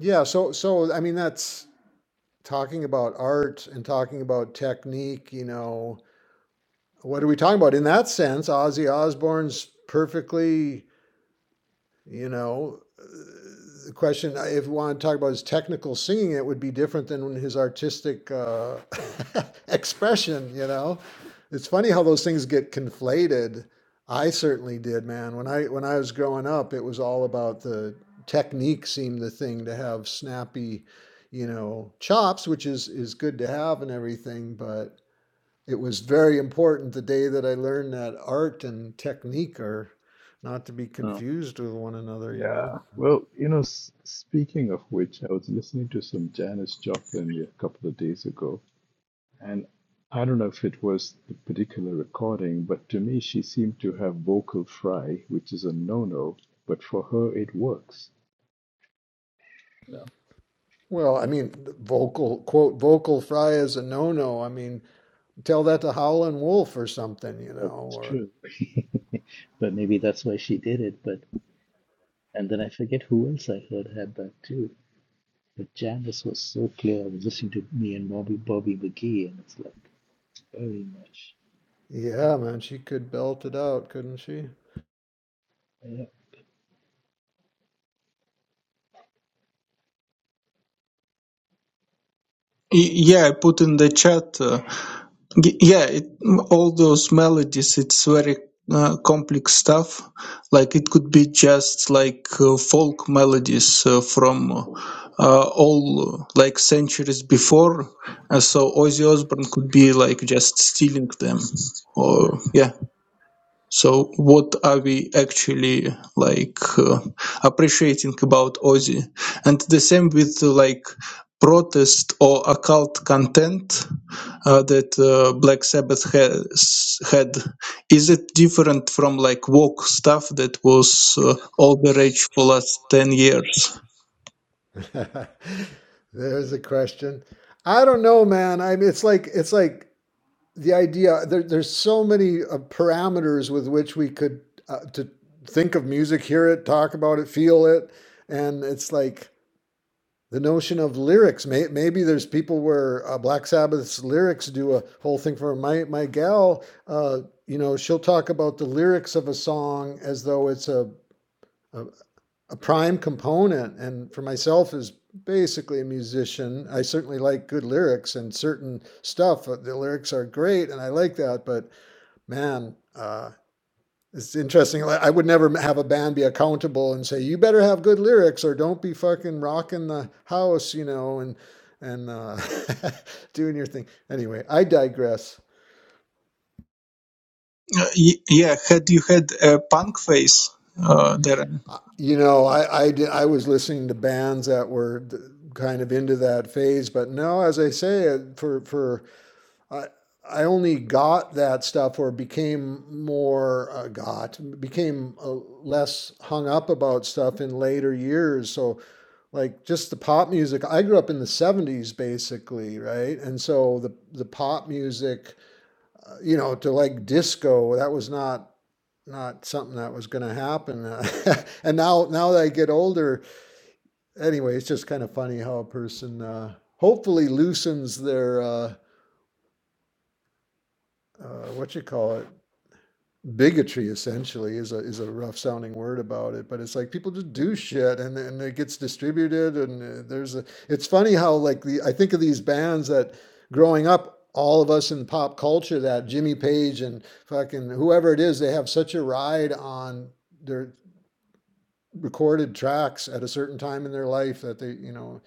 Speaker 2: Yeah, so so I mean, that's talking about art and talking about technique. You know, what are we talking about in that sense? Ozzy Osbourne's perfectly, you know. the question uh, if we want to talk about his technical singing it would be different than his artistic uh, expression you know it's funny how those things get conflated i certainly did man when i when i was growing up it was all about the technique seemed the thing to have snappy you know chops which is is good to have and everything but it was very important the day that i learned that art and technique are not to be
Speaker 3: Oh.
Speaker 2: confused with one another you know
Speaker 3: Yeah. Well, you know, s- speaking of which, I was listening to some Janis Joplin a couple of days ago, and I don't know if it was the particular recording, but to me, she seemed to have vocal fry, which is a no-no, but for her, it works. You know,
Speaker 2: Well, I mean, vocal quote vocal fry is a no-no. I mean, tell that to Howlin' Wolf or something, you
Speaker 3: well,
Speaker 2: know.
Speaker 3: that's
Speaker 2: Or
Speaker 3: true. but maybe that's why she did it. But And then I forget who else I heard had that too. But Janice was so clear. I was listening to me and Bobby Bobby McGee, and it's like very much.
Speaker 2: yeah, man, she could belt it out, couldn't she?
Speaker 5: Y- yeah. I put in the chat. Uh, Y- Yeah, it, all those melodies, it's very uh, complex stuff. Like it could be just like uh, folk melodies uh, from uh, all uh, like centuries before. Uh, so Ozzy Osbourne could be like just stealing them, or yeah. So what are we actually like uh, appreciating about Ozzy? And the same with uh, like protest or occult content uh, that uh, Black Sabbath has had. Is it different from like woke stuff that was uh, all the rage for last 10 years?
Speaker 2: There's a question. I don't know, man. I mean, it's like it's like the idea. There, there's so many uh, parameters with which we could uh, to think of music, hear it, talk about it, feel it, and it's like the notion of lyrics. maybe there's people where uh, Black Sabbath's lyrics do a whole thing for my my gal. Uh, you know, she'll talk about the lyrics of a song as though it's a a, a prime component. And for myself, as basically a musician, I certainly like good lyrics and certain stuff. uh, The lyrics are great, and I like that. But man, uh, it's interesting. Like, I would never have a band be accountable and say, "You better have good lyrics, or don't be fucking rocking the house," you know, and and uh, doing your thing. Anyway, I digress.
Speaker 5: Uh, y- yeah, had you had a punk phase uh, there?
Speaker 2: Uh, You know, I I, did, I was listening to bands that were kind of into that phase, but no, as I say, uh, for for I I only got that stuff or became more uh, got became uh, less hung up about stuff in later years. So like just the pop music. I grew up in the 70s basically, right? And so the the pop music, uh, you know, to like disco, that was not not something that was going to happen. Uh, and now now that I get older, anyway, it's just kind of funny how a person uh hopefully loosens their uh uh what you call it? bigotry essentially is a is a rough sounding word about it but it's like people just do shit and and it gets distributed and uh, there's a it's funny how like the I think of these bands that growing up all of us in pop culture that Jimmy Page and fucking whoever it is they have such a ride on their recorded tracks at a certain time in their life that they you know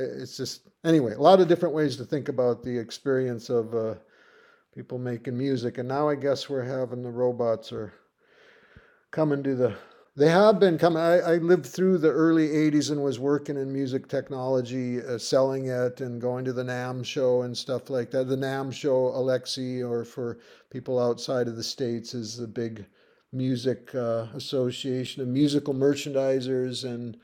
Speaker 2: it's just anyway a lot of different ways to think about the experience of uh people making music and now I guess we're having the robots are coming to the they have been coming I, I lived through the early 80s and was working in music technology uh, selling it and going to the NAMM show and stuff like that the NAMM show alexi or for people outside of the states is the big music uh, association of musical merchandisers and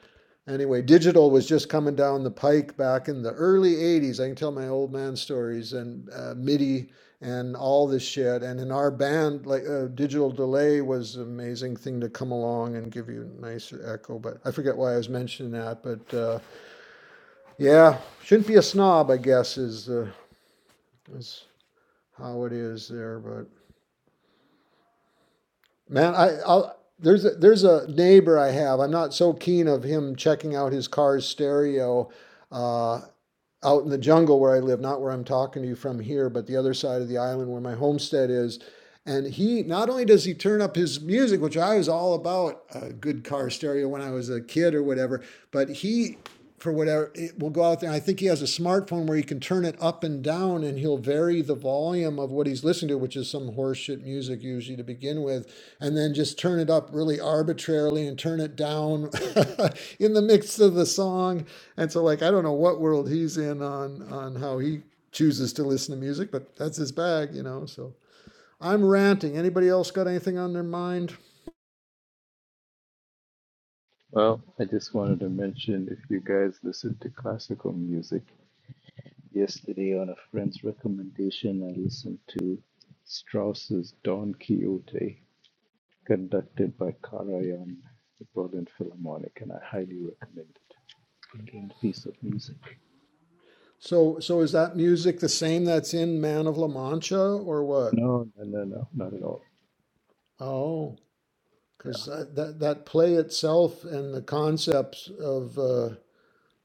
Speaker 2: anyway digital was just coming down the pike back in the early 80s i can tell my old man stories and uh, midi and all this shit. And in our band, like uh, digital delay was an amazing thing to come along and give you a nicer echo. But I forget why I was mentioning that. But uh, yeah, shouldn't be a snob, I guess, is uh, is how it is there. But man, I I'll, there's a, there's a neighbor I have. I'm not so keen of him checking out his car's stereo. Uh, out in the jungle where I live, not where I'm talking to you from here, but the other side of the island where my homestead is. And he not only does he turn up his music, which I was all about a good car stereo when I was a kid or whatever, but he for whatever it will go out there. I think he has a smartphone where he can turn it up and down and he'll vary the volume of what he's listening to, which is some horseshit music usually to begin with, and then just turn it up really arbitrarily and turn it down in the midst of the song and so like I don't know what world he's in on on how he chooses to listen to music, but that's his bag, you know. So I'm ranting. Anybody else got anything on their mind?
Speaker 3: Well, I just wanted to mention if you guys listen to classical music, yesterday on a friend's recommendation, I listened to Strauss's Don Quixote, conducted by Karajan, the Berlin Philharmonic, and I highly recommend it. Brilliant piece of music.
Speaker 2: So so is that music the same that's in Man of La Mancha or what?
Speaker 3: No, no, no, no, not at all.
Speaker 2: Oh, because that, that that play itself and the concepts of uh,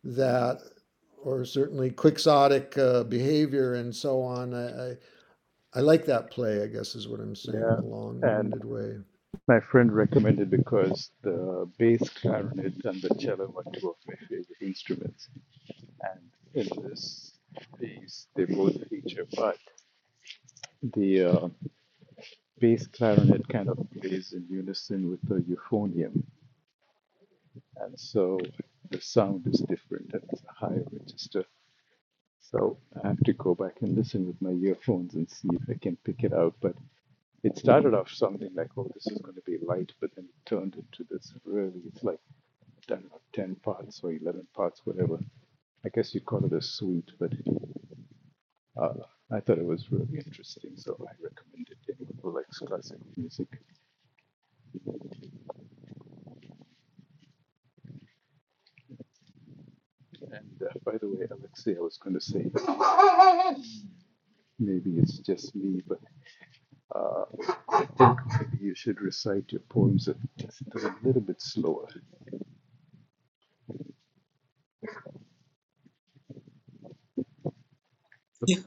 Speaker 2: that, or certainly quixotic uh, behavior and so on. I, I I like that play. I guess is what I'm saying in
Speaker 3: Yeah,
Speaker 2: a
Speaker 3: and
Speaker 2: long-winded way.
Speaker 3: My friend recommended because the bass clarinet and the cello are two of my favorite instruments, and in this piece they both feature. But the uh, bass clarinet kind of plays in unison with the euphonium, and so the sound is different and it's a higher register. So I have to go back and listen with my earphones and see if I can pick it out. But it started off something like, oh, this is going to be light, but then it turned into this really, it's like I don't know, 10 parts or 11 parts, whatever. I guess you'd call it a suite, but uh, I thought it was really interesting, so I recommend it to anyone who likes classic music. And uh, by the way, Alexei, I was going to say, maybe it's just me, but uh, I think maybe you should recite your poems a, a little bit slower.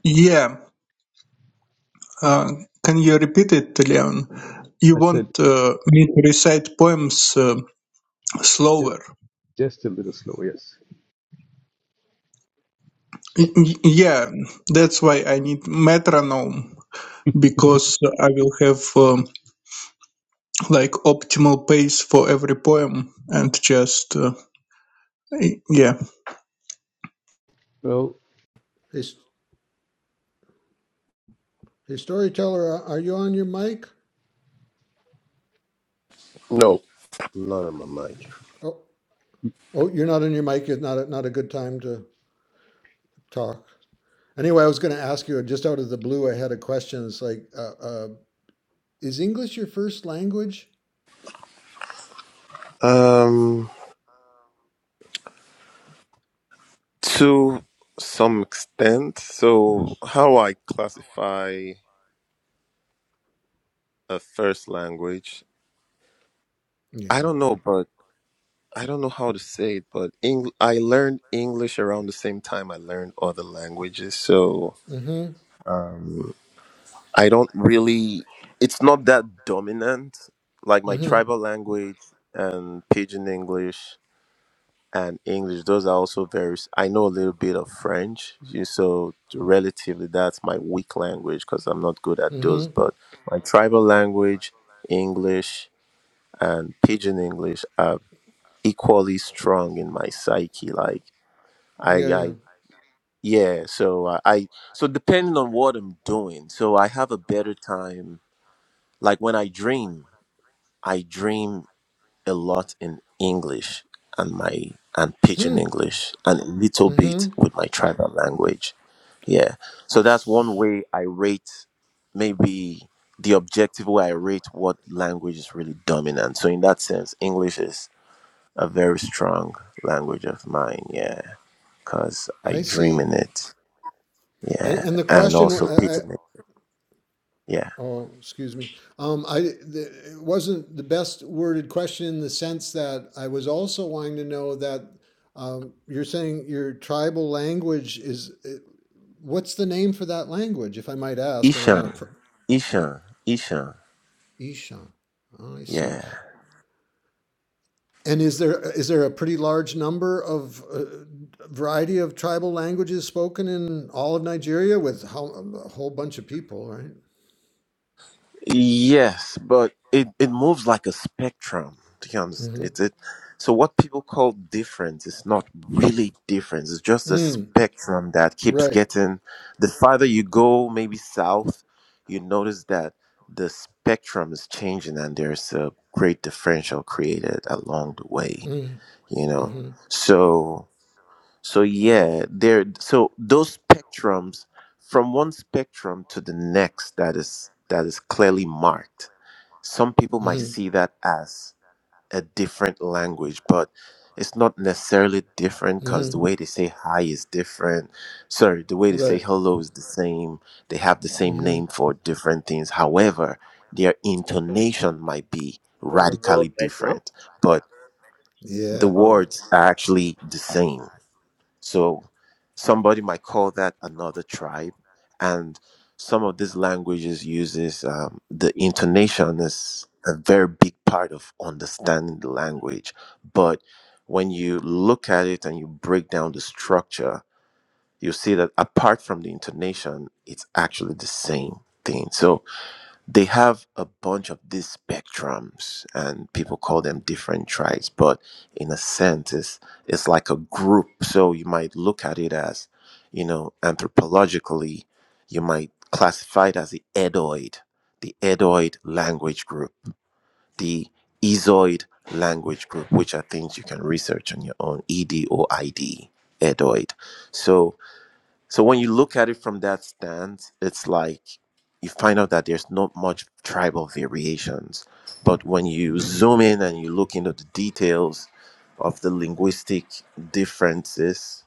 Speaker 5: Yeah, Uh, can you repeat it, Leon? You
Speaker 3: I said,
Speaker 5: want uh, me to recite poems uh,
Speaker 3: just,
Speaker 5: slower?
Speaker 3: just a little slower, yes.
Speaker 5: Y-
Speaker 3: So,
Speaker 5: y- yeah, that's why I need metronome because I will have um, like optimal pace for every poem and just uh, y- yeah.
Speaker 3: well,
Speaker 2: Hey, Hey, storyteller, uh, are you on your mic?
Speaker 9: No, not on my mic.
Speaker 2: Oh, oh, you're not on your mic. It's not a, not a good time to talk. Anyway, I was going to ask you just out of the blue. I had a question. It's like, uh, uh, is English your first language?
Speaker 9: Um, to some extent. So, how I classify a first language,
Speaker 2: Yeah.
Speaker 9: I don't know, but. I don't know how to say it, but Eng- I learned English around the same time I learned other languages. So
Speaker 2: Mm-hmm.
Speaker 9: um, I don't really, it's not that dominant. Like my
Speaker 2: Mm-hmm.
Speaker 9: tribal language and Pidgin English and English, those are also very, s- I know a little bit of French. you- So relatively, that's my weak language because I'm not good at
Speaker 2: Mm-hmm.
Speaker 9: those. But my tribal language, English, and Pidgin English are equally strong in my psyche. Like, I,
Speaker 2: Yeah. Yeah.
Speaker 9: I, yeah. So I, I, so depending on what I'm doing, so I have a better time. Like when I dream, I dream a lot in English and my and pidgin
Speaker 2: Hmm.
Speaker 9: English and a little
Speaker 2: Mm-hmm.
Speaker 9: bit with my tribal language. Yeah. So that's one way I rate maybe the objective way I rate what language is really dominant. So in that sense, English is a very strong language of mine. Yeah, because I
Speaker 2: I
Speaker 9: dream
Speaker 2: see.
Speaker 9: in it.
Speaker 2: And
Speaker 9: Yeah,
Speaker 2: and the
Speaker 9: and
Speaker 2: question
Speaker 9: also
Speaker 2: I, I
Speaker 9: Pidgin. Yeah,
Speaker 2: Oh, excuse me. Um, I, the, it wasn't the best worded question in the sense that I was also wanting to know that um, you're saying your tribal language is, eh, what's the name for that language, if I might ask? I don't
Speaker 9: Ishan,
Speaker 2: want to. E
Speaker 9: Ishan, Ishan.
Speaker 2: Isha. Oh, I see.
Speaker 9: Yeah,
Speaker 2: And is there is there a pretty large number of uh, variety of tribal languages spoken in all of Nigeria with how, a whole bunch of people, right?
Speaker 9: yes, but it it moves like a spectrum. Do you understand?
Speaker 2: Mm-hmm.
Speaker 9: It, it so what people call difference is not really difference. It's just a
Speaker 2: Mm,
Speaker 9: spectrum that keeps
Speaker 2: right.
Speaker 9: getting. The farther you go, maybe south, you notice that the spectrum is changing, and there's a great differential created along the way.
Speaker 2: Mm-hmm.
Speaker 9: You know,
Speaker 2: Mm-hmm.
Speaker 9: so. So yeah, there so those spectrums from one spectrum to the next that is that is clearly marked. Some people
Speaker 2: Mm-hmm.
Speaker 9: might see that as a different language, but it's not necessarily different because
Speaker 2: Mm-hmm.
Speaker 9: the way they say hi is different. Sorry, the way they say
Speaker 2: Right.
Speaker 9: hello is the same. They have the same
Speaker 2: Mm-hmm.
Speaker 9: name for different things. However, their
Speaker 1: used to it
Speaker 9: intonation might be
Speaker 1: on the
Speaker 9: radically
Speaker 1: road right now.
Speaker 9: different, but the
Speaker 2: Yeah.
Speaker 1: Um,
Speaker 9: words are actually the same. So somebody might call that another tribe, and some of these languages uses um, the intonation is a very big part of understanding the language. But when you look at it and you break down the structure, you see that apart from the intonation, it's actually the same thing. So they have a bunch of these spectrums and people call them different tribes but in a sense it's, it's like a group so you might look at it as you know anthropologically you might classify it as the edoid the edoid language group the ezoid language group which are things you can research on your own E D O I D, edoid so so when you look at it from that stance, it's like you find out that there's not much tribal variations. But when you zoom in and you look into the details of the linguistic differences,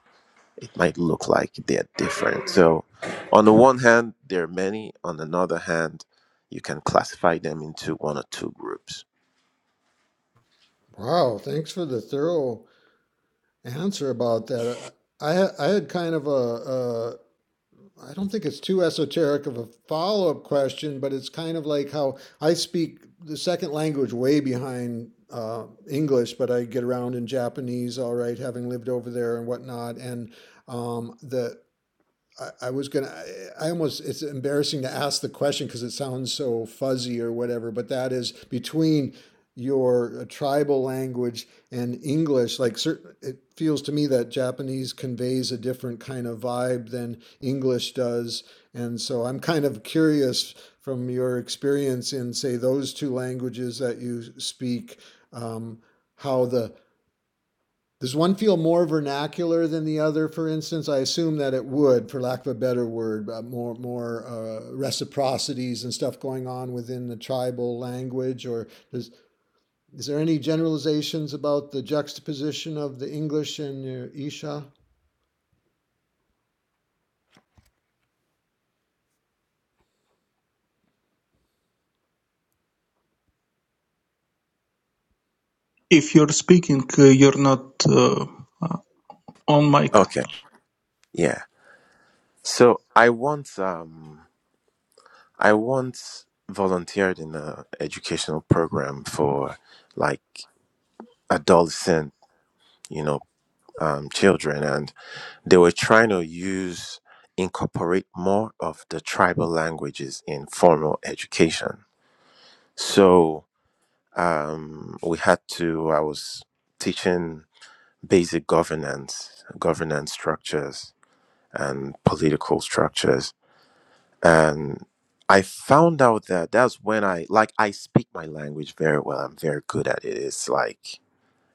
Speaker 9: it might look like they're different. So on the one hand, there are many. On another hand, you can classify them into one or two groups.
Speaker 2: Wow. Thanks for the thorough answer about that. I I had I had kind of a, a I don't think it's too esoteric of a follow-up question, but it's kind of like how I speak the second language way behind uh, English, but I get around in Japanese, all right, having lived over there and whatnot. And um, the I, I was gonna. I, I almost. It's embarrassing to ask the question because it sounds so fuzzy or whatever. But that is between your tribal language and English. Like, certain, it feels to me that Japanese conveys a different kind of vibe than English does. And so, I'm kind of curious from your experience in, say, those two languages that you speak, um, how the does one feel more vernacular than the other? For instance, I assume that it would, for lack of a better word, uh, more more uh, reciprocities and stuff going on within the tribal language. Or does, is there any generalizations about the juxtaposition of the English and your Isha?
Speaker 5: If you're speaking, uh, you're not uh, uh, on mic.
Speaker 9: Okay. Yeah. So I once um I once volunteered in a educational program for like adolescent, you know, um, children, and they were trying to use incorporate more of the tribal languages in formal education. So um, we had to. I was teaching basic governance, governance structures, and political structures and I found out that that's when I like I speak my language very well. I'm very good at it. It's like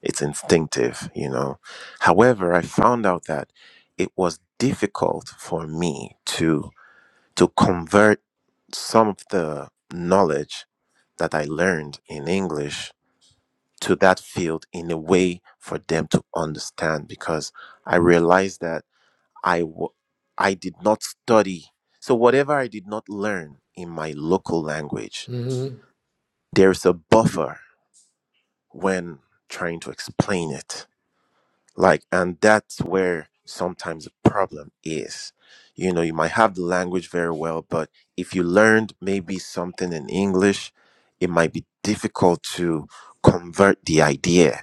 Speaker 9: it's instinctive, you know. However, I found out that it was difficult for me to to convert some of the knowledge that I learned in English to that field in a way for them to understand because I realized that I w- I did not study. So whatever I did not learn in my local language,
Speaker 2: Mm-hmm.
Speaker 9: there's a buffer when trying to explain it. Like and that's where sometimes the problem is. You know, you might have the language very well, but if you learned maybe something in English, it might be difficult to convert the idea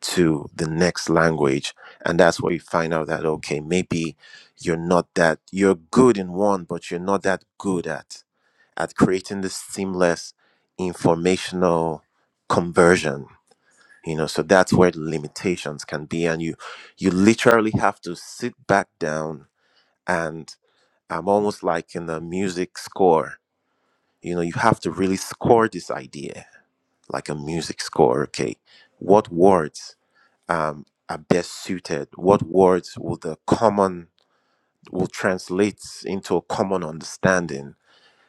Speaker 9: to the next language. And that's where you find out that, okay, maybe you're not that, you're good in one, but you're not that good at, at creating this seamless informational conversion. You know, so that's where the limitations can be. And you, you literally have to sit back down and I'm almost like in a music score. You know, you have to really score this idea like a music score. Okay. What words? um, are best suited? What words will the common will translate into a common understanding?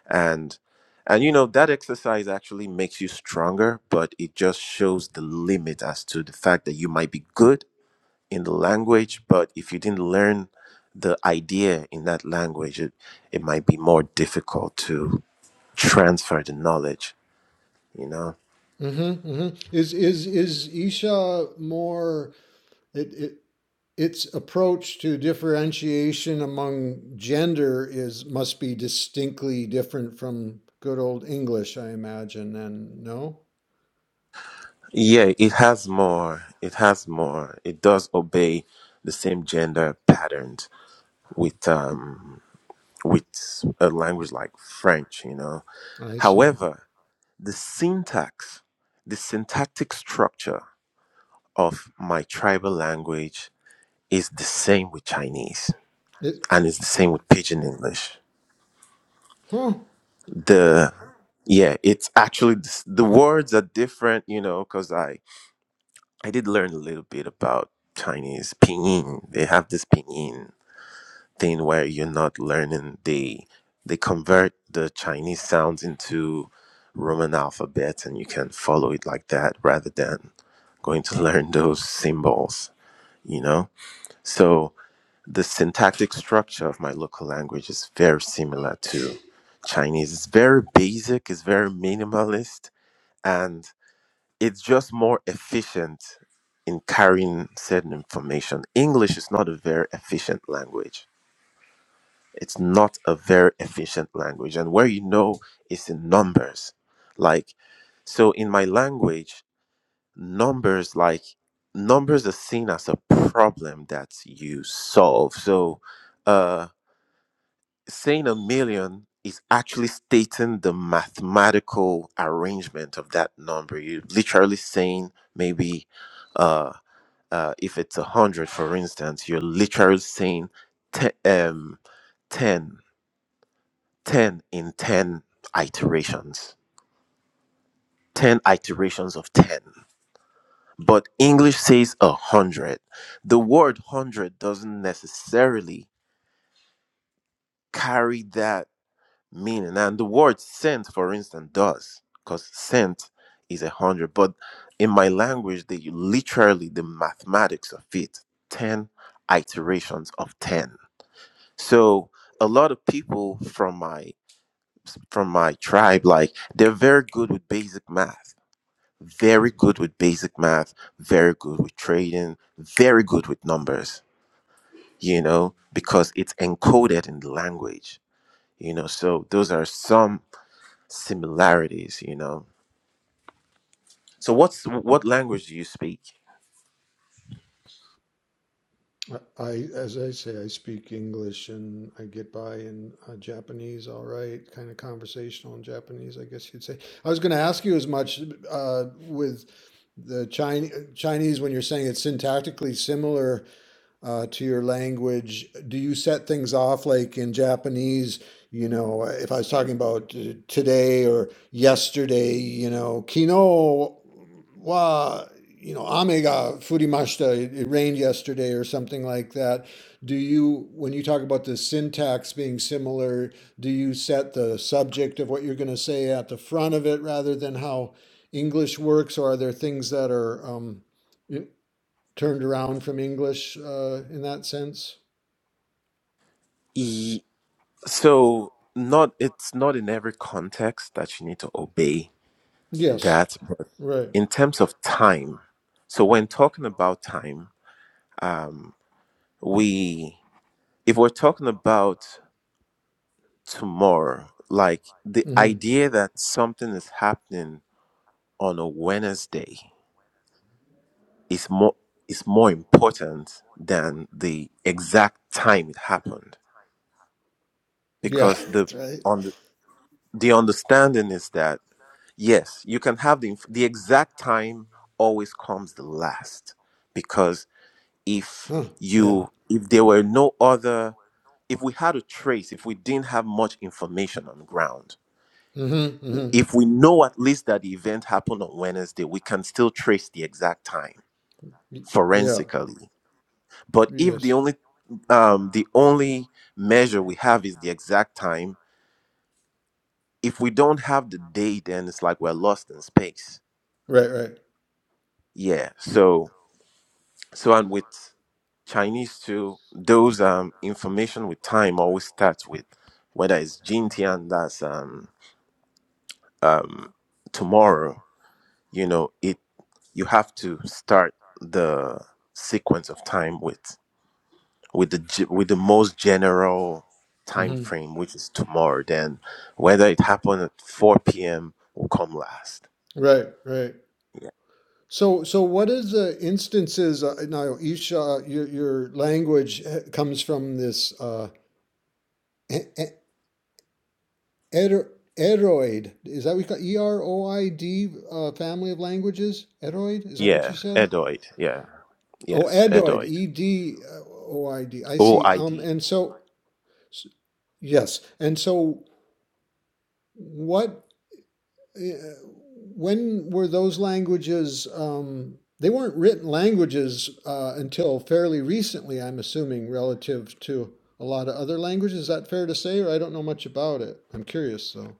Speaker 9: And and you know that exercise actually makes you stronger, but it just shows the limit as to the fact that you might be good in the language, but if you didn't learn the idea in that language, it, it might be more difficult to transfer the knowledge. You know.
Speaker 2: Mm-hmm, mm-hmm. Is is is Isha more? It, it its approach to differentiation among gender is must be distinctly different from good old English, I imagine. And no,
Speaker 9: Yeah, it has more. It has more. It does obey the same gender patterns with um with a language like French, you know.
Speaker 2: I see.
Speaker 9: However, the syntax, the syntactic structure of my tribal language is the same with Chinese
Speaker 2: It,
Speaker 9: and it's the same with pidgin English.
Speaker 2: huh.
Speaker 9: The yeah, it's actually the, s- the words are different, you know, cuz I I did learn a little bit about Chinese pinyin. They have this pinyin thing where you're not learning. They they convert the Chinese sounds into Roman alphabet, and you can follow it like that rather than going to learn those symbols. You know, so the syntactic structure of my local language is very similar to Chinese. It's very basic. It's very minimalist, and it's just more efficient in carrying certain information. English is not a very efficient language. It's not a very efficient language. And where you know is in numbers. Like, so in my language, numbers like numbers are seen as a problem that you solve. So uh saying a million is actually stating the mathematical arrangement of that number. You're literally saying maybe uh, uh, if it's a hundred, for instance, you're literally saying te- um, 10, ten in 10 iterations, 10 iterations of 10. But English says a hundred. The word hundred doesn't necessarily carry that meaning. And the word sent, for instance, does, because sent is a hundred. But in my language, they literally the mathematics of it, ten iterations of ten. So a lot of people from my from my tribe, like they're very good with basic math. Very good with basic math, very good with trading, very good with numbers, you know, because it's encoded in the language, you know. So, those are some similarities, you know. So what's what language do you speak?
Speaker 2: I, as I say, I speak English and I get by in uh, Japanese, all right, kind of conversational in Japanese, I guess you'd say. I was going to ask you as much uh, with the Chinese Chinese when you're saying it's syntactically similar uh, to your language? Do you set things off like in Japanese? You know, if I was talking about uh, today or yesterday, you know, kino wa, you know, ame ga furimashita, it, it rained yesterday or something like that. Do you, when you talk about the syntax being similar, do you set the subject of what you're going to say at the front of it rather than how English works, or are there things that are um, turned around from English uh, in that sense.
Speaker 9: E- so not it's not in every context that you need to obey
Speaker 2: Yes,
Speaker 9: that, but
Speaker 2: right.
Speaker 9: in terms of time. So when talking about time, um, we if we're talking about tomorrow, like the
Speaker 2: hmm
Speaker 9: idea that something is happening on a Wednesday is more is more important than the exact time it happened
Speaker 2: Yeah,
Speaker 9: because the
Speaker 2: that's right.
Speaker 9: on the, the understanding is that yes you can have the inf- the exact time always comes the last because if
Speaker 2: Huh. Yeah.
Speaker 9: you if there were no other if we had a trace if we didn't have much information on ground
Speaker 2: hmm hmm
Speaker 9: if we know at least that the event happened on wednesday we can still trace the exact time
Speaker 2: Yeah.
Speaker 9: forensically but if the
Speaker 2: Yes.
Speaker 9: only um, the only measure we have is the exact time if we don't have the day then it's like we're lost in space
Speaker 2: Right. Right.
Speaker 9: yeah so so and with chinese too those um information with time always starts with whether it's jintian that's um um tomorrow you know it you have to start the sequence of time with with the ge- with the most general time
Speaker 2: hmm
Speaker 9: frame which is tomorrow then whether it happened at 4 p.m will come last
Speaker 2: Right. Right.
Speaker 9: Yeah.
Speaker 2: So, so what is the instances? Uh, now, Isha, your, your language eh, comes from this uh, e- e- ero- eroid. Is that what you call E R O I D uh, family of languages? Eroid? Is that what you
Speaker 9: Yeah,
Speaker 2: said?
Speaker 9: Edoid. Yeah.
Speaker 2: Oh,
Speaker 9: Yes,
Speaker 2: Adoid,
Speaker 9: Edoid.
Speaker 2: E D O I D. I see. Um,
Speaker 9: OID.
Speaker 2: and so, s- yes, and so what? Uh, when were those languages? Um, they weren't written languages uh, until fairly recently, I'm assuming, relative to a lot of other languages. Is that fair to say, or I don't know much about it? I'm curious, though.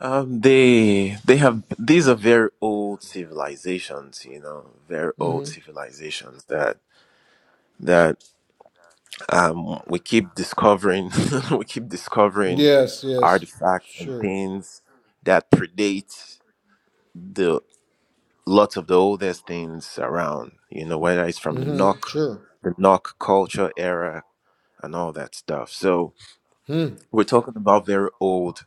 Speaker 9: Um, they they have these are very old civilizations, you know, very old
Speaker 2: hmm
Speaker 9: civilizations that that um we keep discovering we keep discovering
Speaker 2: Yes, yes,
Speaker 9: artifacts and
Speaker 2: sure.
Speaker 9: things that predate the lots of the oldest things around, you know, whether it's from the
Speaker 2: hmm
Speaker 9: Nok,
Speaker 2: Sure.
Speaker 9: the Nok culture era and all that stuff. So
Speaker 2: Hmm.
Speaker 9: we're talking about very old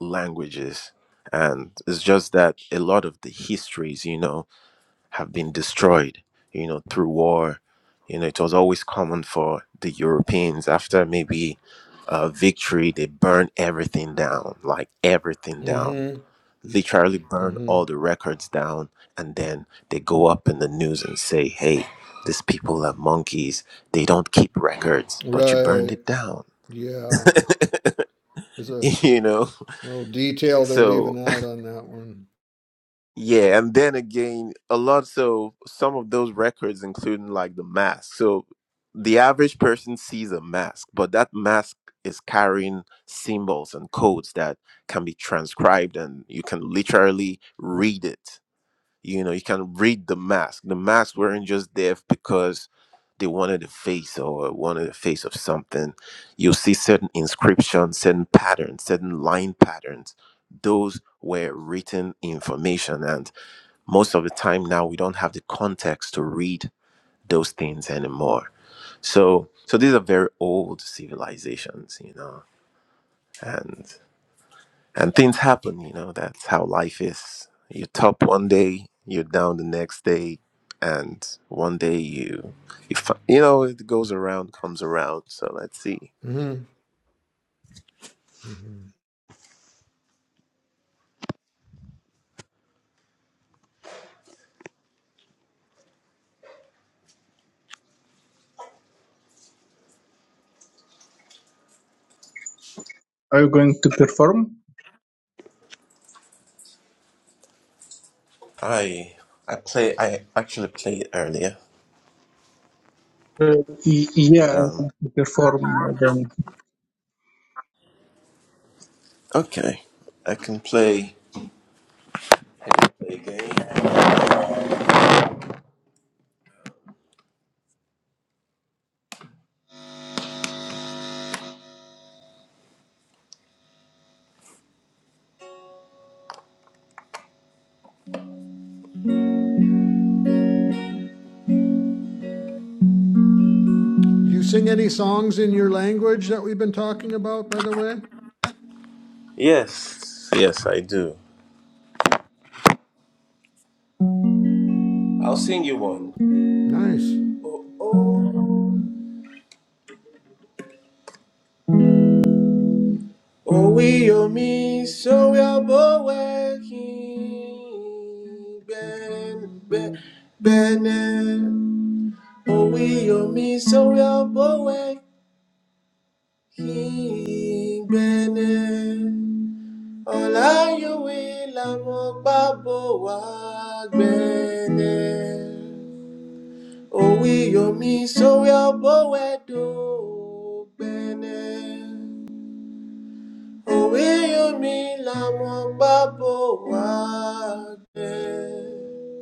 Speaker 9: languages. And it's just that a lot of the histories, you know, have been destroyed, you know, through war. You know, it was always common for the Europeans after maybe a victory, they burn everything down, like everything down,
Speaker 2: hmm
Speaker 9: literally burn
Speaker 2: hmm
Speaker 9: all the records down. And then they go up in the news and say, hey, these people are monkeys. They don't keep records, but you burned
Speaker 2: Right.
Speaker 9: it down,
Speaker 2: Yeah. There's a
Speaker 9: you know?
Speaker 2: Little detail they're
Speaker 9: So
Speaker 2: leaving out on that one.
Speaker 9: Yeah, and then again, a lot. So some of those records, including like the mask. So the average person sees a mask, but that mask is carrying symbols and codes that can be transcribed, and you can literally read it. You know, you can read the mask. The masks weren't just there because they wanted a face or wanted a face of something. You'll see certain inscriptions, certain patterns, certain line patterns. Those were written information and most of the time now we don't have the context to read those things anymore so so these are very old civilizations you know and and things happen you know that's how life is you top one day you're down the next day and one day you you, fi- you know it goes around comes around so let's see
Speaker 2: hmm hmm
Speaker 5: Are you going to perform?
Speaker 9: i i play i actually played earlier
Speaker 5: Uh, y- yeah,
Speaker 9: but
Speaker 5: I have
Speaker 9: um
Speaker 5: to perform. Then
Speaker 9: okay i can play, play a game.
Speaker 2: You sing any songs in your language that we've been talking about, by the way?
Speaker 9: yes yes i do I'll sing you one.
Speaker 2: Nice.
Speaker 9: Oh, oh, oh, we oh me, so we are both working. Ben, ben, ben, eh. oh, we oh me, so we are both working. Ben, eh. all I you will, I'm a babo, wag, ben, eh. oh, we oh me, so we are both working. Ben. eh. Òwe yomi làwọn gbábọ̀ wá jẹ́.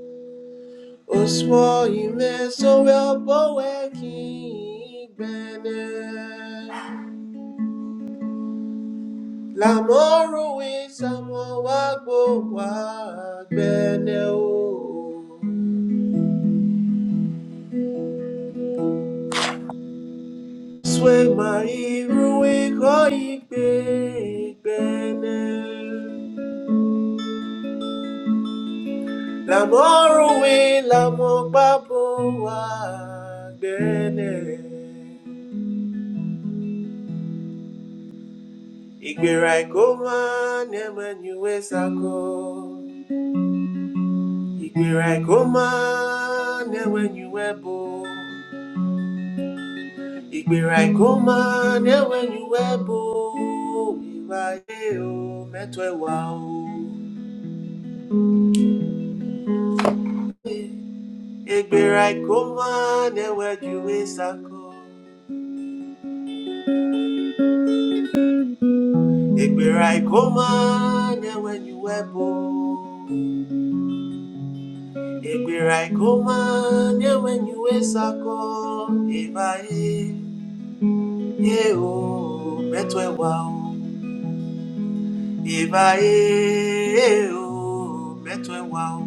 Speaker 9: Òṣùwọ̀ ìmẹ̀ sówẹ́ ọ̀bọ̀wẹ̀ kì í gbẹ̀nẹ̀. Làmọ́rùwí sàmọ̀ wá gbò wá gbẹ̀nẹ̀ o. Sway my ruwe koi pe bene Lamoruwe lamogbabo wa gbene. Ìgbéra ìkó máa ń ẹ̀wẹ̀ níwẹ̀ sako. Ìgbéra ìkó máa ń ẹ̀wẹ̀ níwẹ̀ bo. Ìgbéra ìkó máa ń ẹ̀wẹ̀ níwẹ̀ bo. Ìwà ayé o, mẹ́tọ́ ẹ̀wà o. Ìgbéra ìkó máa ń ẹ̀wẹ̀ níwẹ̀ sako. Ìgbéra ìkó máa bo. Ekwirai koma nyewenyuwe sako ebae yeo metwe wao ebae yeo metwe wao.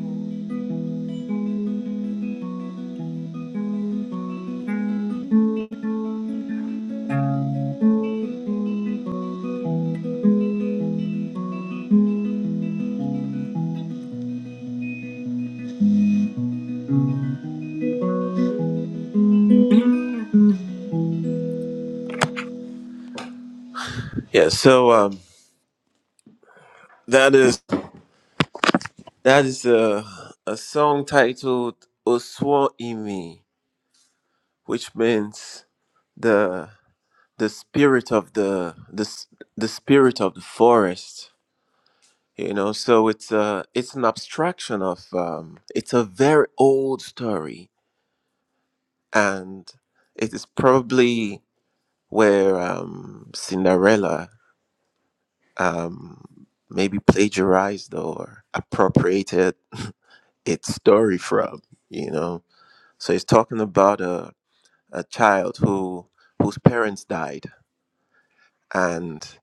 Speaker 9: Yeah, so um, that is that is a a song titled Oswo Imi, which means the the spirit of the the s- the spirit of the forest you know so it's a it's an abstraction of um, it's a very old story and it is probably where um, cinderella um, maybe plagiarized or appropriated its story from you know so it's talking about a, a child who whose parents died and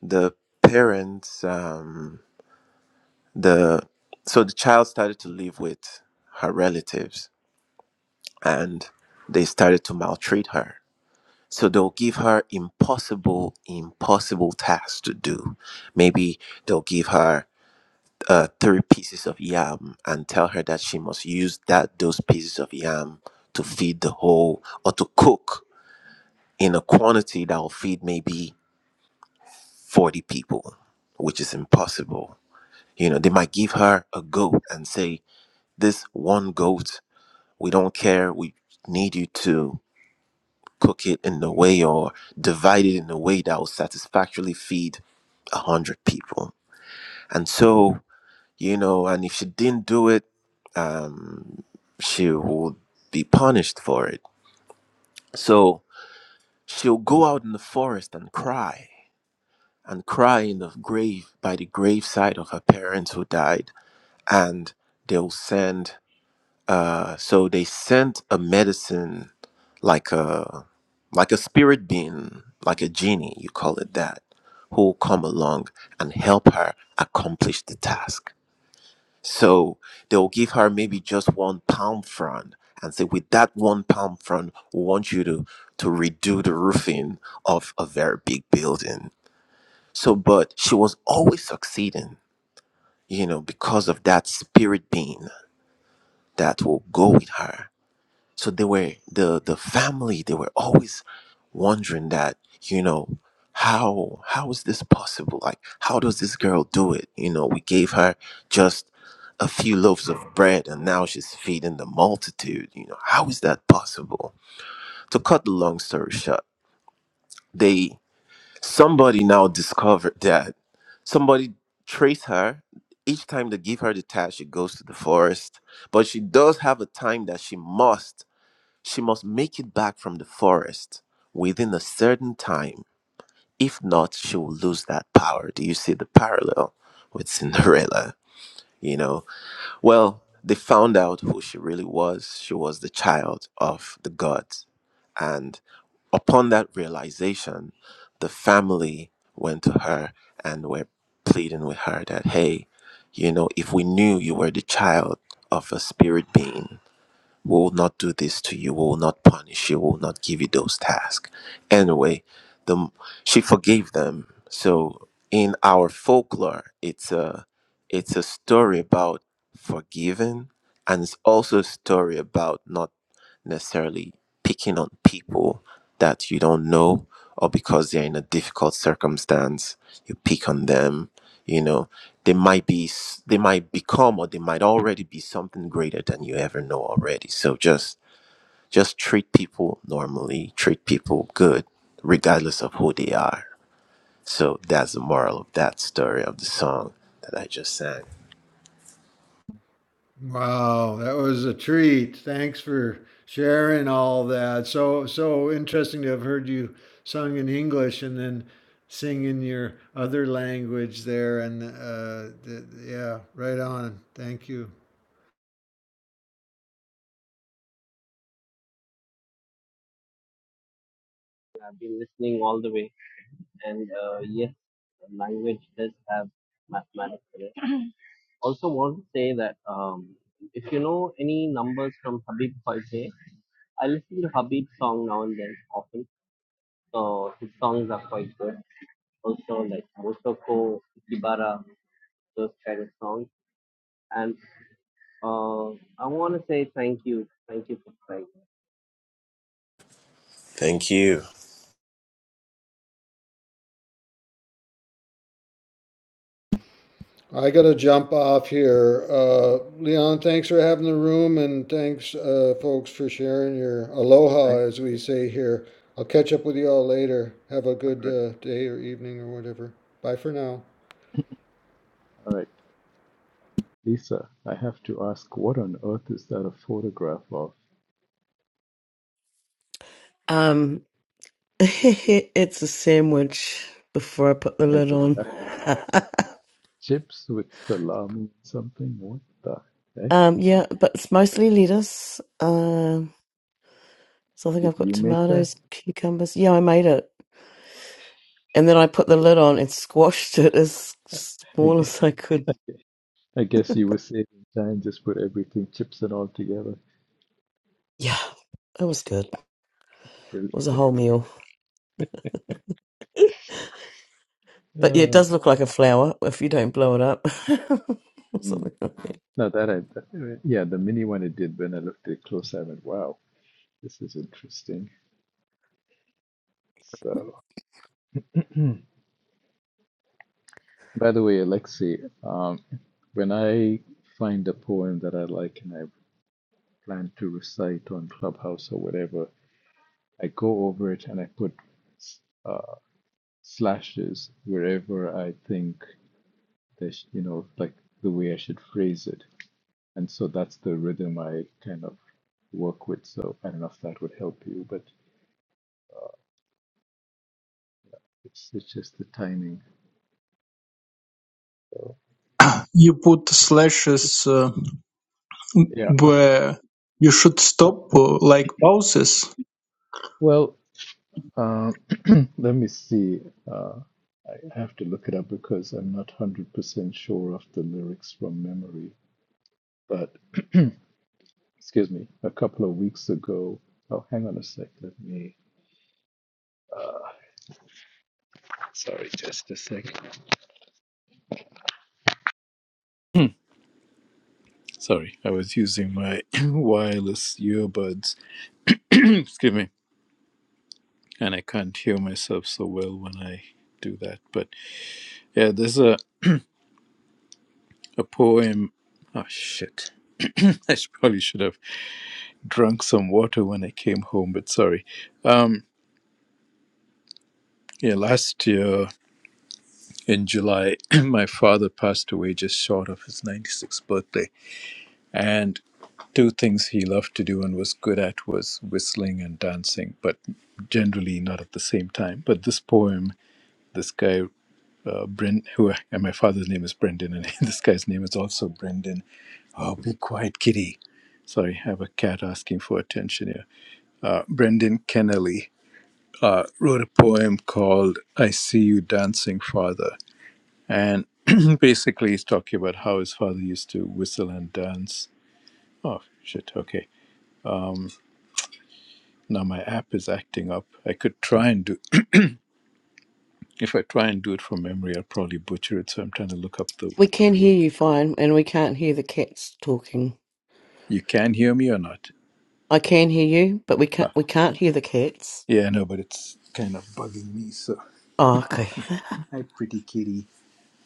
Speaker 9: the parents um, the so the child started to live with her relatives and they started to maltreat her. So they'll give her impossible, impossible tasks to do. Maybe they'll give her uh, three pieces of yam and tell her that she must use that those pieces of yam to feed the whole or to cook in a quantity that will feed maybe 40 people, which is impossible. You know, they might give her a goat and say, This one goat, we don't care. We need you to cook it in a way or divide it in a way that will satisfactorily feed a hundred people. And so, you know, and if she didn't do it, um, she would be punished for it. So she'll go out in the forest and cry and cry in the grave by the graveside of her parents who died. And they'll send, uh, so they sent a medicine like a like a spirit being, like a genie, you call it that, who will come along and help her accomplish the task. So they will give her maybe just one pound front and say, with that one pound front, we want you to, to redo the roofing of a very big building. So, but she was always succeeding, you know, because of that spirit being that will go with her so they were the the family they were always wondering that you know how how is this possible like how does this girl do it you know we gave her just a few loaves of bread and now she's feeding the multitude you know how is that possible to cut the long story short they somebody now discovered that somebody traced her each time they give her the task she goes to the forest but she does have a time that she must she must make it back from the forest within a certain time. If not, she will lose that power. Do you see the parallel with Cinderella? You know, well, they found out who she really was. She was the child of the gods. And upon that realization, the family went to her and were pleading with her that, hey, you know, if we knew you were the child of a spirit being, we will not do this to you. We will not punish you. We will not give you those tasks. Anyway, the, she forgave them. So in our folklore, it's a it's a story about forgiving, and it's also a story about not necessarily picking on people that you don't know or because they're in a difficult circumstance. You pick on them you know they might be s- they might become or they might already be something greater than you ever know already so just just treat people normally treat people good regardless of who they are so that's the moral of that story of the song that i just sang
Speaker 2: Wow, that was a treat. Thanks for sharing all that. So so interesting to have heard you sung in English and then sing in your other language there. And uh, yeah, right on. Thank you.
Speaker 1: I've been listening all the way. And uh, yes, language does have mathematics in it. Also, want to say that um, if you know any numbers from Habib Faizeh, I listen to Habib's song now and then often. So his songs are quite good. Also, like Motoko, Ikibara, those kind of songs. and. Uh, I want to say thank you. Thank you for playing.
Speaker 9: thank you
Speaker 2: I got to jump off here. Uh, Leon, thanks for having the room, and thanks, uh, folks, for sharing your aloha,
Speaker 3: thank,
Speaker 2: as we say here. I'll catch up with you all later. Have a
Speaker 3: all
Speaker 2: good
Speaker 3: right,
Speaker 2: uh, day or evening or whatever. Bye for now.
Speaker 3: all right. Lisa, I have to ask, what on earth is that a photograph of?
Speaker 10: Um, it's a sandwich before I put the
Speaker 3: I
Speaker 10: lid
Speaker 3: get that.
Speaker 10: on.
Speaker 3: Chips with salami and something? What the heck?
Speaker 10: um, yeah, but it's mostly lettuce. Um, so I think
Speaker 3: Did
Speaker 10: I've got
Speaker 3: you make that?
Speaker 10: tomatoes, cucumbers. Yeah, I made it, and then I put the lid on and squashed it as
Speaker 3: I
Speaker 10: small
Speaker 3: guess,
Speaker 10: as I could.
Speaker 3: I guess you were saving time, just put everything, chips and all together.
Speaker 10: Yeah, it was good.
Speaker 3: Brilliant.
Speaker 10: was a whole meal. But yeah, it
Speaker 3: Uh,
Speaker 10: does look like a flower if you don't blow it up. Or
Speaker 3: mm.
Speaker 10: something like that.
Speaker 3: No, that I, that- yeah, the mini one it did when I looked at it close, I went, wow, this is interesting. So, by the way, Alexei, um, when I find a poem that I like and I plan to recite on Clubhouse or whatever, I go over it and I put uh, slashes wherever I think that you know like the way I should phrase it, and so that's the rhythm I kind of work with. So I don't know if that would help you, but it's it's just the timing.
Speaker 5: you put slashes. uh,
Speaker 3: Yeah. Uh,
Speaker 5: where you should
Speaker 3: uh,
Speaker 5: stop uh, like pauses.
Speaker 3: well, um, let me see. Uh, I have to look it up because I'm not one hundred percent sure of the lyrics from memory. But excuse me, a couple of weeks ago. Oh, hang on a sec. Let me. Uh, sorry, just a sec. Sorry, I was using my wireless earbuds. Excuse me. And I can't hear myself so well when I do that. But yeah, there's a, a poem. Oh, shit. I probably should have drunk some water when I came home, but sorry. Um, yeah, last year in July, my father passed away just short of his 96th birthday. And two things he loved to do and was good at was whistling and dancing, but generally not at the same time. But this poem, this guy, uh, Brent, who and my father's name is Brendan, and this guy's name is also Brendan. Oh, be quiet, kitty. Sorry, I have a cat asking for attention here. Uh, Brendan Kennelly uh, wrote a poem called I See You Dancing, Father. And basically, he's talking about how his father used to whistle and dance. Oh, shit, okay Now my app is acting up. I could try and do if I try and do it from memory, I'll probably butcher it. So I'm trying to look up the
Speaker 10: we
Speaker 3: the
Speaker 10: can
Speaker 3: word.
Speaker 10: hear you fine, and we can't hear the cats talking.
Speaker 3: You can hear me or not?
Speaker 10: I can hear you, but we can't
Speaker 3: Ah,
Speaker 10: we can't hear the cats.
Speaker 3: yeah, no, but it's kind of bugging me. So
Speaker 10: Oh, okay.
Speaker 3: hi, pretty kitty.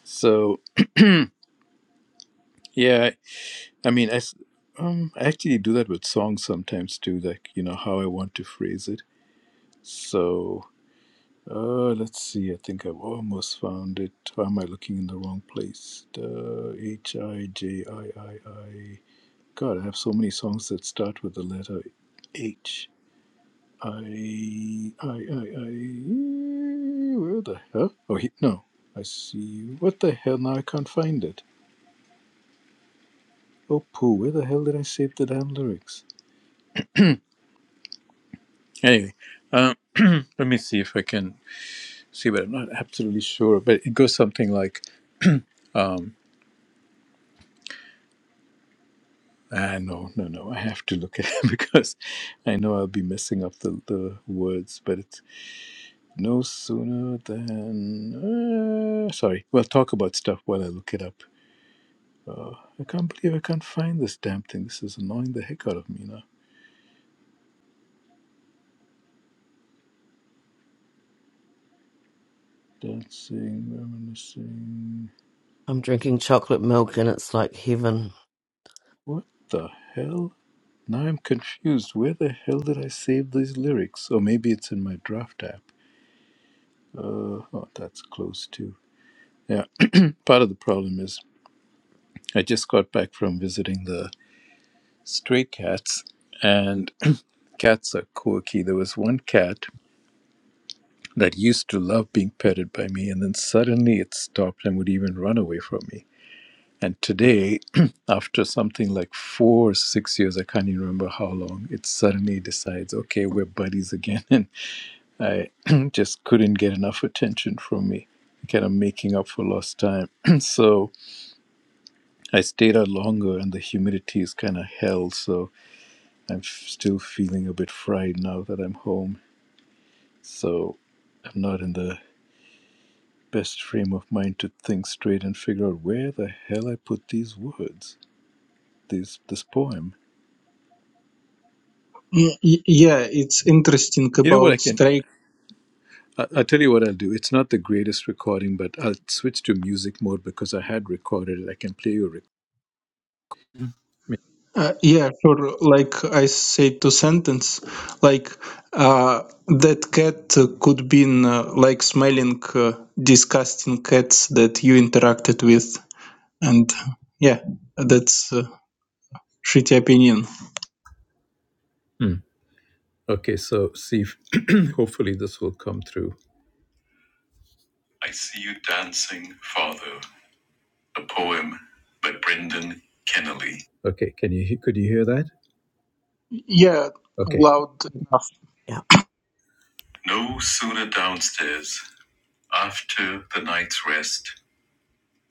Speaker 3: So yeah, I mean, I s- um, I actually do that with songs sometimes too. Like you know how I want to phrase it. So uh, let's see. I think I've almost found it. Why am I looking in the wrong place? H i j i i i. God, I have so many songs that start with the letter H. I, I, I, I. Where the hell? Oh, he, no. I see What the hell? Now I can't find it. Oh, poo. Where the hell did I save the damn lyrics? Anyway, um, let me see if I can see, but I'm not absolutely sure. But it goes something like, um, ah, no, no, no. I have to look at it because I know I'll be messing up the, the words, but it's. No sooner than. Uh, sorry. We'll talk about stuff while I look it up. Uh, I can't believe I can't find this damn thing. This is annoying the heck out of me now. Dancing, reminiscing.
Speaker 10: I'm drinking chocolate milk, and it's like heaven.
Speaker 3: What the hell? Now I'm confused. Where the hell did I save these lyrics? Or maybe it's in my draft app. Uh, oh, that's close too. Yeah, part of the problem is I just got back from visiting the stray cats, and cats are quirky. There was one cat that used to love being petted by me, and then suddenly it stopped and would even run away from me. And today, after something like four or six years, I can't even remember how long, it suddenly decides, okay, we're buddies again. And I just couldn't get enough attention from me, kind of making up for lost time. so I stayed out longer, and the humidity is kind of hell. So I'm f- still feeling a bit fried now that I'm home. So I'm not in the best frame of mind to think straight and figure out where the hell I put these words, these this poem.
Speaker 5: Y- y- yeah, it's interesting
Speaker 3: You know what I
Speaker 5: about
Speaker 3: can?
Speaker 5: strike.
Speaker 3: I, I'll tell you what I'll do. It's not the greatest recording, but I'll switch to music mode because I had recorded it. I can play you. Rec-
Speaker 5: Uh, yeah, sure. Like I said to sentence, like uh, that cat uh, could be uh, like smelling uh, disgusting cats that you interacted with. And yeah, that's uh shitty opinion.
Speaker 3: Hmm. Okay, so see. If, hopefully, this will come through. I see you dancing, Father. A poem by Brendan Kennelly. Okay, can you he- could you hear that?
Speaker 5: Yeah,
Speaker 3: Okay.
Speaker 5: loud enough.
Speaker 10: Yeah.
Speaker 3: No sooner downstairs after the night's rest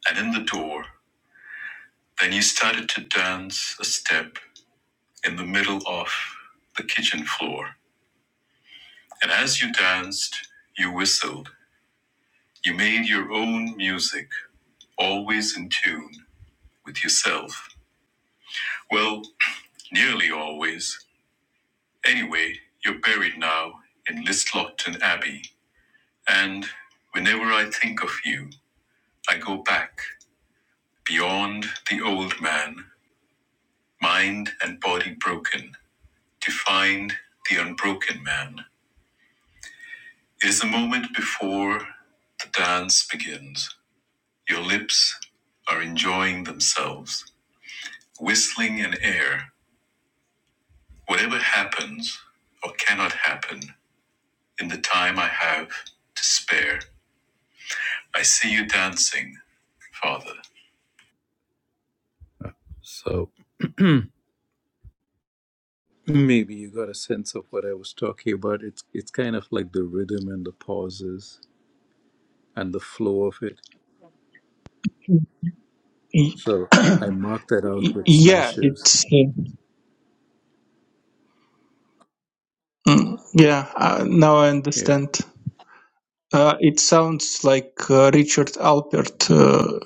Speaker 3: and in the door. Then you started to dance a step in the middle of the kitchen floor. And as you danced, you whistled. You made your own music, always in tune with yourself. Well, nearly always. Anyway, you're buried now in Listlopton Abbey. And whenever I think of you, I go back beyond the old man, mind and body broken, to find the unbroken man. It is the moment before the dance begins. Your lips are enjoying themselves, whistling in air. Whatever happens or cannot happen in the time I have to spare, I see you dancing, Father. So maybe you got a sense of what I was talking about. It's it's kind of like the rhythm and the pauses and the flow of it.
Speaker 5: Y-
Speaker 3: So
Speaker 5: y-
Speaker 3: I marked that out with
Speaker 5: yeah,
Speaker 3: slashes.
Speaker 5: it's uh, mm, yeah. Uh, now I
Speaker 3: Yeah,
Speaker 5: understand. Uh, it sounds like uh, Richard Alpert. Uh,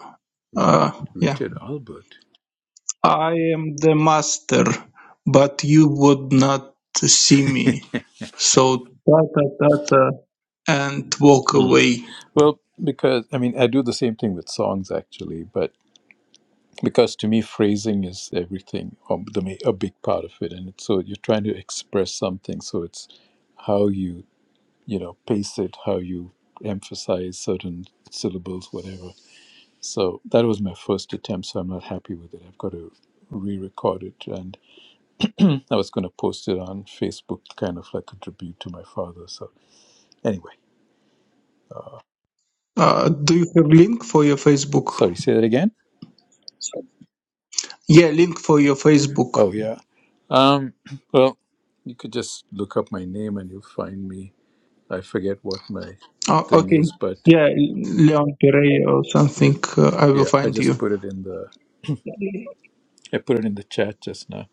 Speaker 5: uh, yeah,
Speaker 3: Richard Albert.
Speaker 5: I am the master, but you would not see me. So ta ta ta ta, and walk
Speaker 3: Mm.
Speaker 5: away.
Speaker 3: Well, because I mean, I do the same thing with songs actually, but because to me, phrasing is everything, or the ma- a big part of it, and it's, so you're trying to express something, so it's how you you know pace it, how you emphasize certain syllables, whatever. So that was my first attempt, so I'm not happy with it. I've got to re-record it, and I was going to post it on Facebook, kind of like a tribute to my father. So anyway,
Speaker 5: Uh, do you have link for your Facebook?
Speaker 3: sorry, say that again.
Speaker 5: Yeah, link for your Facebook.
Speaker 3: Oh yeah. Um, well, you could just look up my name and you'll find me. I forget what my
Speaker 5: Oh,
Speaker 3: thing
Speaker 5: okay.
Speaker 3: is, but
Speaker 5: Yeah, Leon Pere or
Speaker 3: yeah,
Speaker 5: something. Uh, I will
Speaker 3: yeah. I
Speaker 5: find
Speaker 3: just
Speaker 5: you.
Speaker 3: put it in the I put it in the chat just now.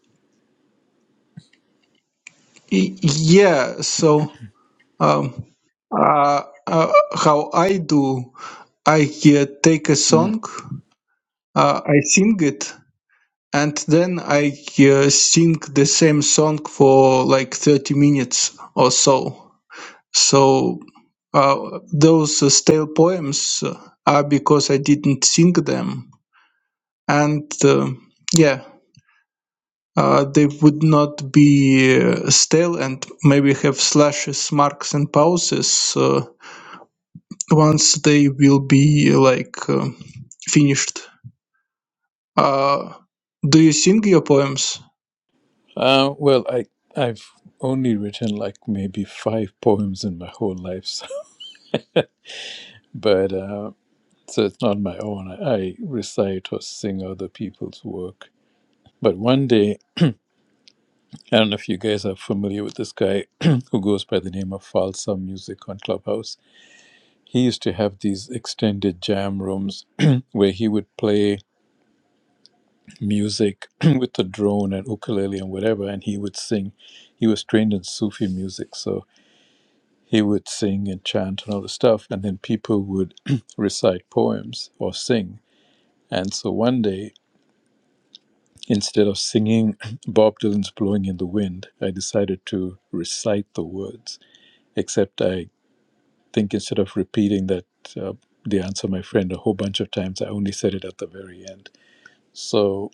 Speaker 5: Y- Yeah. So, um, uh, uh, how I do? I uh, take a
Speaker 3: Mm.
Speaker 5: song, uh, I sing it, and then I uh, sing the same song for like thirty minutes or so. So uh, those uh, stale poems are because I didn't sing them and uh, yeah uh, they would not be uh, stale and maybe have slashes marks and pauses uh, once they will be like uh, finished uh, do you sing your poems
Speaker 3: Uh, well, I I've only written like maybe five poems in my whole life, so, but uh, so it's not my own. I, I recite or sing other people's work. But one day, I don't know if you guys are familiar with this guy who goes by the name of Falsa Music on Clubhouse he used to have these extended jam rooms where he would play music with a drone and ukulele and whatever, and he would sing. He was trained in Sufi music, so he would sing and chant and all the stuff, and then people would recite poems or sing. And so one day, instead of singing Bob Dylan's Blowing in the Wind, I decided to recite the words, except I think instead of repeating that uh, the answer, my friend, a whole bunch of times, I only said it at the very end So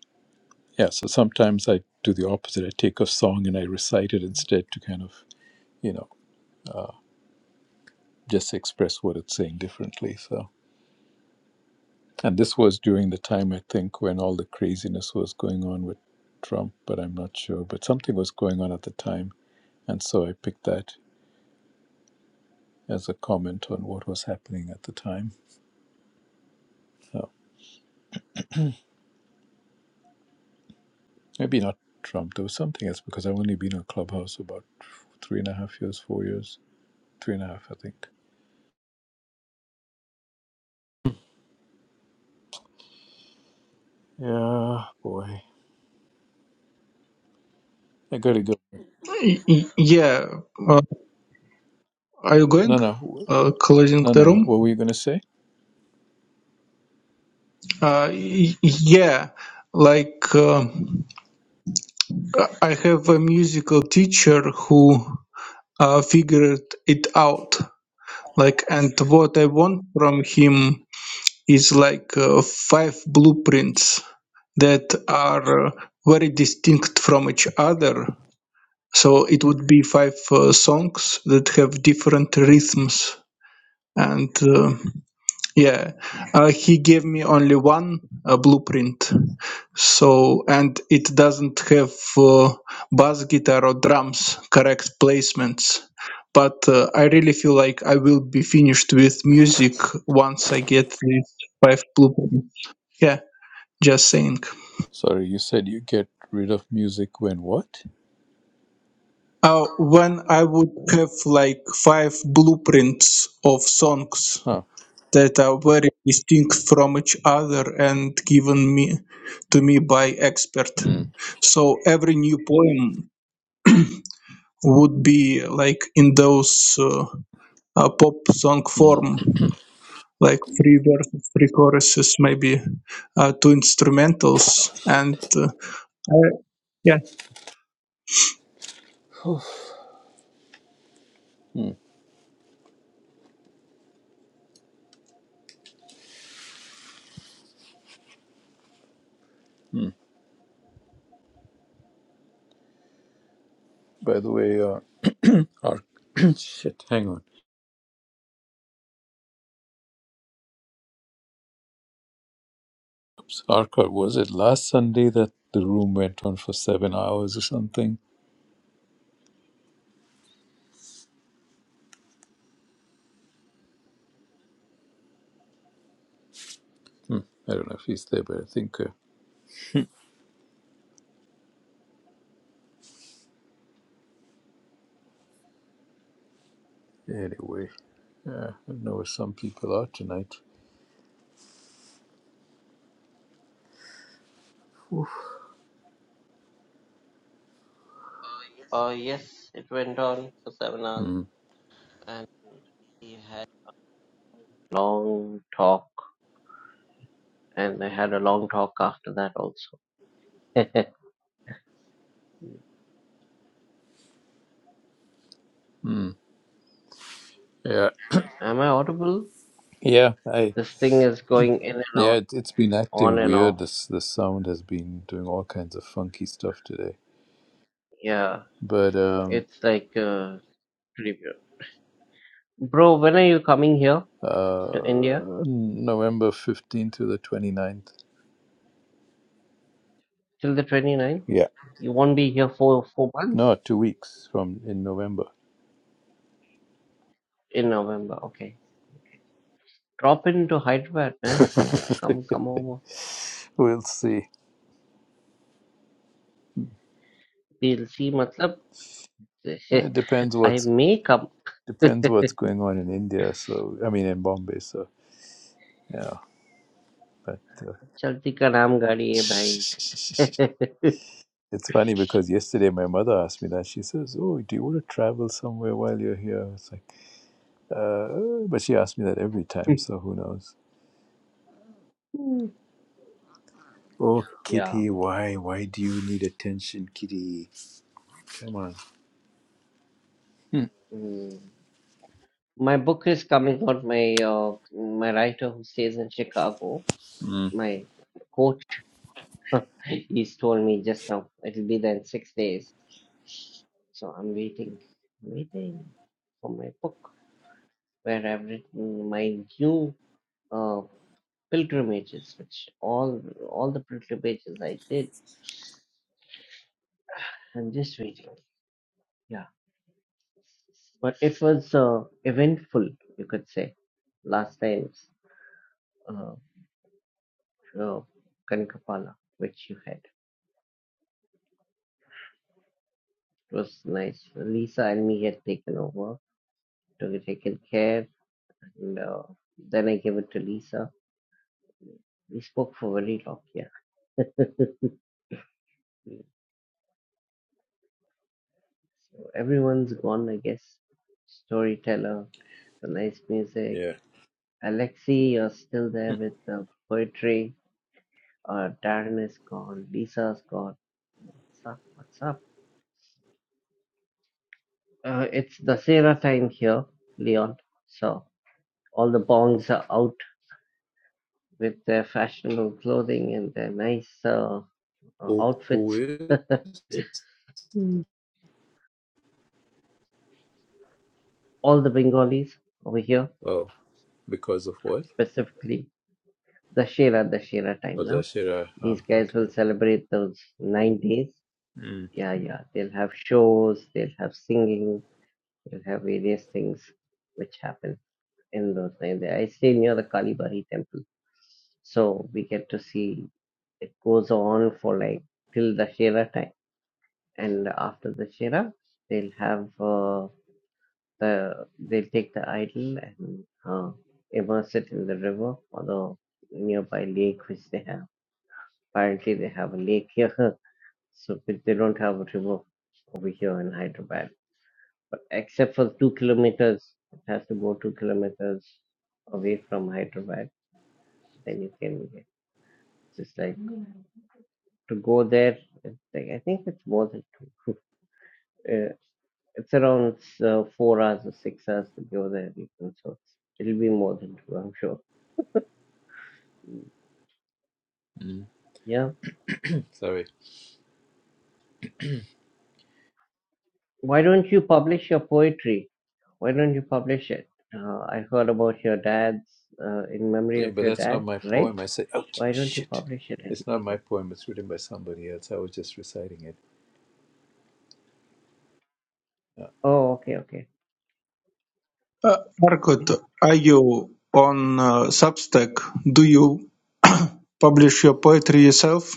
Speaker 3: yeah, so sometimes I do the opposite. I take a song and I recite it instead to kind of you know uh, just express what it's saying differently. So and this was during the time I think when all the craziness was going on with Trump, but I'm not sure. But something was going on at the time, and so I picked that as a comment on what was happening at the time. So maybe not Trump. There was something else because I've only been on Clubhouse about three and a half years, four years, three and a half, I think. Yeah, boy. I gotta go.
Speaker 5: Y- y- yeah uh, are you going
Speaker 3: No, no,
Speaker 5: uh, closing
Speaker 3: no,
Speaker 5: the
Speaker 3: no, no.
Speaker 5: room
Speaker 3: What were you gonna say?
Speaker 5: uh, y- yeah like uh, i have a musical teacher who uh, figured it out Like, and what I want from him is like uh, five blueprints that are uh, very distinct from each other. So it would be five uh, songs that have different rhythms and. uh, yeah, uh, he gave me only one uh, blueprint. So, and it doesn't have uh, bass guitar or drums correct placements. But uh, I really feel like I will be finished with music once I get these five blueprints. Yeah, just saying.
Speaker 3: Sorry, you said you get rid of music when what?
Speaker 5: Uh, when I would have like five blueprints of songs
Speaker 3: Huh.
Speaker 5: that are very distinct from each other and given me to me by expert
Speaker 3: Mm.
Speaker 5: so every new poem would be like in those uh, uh, pop song
Speaker 3: Mm.
Speaker 5: form like three verses three choruses maybe uh, two instrumentals and uh, I- yeah
Speaker 3: Mm. Mm. By the way, uh, Arc. Shit, hang on. Oops. Arcot, was it last Sunday that the room went on for seven hours or something? Hmm. I don't know if he's there, but I think. Uh, anyway, yeah, I know where some people are tonight.
Speaker 1: Uh, yes, it went on for seven hours
Speaker 3: Mm.
Speaker 1: and we had long talk and I had a long talk after that also. Am
Speaker 3: Mm. Yeah,
Speaker 1: I audible?
Speaker 3: yeah, I
Speaker 1: This thing is going in and
Speaker 3: yeah.
Speaker 1: out,
Speaker 3: It, it's been acting
Speaker 1: on and
Speaker 3: weird.
Speaker 1: off.
Speaker 3: This the sound has been doing all kinds of funky stuff today.
Speaker 1: Yeah,
Speaker 3: but um,
Speaker 1: it's like uh, pretty weird. Bro, when are you coming here to India?
Speaker 3: uh, November 15th to the twenty ninth.
Speaker 1: Till the 29th?
Speaker 3: Yeah.
Speaker 1: You won't be here for four months?
Speaker 3: No, two weeks from in November.
Speaker 1: In November, okay. Drop into Hyderabad, man. Come, come over.
Speaker 3: we'll see.
Speaker 1: We'll see. मतलब I
Speaker 3: It depends
Speaker 1: I
Speaker 3: what's
Speaker 1: makeup
Speaker 3: depends what's going on in India. So I mean in Bombay. So yeah, but uh,
Speaker 1: चलती का नाम गाड़ी है भाई
Speaker 3: it's funny because yesterday my mother asked me that. She says, "Oh, do you want to travel somewhere while you're here?" It's like, uh, but she asks me that every time. So who knows? Oh,
Speaker 1: yeah
Speaker 3: Kitty, why? Why do you need attention, Kitty? Come on. Hmm.
Speaker 1: mm. my book is coming out my uh, my writer who stays in chicago
Speaker 3: Mm,
Speaker 1: my coach he's told me just now it'll be there in six days so i'm waiting waiting for my book where i've written my new uh, pilgrimages which all all the pilgrimages i did I'm just waiting. Yeah, but it was uh, eventful, you could say, last time's uh, uh, Kanikapala, which you had. It was nice. Lisa and me had taken over, took taken care, and uh, then I gave it to Lisa. We spoke for very long, yeah. so everyone's gone, I guess. Storyteller, the nice music.
Speaker 3: yeah.
Speaker 1: Alexi, you're still there
Speaker 3: Hmm.
Speaker 1: with the poetry. Uh, Darren is gone. Lisa's gone. What's up? What's up? Uh, it's Dasera time here, Leon. So all the bongs are out with their fashionable clothing and their nice uh, uh,
Speaker 3: Who, who
Speaker 1: outfits.
Speaker 3: is?
Speaker 1: Hmm. All the Bengalis over here,
Speaker 3: Oh, because of what?
Speaker 1: specifically Dashera, Dashera time
Speaker 3: Oh,
Speaker 1: now.
Speaker 3: Dashira. Oh,
Speaker 1: These guys will
Speaker 3: okay.
Speaker 1: celebrate those nine days.
Speaker 3: Mm,
Speaker 1: Yeah, yeah. They'll have shows, they'll have singing, they'll have various things which happen in those nine days. I stay near the Kalibari temple so we get to see It goes on for like till the Shera time, and after the Shera, they'll have uh, the they'll take the idol and uh, immerse it in the river or the nearby lake which they have. Apparently, they have a lake here, so but they don't have a river over here in Hyderabad. But except for two kilometers, it has to go two kilometers away from Hyderabad. Then you can get just like to go there. It's like I think it's more than two. It's around uh, four hours or six hours to go there, even so it'll be more than two, I'm sure.
Speaker 3: mm.
Speaker 1: Yeah.
Speaker 3: Sorry.
Speaker 1: Why don't you publish your poetry? Why don't you publish it? Uh, I heard about your dad's, uh, in memory
Speaker 3: Yeah,
Speaker 1: of
Speaker 3: but
Speaker 1: your
Speaker 3: that's not
Speaker 1: dad,
Speaker 3: my
Speaker 1: right?
Speaker 3: poem. I said, oh,
Speaker 1: Why don't you
Speaker 3: shit.
Speaker 1: publish it? and
Speaker 3: It's not
Speaker 1: keep
Speaker 3: my
Speaker 1: it?
Speaker 3: poem. It's written by somebody else. I was just reciting it. Uh,
Speaker 1: Oh, okay, okay,
Speaker 5: uh,
Speaker 1: okay.
Speaker 5: Arkot, are you on uh, substack do you publish your poetry yourself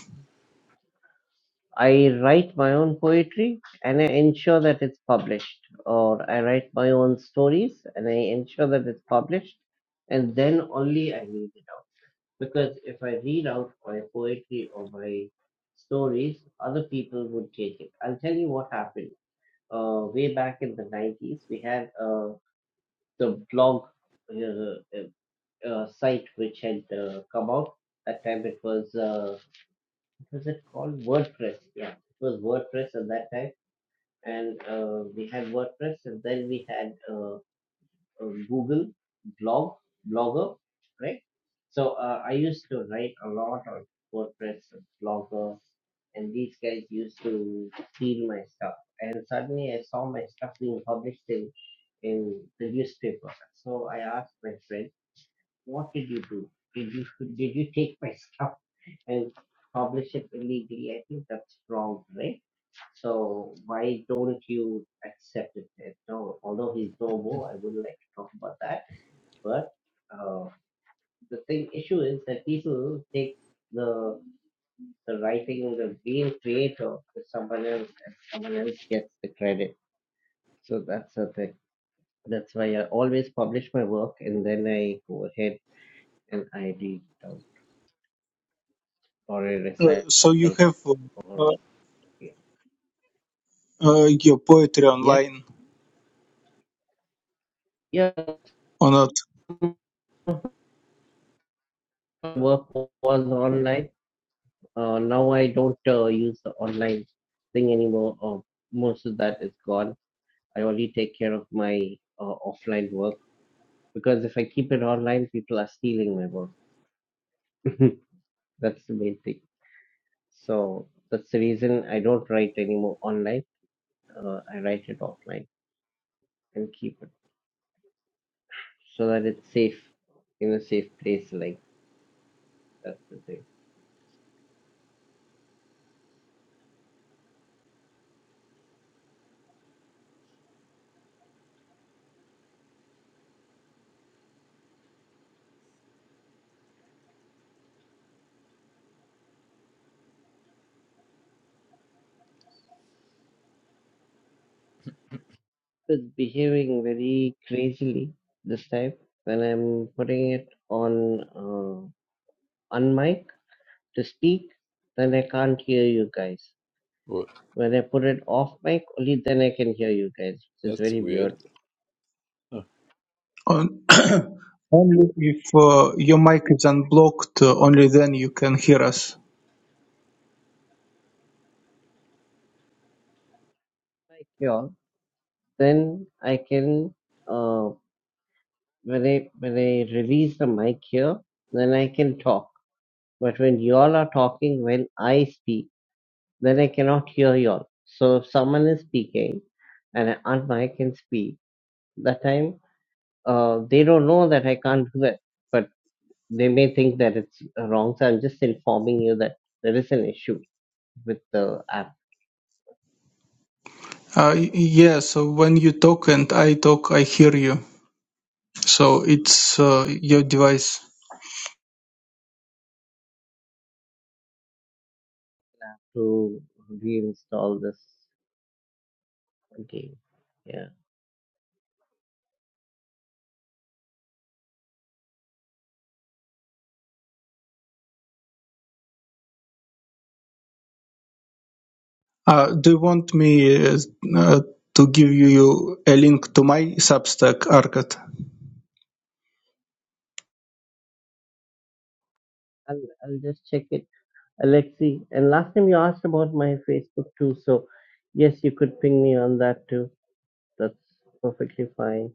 Speaker 1: I write my own poetry and I ensure that it's published, or I write my own stories and I ensure that it's published, and then only I read it out. Because if I read out my poetry or my stories, other people would take it. I'll tell you what happened. Uh, way back in the 90s, we had uh, the blog uh, uh, uh, site which had uh, come out. That time it was, uh, what was it called? WordPress. Yeah, it was WordPress at that time. And uh, we had WordPress, and then we had uh, uh, Google blog blogger, right? So uh, I used to write a lot on WordPress blogger, and these guys used to steal my stuff. And suddenly I saw my stuff being published in in the newspaper. So I asked my friend, "What did you do? Did you did you take my stuff and publish it illegally? I think that's wrong, right?" So why don't you accept it? And no, although he's no more, I wouldn't like to talk about that. But uh, the thing issue is that people take the the writing or the being creator to someone else and someone else gets the credit. So that's the thing. That's why I always publish my work and then I go ahead and I read it out or I
Speaker 5: uh,
Speaker 1: recite
Speaker 5: so you have
Speaker 1: or
Speaker 5: uh,
Speaker 1: yeah.
Speaker 5: uh, your poetry
Speaker 1: Yeah,
Speaker 5: online
Speaker 1: yeah,
Speaker 5: or not.
Speaker 1: my work was online. Uh, now I don't uh, use the online thing anymore. Uh, most of that is gone. I only take care of my uh, offline work because if I keep it online, people are stealing my work. That's the main thing. So that's the reason I don't write anymore online. Uh, I write it offline and keep it so that it's safe in a safe place. Like that's the thing. It's behaving very crazily this time when I'm putting it on uh, on mic to speak. Then I can't hear you guys.
Speaker 3: well,
Speaker 1: When I put it off mic, only then I can hear you guys, which is
Speaker 3: that's
Speaker 1: very
Speaker 3: weird.
Speaker 1: weird.
Speaker 3: Huh.
Speaker 5: On, only if uh, your mic is unblocked, uh, only then you can hear us.
Speaker 1: Like you then I can uh, when I when I release the mic here, then I can talk. But when y'all are talking, when I speak, then I cannot hear y'all. So if someone is speaking and I unmic and speak, that time uh, they don't know that I can't do that, but they may think that it's wrong. So I'm just informing you that there is an issue with the app
Speaker 5: Uh, y- yeah, so when you talk and I talk, I hear you. So it's uh, your device.
Speaker 1: to reinstall this game. Yeah,
Speaker 5: Uh, do you want me uh, uh, to give you a link to my Substack, Arcad?
Speaker 1: I'll I'll just check it Alexi. And last time you asked about my Facebook too, so yes, you could ping me on that too. That's perfectly fine.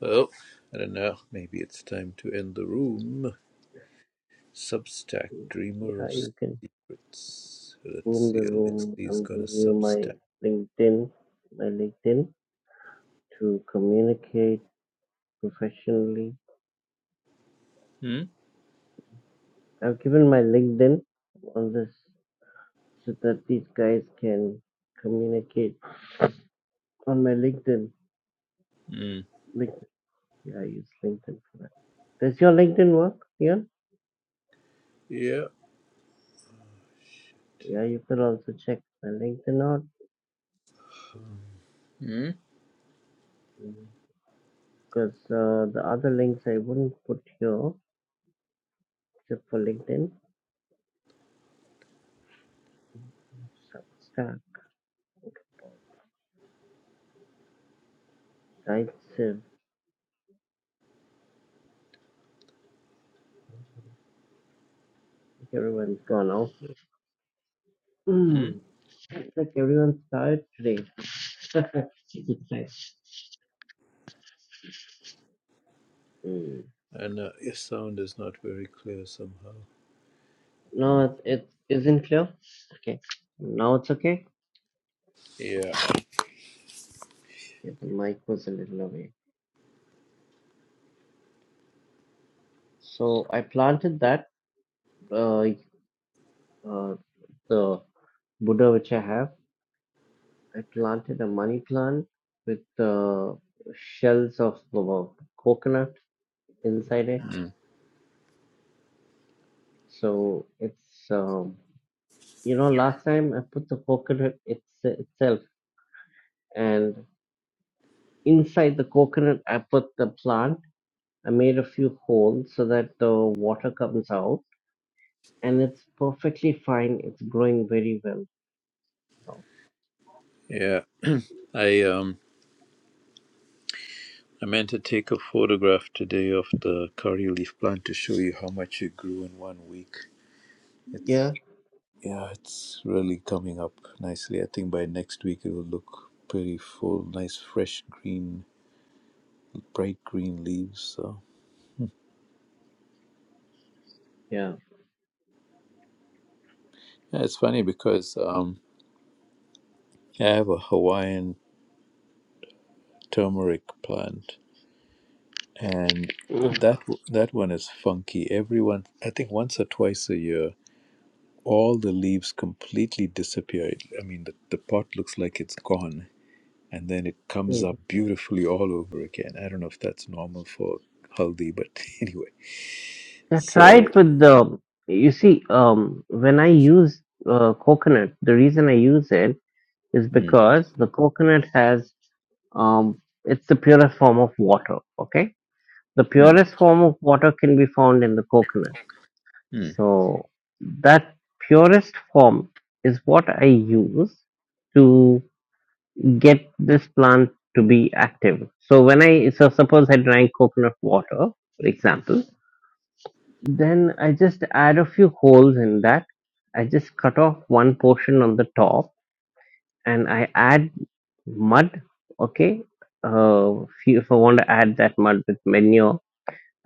Speaker 3: Well, I don't know. Maybe it's time to end the room. Substack, dreamer
Speaker 1: Yeah,
Speaker 3: of
Speaker 1: you can
Speaker 3: S- Let's
Speaker 1: boom
Speaker 3: see,
Speaker 1: the room.
Speaker 3: Alexi's
Speaker 1: I'm
Speaker 3: got a
Speaker 1: giving you my
Speaker 3: Substack.
Speaker 1: LinkedIn, my LinkedIn page for free.
Speaker 3: Hmm?
Speaker 1: I've been on this so can communicate on my LinkedIn.
Speaker 3: Hmm.
Speaker 1: Yeah, does it work? Yeah,
Speaker 3: Yeah,
Speaker 1: yeah, my LinkedIn not
Speaker 3: Hmm?
Speaker 1: because uh, the other links I wouldn't put here except for LinkedIn. Substack, Dightsave, everyone's gone off
Speaker 3: Hmm?
Speaker 1: Mm. It's like everyone's tired today. It's nice. mm.
Speaker 3: and uh, your sound is not very clear somehow.
Speaker 1: No, it, it isn't clear. Okay. Now it's okay.
Speaker 3: Yeah,
Speaker 1: okay. The mic was a little away. So I planted that, uh, uh, the Buddha which I have. I planted a money plant with uh, shells of uh, coconut inside it.
Speaker 3: Hmm.
Speaker 1: So it's, um, you know, last time I put the coconut it's, itself. and Inside the coconut, I put the plant. I made a few holes so that the water comes out, and it's perfectly fine. It's growing very well. now.
Speaker 3: yeah. I um, I meant to take a photograph today of the curry leaf plant to show you how much it grew in one week. It's
Speaker 1: Yeah,
Speaker 3: yeah, it's really coming up nicely. I think by next week it will look pretty full, nice fresh green, bright green leaves. So
Speaker 1: yeah.
Speaker 3: yeah, it's funny because um, I have a Hawaiian turmeric plant, and
Speaker 1: Mhm.
Speaker 3: that w- that one is funky. Everyone, I think, once or twice a year, all the leaves completely disappear. It- I mean, the, the pot looks like it's gone, and then it comes up
Speaker 1: Mhm.
Speaker 3: beautifully all over again. I don't know if that's normal for haldi, but anyway.
Speaker 1: I
Speaker 3: So,
Speaker 1: tried with the. You see, um, when I use uh, coconut, the reason I use it is
Speaker 3: mm,
Speaker 1: because the coconut has um, it's the purest form of water. Okay, the
Speaker 3: mm,
Speaker 1: purest form of water can be found in the coconut
Speaker 3: mm, mm,
Speaker 1: So that purest form is what I use to get this plant to be active. So when I so suppose I drank coconut water, for example, then I just add a few holes in that. I just cut off one portion on the top and I add mud. Okay, uh, if, you, if I want to add that mud with manure,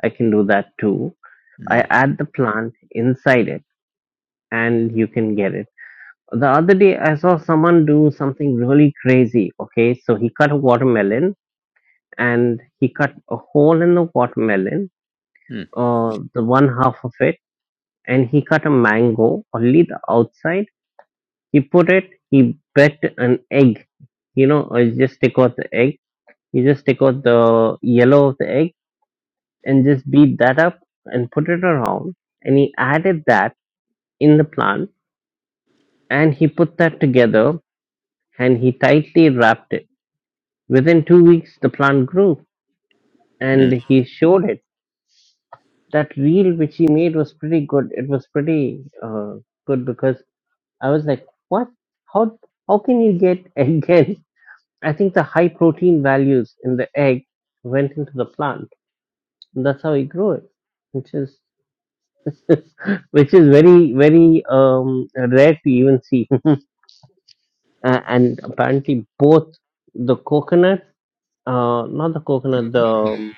Speaker 1: I can do that too. I
Speaker 3: mm,
Speaker 1: add the plant inside it, and you can get it the other day I saw someone do something really crazy. Okay, so he cut a watermelon and he cut a hole in the watermelon, uh, the one half of it, and he cut a mango, only the outside. He put it, he bet an egg, you know, or you just take out the egg, you just take out the yellow of the egg and just beat that up and put it around. And he added that in the plant and he put that together and he tightly wrapped it Within two weeks, the plant grew,
Speaker 3: mm,
Speaker 1: and he showed it. That reel which he made was pretty good. It was pretty uh, good because I was like, "What? How? How can you get again?" I think the high protein values in the egg went into the plant, and that's how he grew it, which is which is very very um, rare to even see. Uh, and apparently, both the coconut, uh, not the coconut, the um,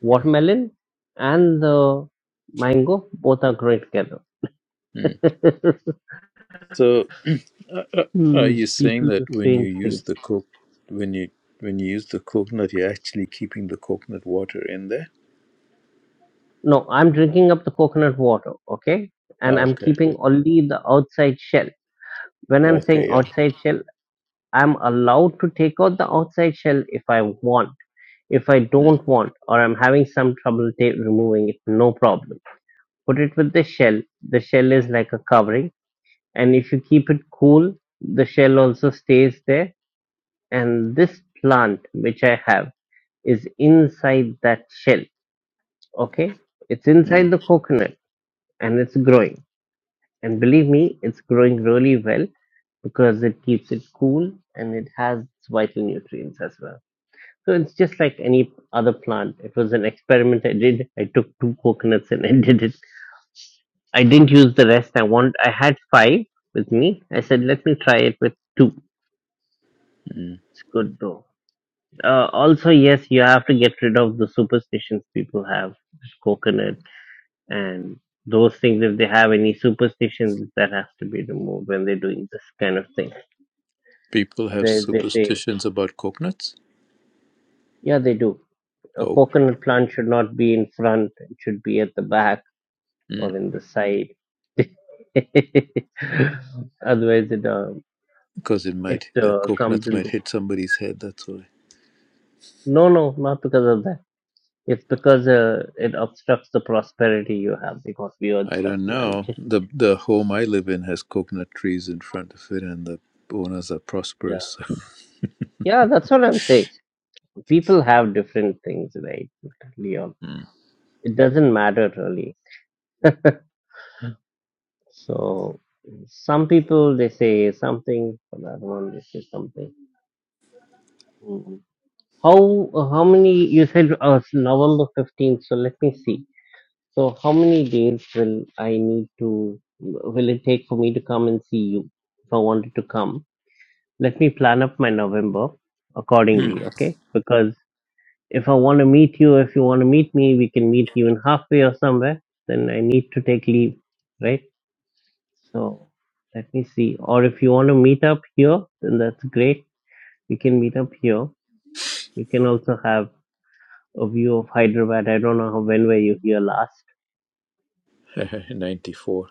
Speaker 1: Watermelon and the mango both are great together.
Speaker 3: mm. So, uh, uh, are
Speaker 1: Hmm,
Speaker 3: you saying
Speaker 1: people do
Speaker 3: that when you
Speaker 1: strange
Speaker 3: use
Speaker 1: things.
Speaker 3: the coke, when you when you use the coconut, you're actually keeping the coconut water in there?
Speaker 1: No, I'm drinking up the coconut water, okay? And I'm
Speaker 3: Okay,
Speaker 1: keeping only the outside shell. When I'm
Speaker 3: okay,
Speaker 1: saying
Speaker 3: yeah.
Speaker 1: outside shell, I'm allowed to take out the outside shell if I want. If I
Speaker 3: Mm,
Speaker 1: don't want, or I'm having some trouble ta- removing it, no problem. Put it with the shell. The shell is like a covering, and if you keep it cool, the shell also stays there and this plant which I have is inside that shell. Okay, it's inside
Speaker 3: mm,
Speaker 1: the coconut and it's growing. And believe me, it's growing really well because it keeps it cool and it has its vital nutrients as well. So it's just like any other plant. It was an experiment I did. I took two coconuts and I did it. I didn't use the rest. I want. I had five with me. I said, let me try it with two.
Speaker 3: mm.
Speaker 1: It's good though Uh, also, yes, you have to get rid of the superstitions people have, coconut and those things. If they have any superstitions, that has to be removed when they're doing this kind of thing.
Speaker 3: People have
Speaker 1: Otherwise, they say,
Speaker 3: superstitions about coconuts.
Speaker 1: yeah, they do. A
Speaker 3: Oh,
Speaker 1: coconut plant should not be in front; it should be at the back
Speaker 3: mm.
Speaker 1: or in the side. Otherwise, it uh,
Speaker 3: because it
Speaker 1: it
Speaker 3: might the
Speaker 1: uh, comes
Speaker 3: coconuts
Speaker 1: in.
Speaker 3: might
Speaker 1: The...
Speaker 3: hit somebody's head. That's why.
Speaker 1: No, no, not because of that. It's because uh, it obstructs the prosperity you have because we are
Speaker 3: I
Speaker 1: stuff,
Speaker 3: don't
Speaker 1: man.
Speaker 3: know. the The home I live in has coconut trees in front of it, and the owners are prosperous.
Speaker 1: Yeah, that's what I'm saying. People have different things, right? Leon.
Speaker 3: Mm.
Speaker 1: It doesn't matter really. So some people they say something, for the other one they say something. Mhm. How how many you said uh, November fifteenth? So let me see. So how many days will I need to? Will it take for me to come and see you if I wanted to come? Let me plan up my November
Speaker 3: Mm.
Speaker 1: accordingly, okay? Because if I want to meet you, if you want to meet me, we can meet even halfway or somewhere. Then I need to take leave, right? So let me see. Or if you want to meet up here, then that's great. We can meet up here. We can also have a view of Hyderabad. I don't know how, when were you here last?
Speaker 3: Ninety four.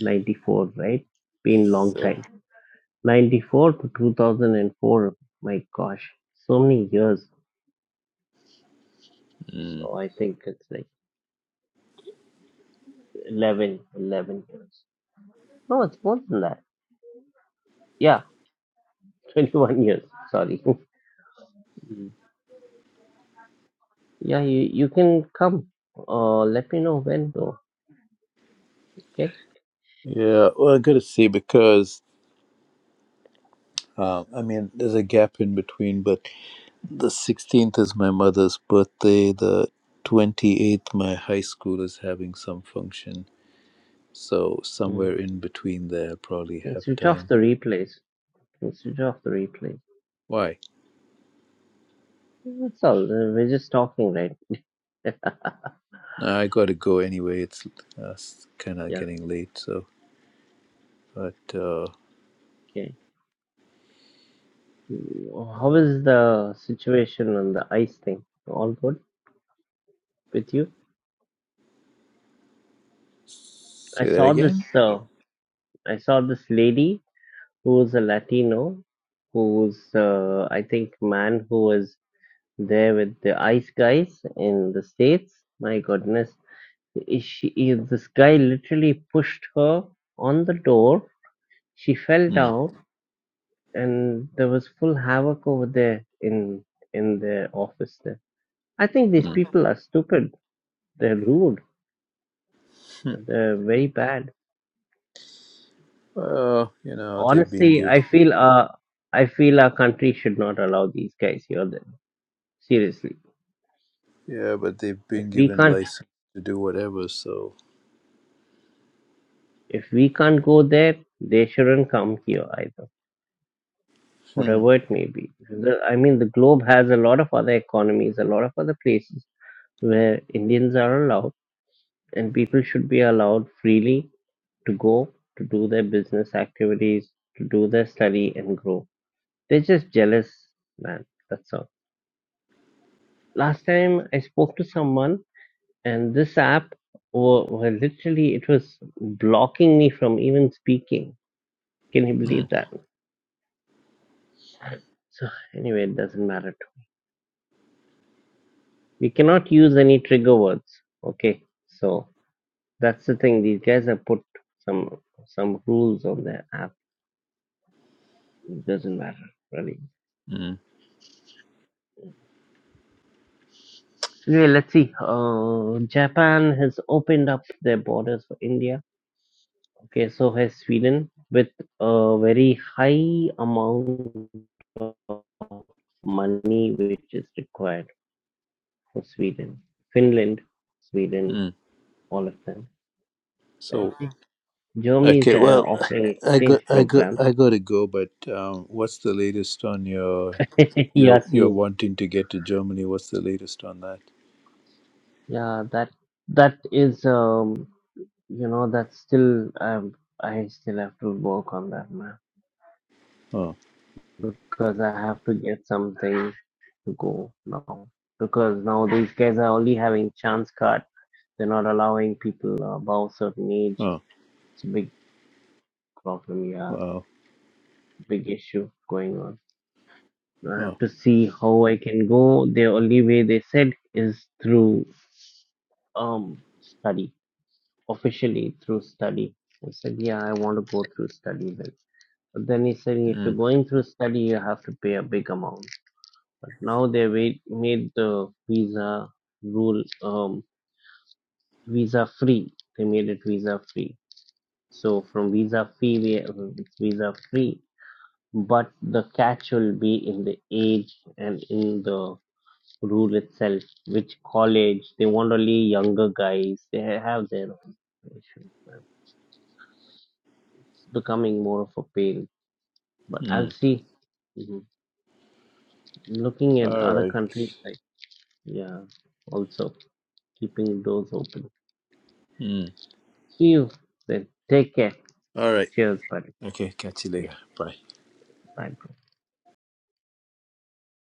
Speaker 1: 94, right? Been
Speaker 3: Yes,
Speaker 1: long
Speaker 3: sir.
Speaker 1: time. 94 to 2004. My gosh, so many years.
Speaker 3: Mm.
Speaker 1: So I think it's like 11, 11 years. No, it's more than that. Yeah. 21 years. Sorry. Mm. yeah, you, you can come. Uh, let me know when though. Okay.
Speaker 3: Yeah, well, I gotta see because uh, I mean, there's a gap in between, but the 16th is my mother's birthday. The 28th, my high school is having some function, so
Speaker 1: Mm.
Speaker 3: somewhere in between there, I'll probably
Speaker 1: can
Speaker 3: have
Speaker 1: switch off
Speaker 3: time.
Speaker 1: the replays. can switch off the replays.
Speaker 3: Why?
Speaker 1: That's all. Uh, We're just talking, right?
Speaker 3: Nah, I gotta go anyway. It's uh, kind of
Speaker 1: yeah.
Speaker 3: getting late, so. But uh,
Speaker 1: Okay. Mm, How is the situation on the ice thing? All good with you? I
Speaker 3: say that
Speaker 1: saw
Speaker 3: again.
Speaker 1: this. Uh, I saw this lady who was a Latino, who was uh, I think man who was There with the ice guys in the States, my goodness, is she, is this guy literally pushed her on the door. She fell
Speaker 3: Mm,
Speaker 1: down, and there was full havoc over there in in the office. There, I think these
Speaker 3: mm.
Speaker 1: people are stupid. They're rude. They're very bad.
Speaker 3: Well, you know they've been
Speaker 1: Honestly,
Speaker 3: given,
Speaker 1: I feel uh, I feel our country should not allow these guys here. Then seriously,
Speaker 3: yeah, but they've
Speaker 1: if
Speaker 3: been
Speaker 1: we
Speaker 3: given
Speaker 1: can't
Speaker 3: license to do whatever, so.
Speaker 1: if we can't go there, they shouldn't come here either.
Speaker 3: Hmm.
Speaker 1: whatever it may be. The, I mean, the globe has a lot of other economies, a lot of other places where Indians are allowed and people should be allowed freely to go to do their business activities, to do their study and grow. They're just jealous, man. That's all. Last time I spoke to someone and this app were, were literally, it was blocking me from even speaking. Can you
Speaker 3: hmm.
Speaker 1: believe that? So anyway, it doesn't matter. we cannot use any trigger words okay so that's the thing these guys have put some some rules on their app it doesn't matter really
Speaker 3: mm
Speaker 1: anyway let's see uh, japan has opened up their borders for india okay so has sweden with a very high amount of money which is required for sweden finland sweden
Speaker 3: mm.
Speaker 1: all of them let's
Speaker 3: So
Speaker 1: see germany is
Speaker 3: okay,
Speaker 1: uh,
Speaker 3: well,
Speaker 1: offering
Speaker 3: I
Speaker 1: exchange
Speaker 3: got I got
Speaker 1: programs
Speaker 3: I got to go. But um, what's the latest on your your
Speaker 1: Yes,
Speaker 3: your
Speaker 1: you.
Speaker 3: wanting to get to Germany? What's the latest on that?
Speaker 1: Yeah, that that is um you know that's still um I still have to work on that man
Speaker 3: Oh
Speaker 1: because I have to get something to go now because now these guys are only having chance card. They're not allowing people above certain age.
Speaker 3: oh
Speaker 1: It's a big problem, yeah,
Speaker 3: wow
Speaker 1: big issue going on. I have
Speaker 3: oh.
Speaker 1: to see how I can go. The only way they said is through um study. officially through study. I said, yeah, I want to go through study then. But then he said, if you're
Speaker 3: Mm,
Speaker 1: going through study, you have to pay a big amount. But now they made the visa rule um, visa free. They made it visa free. So from visa free, it's visa free. But the catch will be in the age and in the rule itself. Which college they want only younger guys. They have their own issues. It's becoming more of a pale. But I'll
Speaker 3: mm.
Speaker 1: see. Mhm. Looking at
Speaker 3: All
Speaker 1: other
Speaker 3: right.
Speaker 1: countries, like yeah, also keeping doors open.
Speaker 3: Mm.
Speaker 1: See you then. Take care.
Speaker 3: All right.
Speaker 1: Cheers, buddy.
Speaker 3: Okay. Catch you
Speaker 1: Yes,
Speaker 3: later. Bye.
Speaker 1: bye, bro.